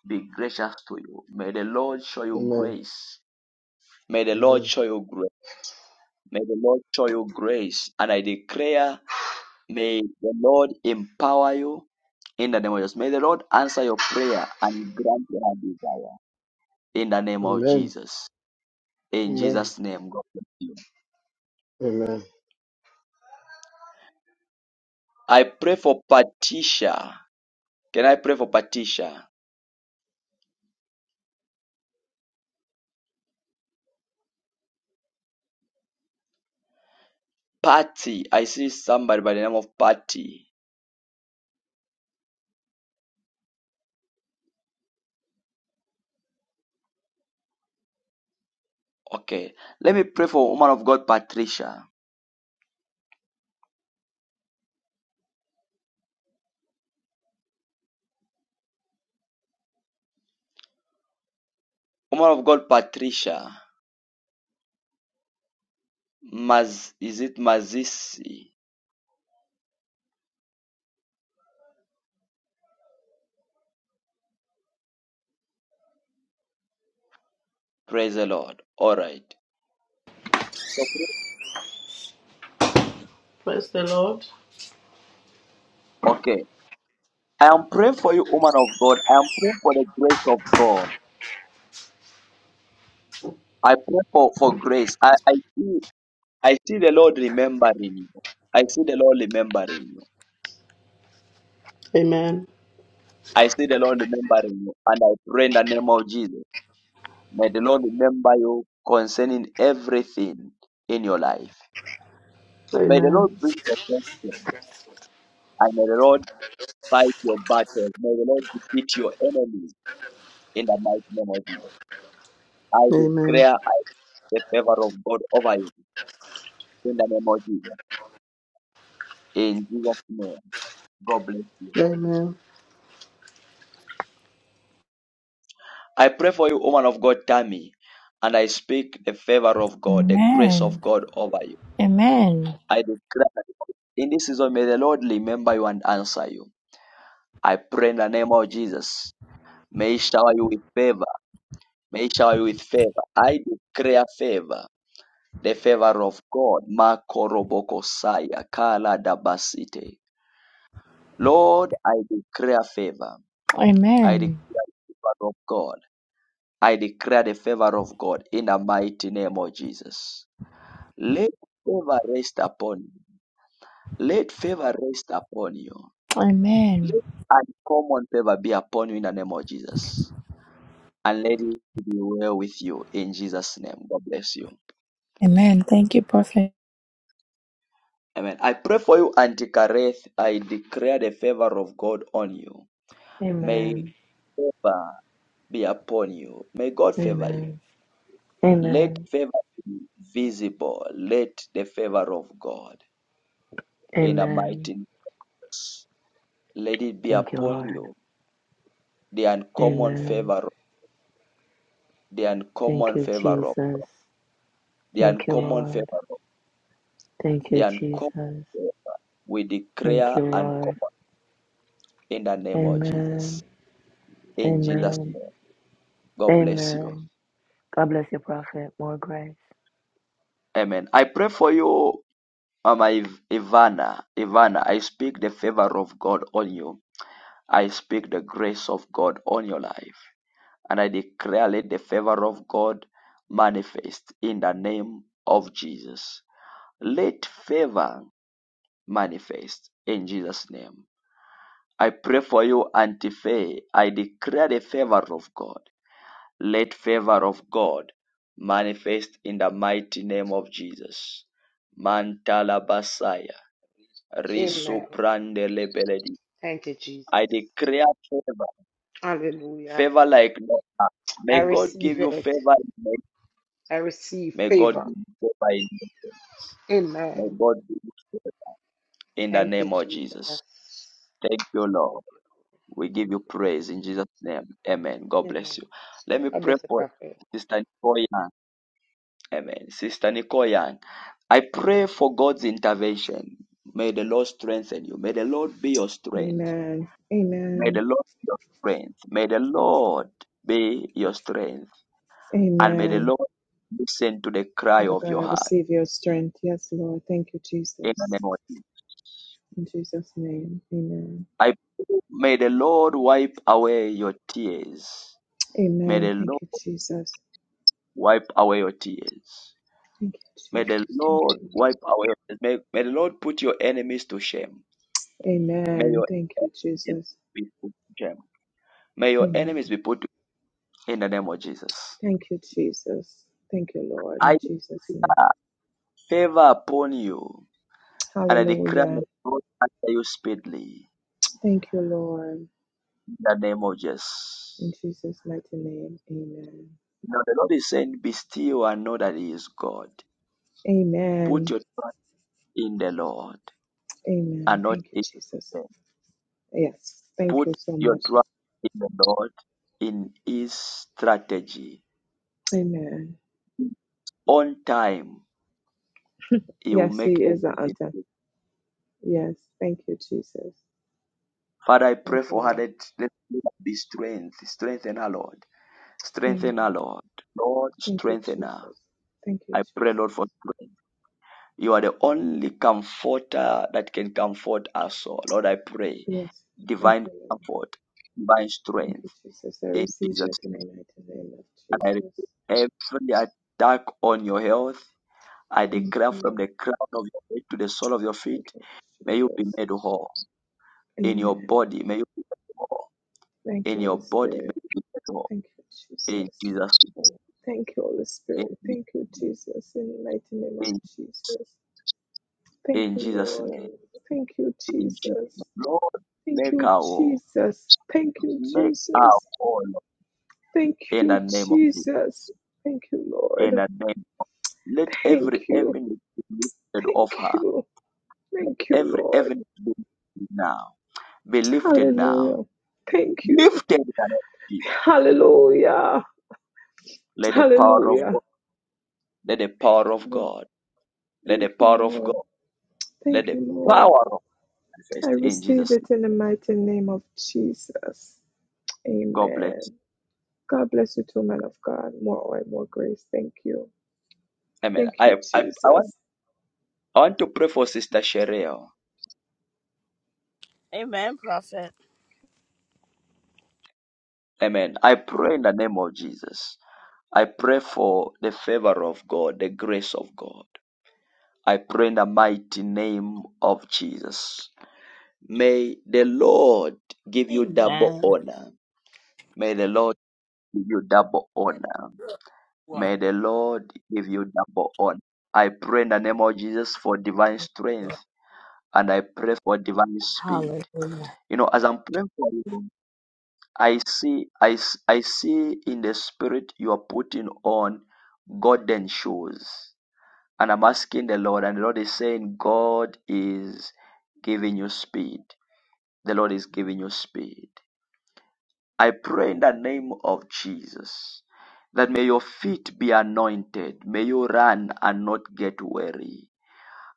be gracious to you. May the Lord show you Amen. grace. May the Lord Amen. show you grace. May the Lord show you grace. And I declare, may the Lord empower you in the name of Jesus. May the Lord answer your prayer and grant your desire in the name of Amen. Jesus. In Amen. Jesus' name, God bless you. Amen. I pray for Patricia. Can I pray for Patricia? Patty. I see somebody by the name of Patty. Okay. Let me pray for woman of God, Patricia. Woman of God, Patricia. Maz, is it Mazisi? Praise the Lord. All right. So, Praise the Lord. okay. I am praying for you, woman of God. I am praying for the grace of God. I pray for, for grace. I, I see I see the Lord remembering you. I see the Lord remembering you. Amen. I see the Lord remembering you. And I pray in the name of Jesus. May the Lord remember you concerning everything in your life. May the Amen. Lord bring protection and may the Lord fight your battles. May the Lord defeat your enemies in the mighty name of Jesus. I Amen. declare I the favor of God over you in the name of Jesus. In Jesus' name, God bless you. Amen. I pray for you, woman of God, Tammy, and I speak the favor of God, the grace of Amen. God over you. Amen. I declare in this season, may the Lord remember you and answer you. I pray in the name of Jesus. May he shower you with favor. May he shower you with favor. I declare favor. The favor of God. Makoroboko saya kala dabasite. Lord, I declare favor. I Amen. declare the favor of God. I declare the favor of God in the mighty name of Jesus. Let favor rest upon you. Let favor rest upon you. Amen. Let uncommon favor be upon you in the name of Jesus. and let it be well with you in Jesus' name. God bless you. Amen. Thank you, Prophet. Amen. I pray for you, Auntie Kareth. I declare the favor of God on you. May Amen. favor be upon you. May God favor you. Amen. Let Amen. favor be visible. Let the favor of God in the Amen. mighty name, let it be Thank you, upon Lord. you. The uncommon Amen. favor, the Thank uncommon you, favor, Jesus. the Thank you, uncommon Lord. favor, Thank the you, uncommon. favor. Jesus. We Thank declare you, Lord. uncommon in the name of Jesus. Amen. In Jesus' Amen. name. God bless you. Amen. God bless you, Prophet. More grace. Amen. I pray for you, Mama Iv- Ivana. Ivana, I speak the favor of God on you. I speak the grace of God on your life. And I declare, let the favor of God manifest in the name of Jesus. Let favor manifest in Jesus' name. I pray for you, Auntie Faye. I declare the favor of God. Let favor of God manifest in the mighty name of Jesus. Mantalabasaya. Amen. Risoprandelebeledi. Thank you, I Jesus. declare favor. Hallelujah. Favor like no other. I May God give receive you it. favor. in I receive May God favor. give you favor in nations. May Amen. God give you favor in the Thank you, name of Jesus. Jesus. Thank you, Thank Lord. you. We give Thank you praise in Jesus' name. Amen. God you. Amen. bless you. Let me God pray bless the for prophet. Sister Nicole Amen. Sister Nicole I pray for God's intervention. May the Lord strengthen you. May the Lord be your strength. Amen. May the Amen. Lord be your strength. May the Lord be your strength. And may the Amen. Lord listen to the cry Father of God, I your heart. receive your strength. Yes, Lord. Thank you, In the Jesus. name of Jesus. In Jesus' name. Amen. I pray, may the Lord wipe away your tears. May Amen. the Thank Lord you, Jesus. wipe away your tears. Thank you, May the Jesus. Thank Lord you, wipe Lord. away. your tears. May, may the Lord put your enemies to shame. May Amen. your Thank you, enemies Jesus. be put to shame. May your enemies Amen. be put to shame in the name of Jesus. Thank you, Jesus. Thank you, Lord. I In Jesus' name. favor upon you and I declare my Hallelujah. God after you speedily Thank you, Lord. in the name of In Jesus. Jesus' mighty name, amen. Now the Lord is saying, Be still and know that He is God. Put Amen. your trust in the Lord Amen. and not Thank you, in Jesus. them. Yes, thank you Put so your much. trust in the Lord in His strategy. Amen. On time, He will Yes, make He is the everything. answer. good. Yes, thank you, Jesus. Father, I Thank pray you, for her Lord. that let her be strength, strengthen her, Lord. Strengthen her, Amen. Lord. Lord, Thank you, strengthen her. Jesus. Thank you, I pray, Jesus. Lord, for strength. You are the only comforter that can comfort us all. Lord, I pray. Yes, thank Divine you, Lord. comfort, divine Thank strength you, Jesus. I in receive Jesus' it in the name. mighty name of And I Jesus. rebuke every attack on your health. I Thank declare you, from Lord. the crown of your head to the sole of your Thank feet, you, may you be Jesus. made whole in your Amen. body. May you be made whole Thank in you, your Holy body. May Spirit. you be made whole Thank you, in Jesus. Jesus' name. Thank you, Holy Spirit. In, Thank you, Jesus. In the mighty name of in, Jesus. Thank in you, Jesus' Lord. name. Thank you, in Jesus. Jesus. Lord, Thank make you, our war, Jesus. Thank you, make our Jesus. war Lord, Thank in the you, name of Jesus. Jesus. Thank you, In Lord. the name, let every Thank you. heaviness be lifted off Thank her. you. Thank you, Every Lord. heaviness be lifted now. Be lifted now. Hallelujah. Thank you. Lifted in the name of Jesus. Hallelujah. Let the power of Hallelujah. God. Let the power of God. Let the Thank you, power of Lord. God. Let Thank the you, Lord. power of I manifest in receive Jesus. it name. in the mighty name of Jesus. God bless Amen. God bless you too, man of God. More oil, more grace. Thank you. you. Amen. Thank I, you, I, I Jesus. want I want to pray for Sister Sherelle. Amen, Prophet. Amen. I pray in the name of Jesus. I pray for the favor of God, the grace of God. I pray in the mighty name of Jesus. May the Lord give you double Amen. honor. May the Lord give you double honor. Wow. May the Lord give you double honor. I pray in the name of Jesus for divine strength and I pray for divine speed. Hallelujah. You know, as I'm praying for you, I see, I, s- I see in the spirit you are putting on golden shoes. And I'm asking the Lord, and the Lord is saying, God is giving you speed. The Lord is giving you speed. I pray in the name of Jesus that may your feet be anointed. May you run and not get weary.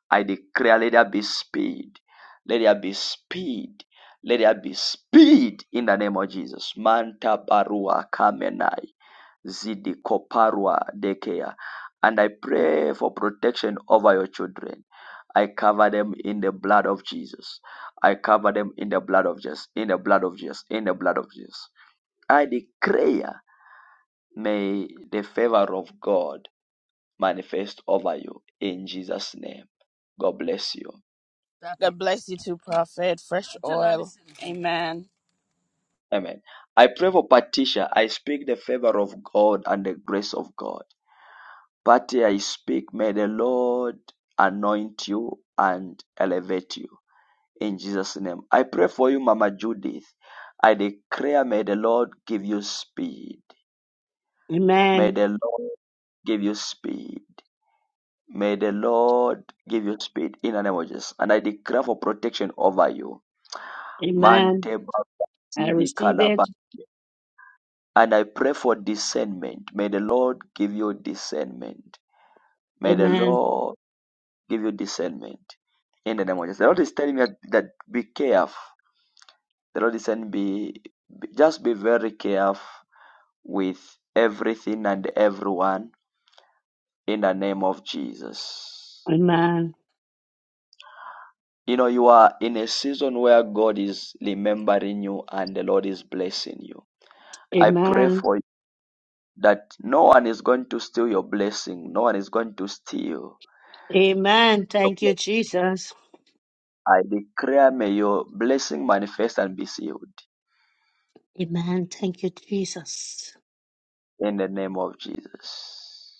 I declare, let there be speed. Let there be speed. Let there be speed in the name of Jesus. Manta barua kamenai. Zidikoparwa Daycare. And I pray for protection over your children. I cover them in the blood of Jesus. I cover them in the blood of Jesus, in the blood of Jesus, in the blood of Jesus. I declare, may the favor of God manifest over you in Jesus' name. God bless you. God bless you too, Prophet. Fresh oil. Amen. Amen. I pray for Patricia. I speak the favor of God and the grace of God. But I speak, may the Lord anoint you and elevate you in Jesus' name. I pray for you, Mama Judith. I declare, may the Lord give you speed. May Amen. the Lord give you speed. May the Lord give you speed in the name of Jesus. And I declare for protection over you. Amen. Mante I Bakasidi receive Kalaba. it. And I pray for discernment. May the Lord give you discernment. May the Amen. Lord give you discernment in the name of Jesus. The Lord is telling me that, that be careful. The Lord is saying, be, be just be very careful with everything and everyone in the name of Jesus. Amen. You know, you are in a season where God is remembering you and the Lord is blessing you. I pray Amen. for you that no one is going to steal your blessing, no one is going to steal. Amen. Thank you, Jesus. I declare, may your blessing manifest and be sealed Amen. Thank you, Jesus. in the name of Jesus.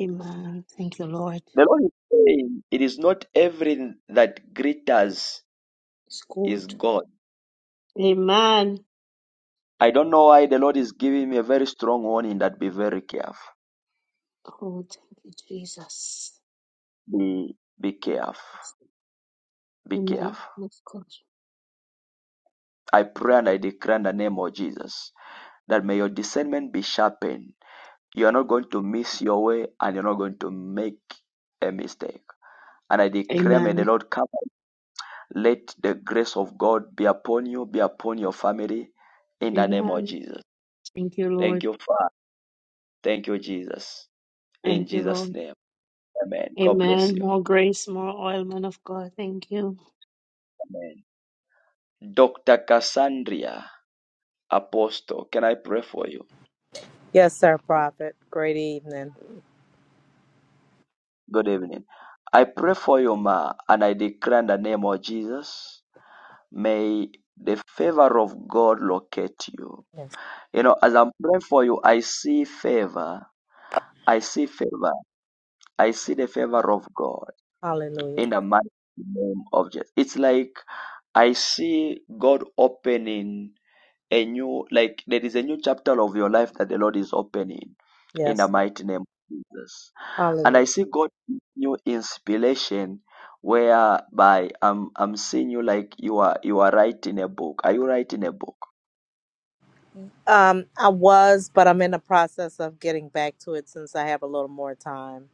Amen. Thank you, Lord. The Lord is saying, it is not everything that glitters It's is good. God. Amen. I don't know why the Lord is giving me a very strong warning that be very careful. Oh, thank you, Jesus. Be, be careful. Be Amen. careful. Of course. I pray and I declare in the name of Jesus that may your discernment be sharpened. You are not going to miss your way and you're not going to make a mistake. And I declare, may Amen. the Lord come. Let the grace of God be upon you, be upon your family in the name of Amen. Jesus. Thank you, Thank Lord. you, Father. Thank you, Jesus. In Thank you, Jesus' Lord. name. Amen. God bless Amen. you. More grace, more oil, man of God. Thank you. Amen. Dr. Cassandra Apostle, can I pray for you? Yes, sir, Prophet. Great evening. Good evening. I pray for you, Ma, and I declare in the name of Jesus, may the favor of God locate you. Yes. You know, as I'm praying for you, I see favor. I see favor. I see the favor of God Hallelujah. in the mighty name of Jesus. It's like I see God opening a new like there is a new chapter of your life that the Lord is opening in the Yes, Lord. mighty name of Jesus. And I Hallelujah. see God giving you inspiration whereby I'm I'm seeing you like you are you are writing a book. Are you writing a book? Um, I was, but I'm in the process of getting back to it since I have a little more time.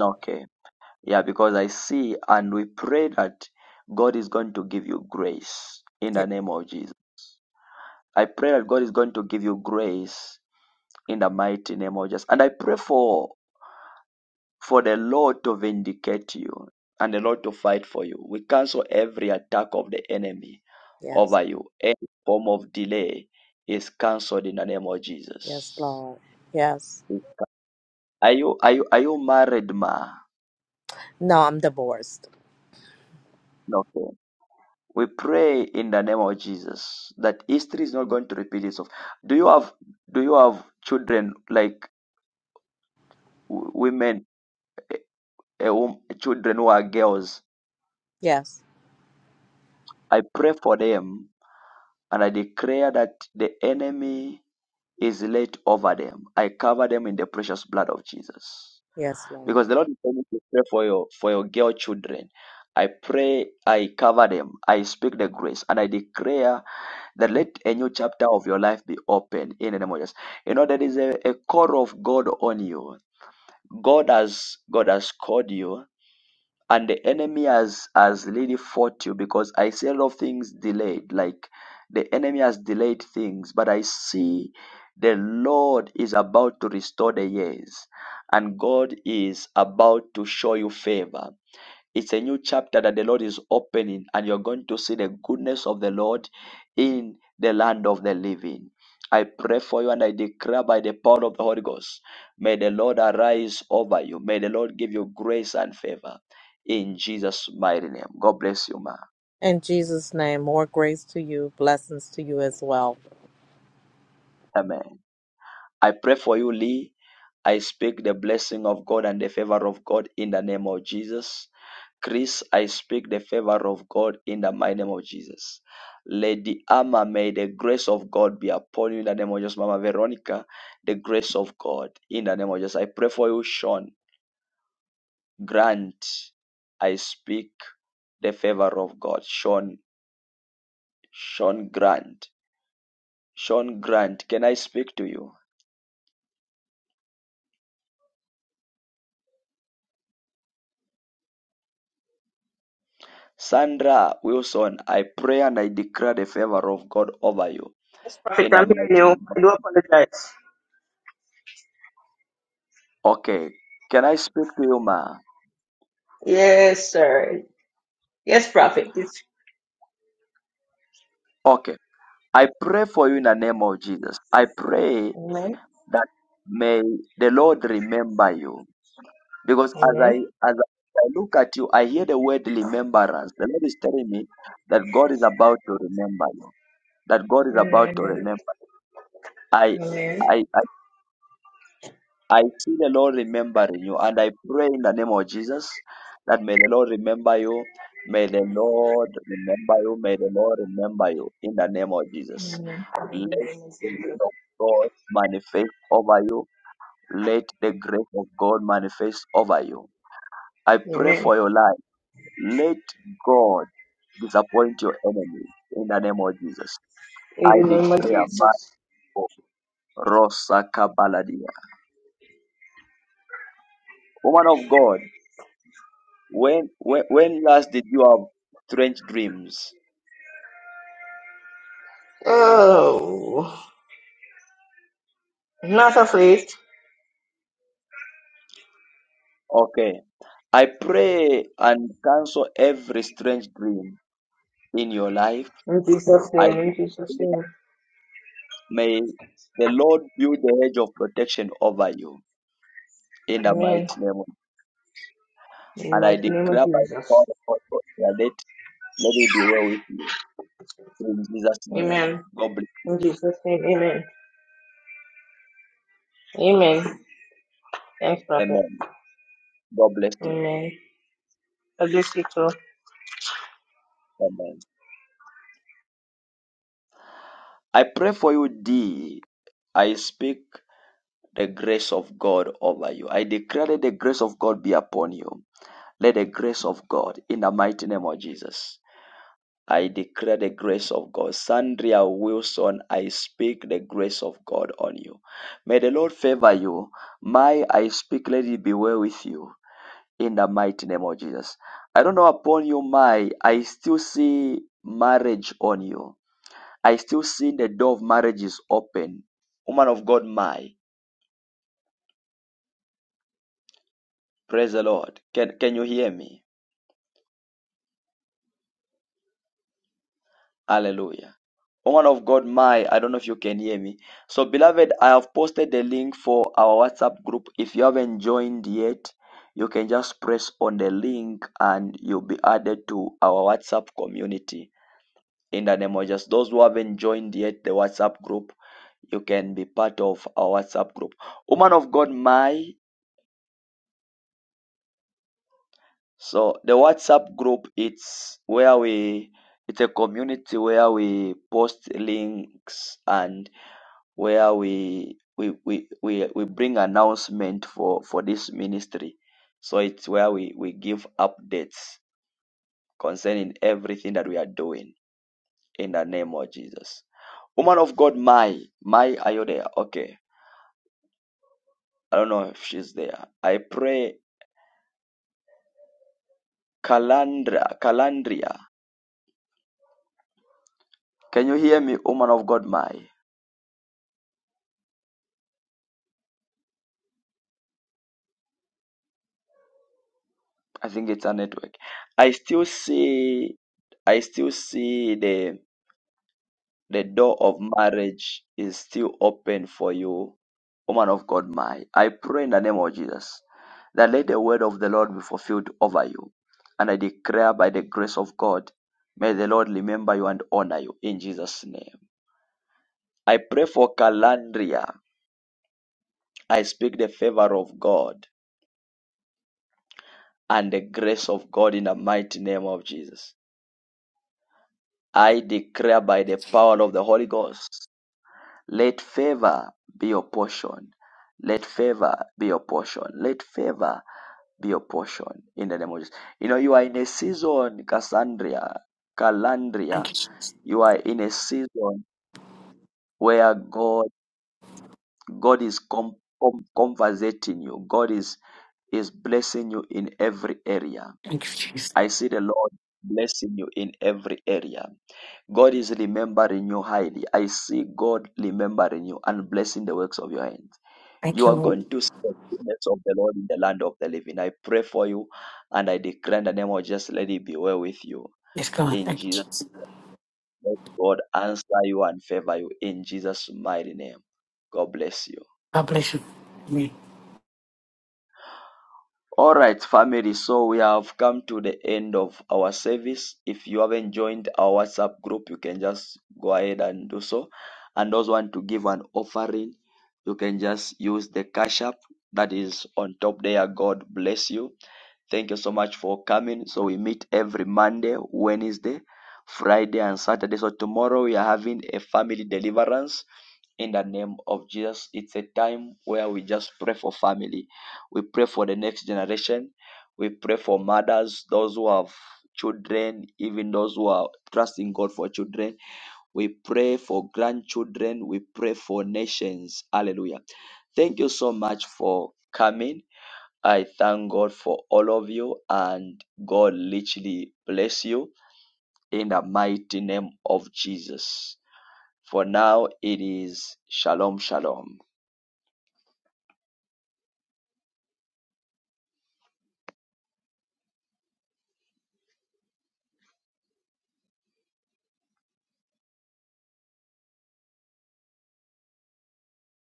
Okay. Yeah, because I see and we pray that God is going to give you grace in Yeah. the name of Jesus. I pray that God is going to give you grace in the mighty name of Jesus. And I pray for for the Lord to vindicate you and the Lord to fight for you. We cancel every attack of the enemy Yes. over you. Any form of delay is cancelled in the name of Yes, Jesus. Lord. Yes. Are you are you are you married, ma? No, I'm divorced. No. okay. We pray in the name of Jesus that history is not going to repeat itself. Do you have do you have children like w- women, eh, eh, wom- children who are girls? Yes. I pray for them and I declare that the enemy is laid over them. I cover them in the precious blood of Jesus. Yes, Lord. Because the Lord is telling me to pray for your for your girl children. I pray, I cover them, I speak the grace, and I declare that let a new chapter of your life be opened in the name of Jesus. You know, there is a, a call of God on you. God has God has called you and the enemy has has really fought you because I see a lot of things delayed. Like the enemy has delayed things, but I see the Lord is about to restore the years, and God is about to show you favor. It's a new chapter that the Lord is opening, and you're going to see the goodness of the Lord in the land of the living. I pray for you and I declare by the power of the Holy Ghost, may the Lord arise over you. May the Lord give you grace and favor in Jesus' mighty name. God bless you, ma. In Jesus' name, more grace to you, blessings to you as well. Amen. I pray for you, Lee. I speak the blessing of God and the favor of God in the name of Jesus Chris, I speak the favor of God in the mighty name of Jesus. Lady Amma, may the grace of God be upon you in the name of Jesus. Mama Veronica, the grace of God in the name of Jesus. I pray for you, Sean. Grant, I speak the favor of God. Sean, Sean Grant. Sean Grant, can I speak to you? Sandra Wilson, I pray and I declare the favor of God over you Yes, Prophet, in the I'm hearing mighty you. name. of- I do apologize. Okay. Can I speak to you, ma? Yes, sir. Yes, Prophet. It's- Okay. I pray for you in the name of Jesus. I pray that may the Lord remember you. Because as I Amen. as I look at you, I hear the word remembrance. The Lord is telling me that God is about to remember you. That God is about to Amen. remember. I Amen. I I, I see the Lord remembering you, and I pray in the name of Jesus that may the Lord remember you. May the Lord remember you. May the Lord remember you in the name of Jesus. Amen. In Let the name of the Jesus. will of God manifest over you. Let the grace of God manifest over you. I pray Amen. for your life. Let God disappoint your enemy in the name of Jesus. In I the name of declare Jesus. Marco Rosa Kabaladia. Woman of God, when, when when last did you have strange dreams? Oh, not afraid. Okay. I pray and cancel every strange dream in your life. In Jesus' I name. In Jesus' declare name. May the Lord build the hedge of protection over you in the Amen. mighty name. of- In the And I mighty name of declare by Jesus. God, God, God, that let, let it be well with you. In Jesus' name. Amen. God bless. In Jesus' name. Amen. Amen. Thanks, Prophet. Amen. God bless you. Amen. God bless you too. Amen. I pray for you, D. I speak the grace of God over you. I declare that the grace of God be upon you. Let the grace of God in the mighty name of Jesus. I declare the grace of God. Sandria Wilson, I speak the grace of God on you. May the Lord favor you. My, I speak, let it be well with you in the mighty name of Jesus. I don't know upon you, my, I still see marriage on you. I still see the door of marriage is open. Woman of God, my, praise the Lord. Can, can you hear me? Hallelujah. Woman of God, my, I don't know if you can hear me. So, beloved, I have posted the link for our WhatsApp group. If you haven't joined yet, you can just press on the link and you'll be added to our WhatsApp community. In the name of Jesus, those who haven't joined yet the WhatsApp group, you can be part of our WhatsApp group. Woman of God, my. So the WhatsApp group, it's where we, it's a community where we post links and where we we we we, we bring announcement for for this ministry so it's where we we give updates concerning everything that we are doing in the name of jesus woman of god my my are you there okay i don't know if she's there i pray calandra calandria can you hear me woman of god my i think it's a network i still see i still see the The door of marriage is still open for you, woman of God. My, I pray in the name of Jesus that let the word of the Lord be fulfilled over you. And I declare by the grace of God, may the Lord remember you and honor you in Jesus' name. I pray for Calandria. I speak the favor of God and the grace of God in the mighty name of Jesus. I declare by the power of the Holy Ghost. Let favor be your portion. Let favor be your portion. Let favor be your portion in the name of Jesus. You know, you are in a season, Cassandra, Thank Calandria. you, Jesus. You are in a season where God, God is com- com- conversating you. God is is blessing you in every area. Thank you, Jesus. I see the Lord blessing you in every area. God is remembering you highly. I see God remembering you and blessing the works of your hands. Thank You you, are Lord. going to see the goodness of the Lord in the land of the living. I pray for you and I declare in the name of Jesus, let it be well with you. Yes, God. In Thank you, Jesus' Jesus. name, God answer you and favor you. In Jesus' mighty name, God bless you. God bless you. Amen. All right, family. So we have come to the end of our service. If you haven't joined our WhatsApp group, you can just go ahead and do so. And those who want to give an offering, you can just use the cash app that is on top there. God bless you Thank you so much for coming. So we meet every Monday, Wednesday, Friday, and Saturday. So tomorrow we are having a family deliverance in the name of Jesus. It's a time where we just pray for family. We pray for the next generation. We pray for mothers, those who have children, even those who are trusting God for children. We pray for grandchildren. We pray for nations. Hallelujah. Thank you so much for coming. I thank God for all of you and God literally bless you in the mighty name of Jesus. For now, it is Shalom, Shalom.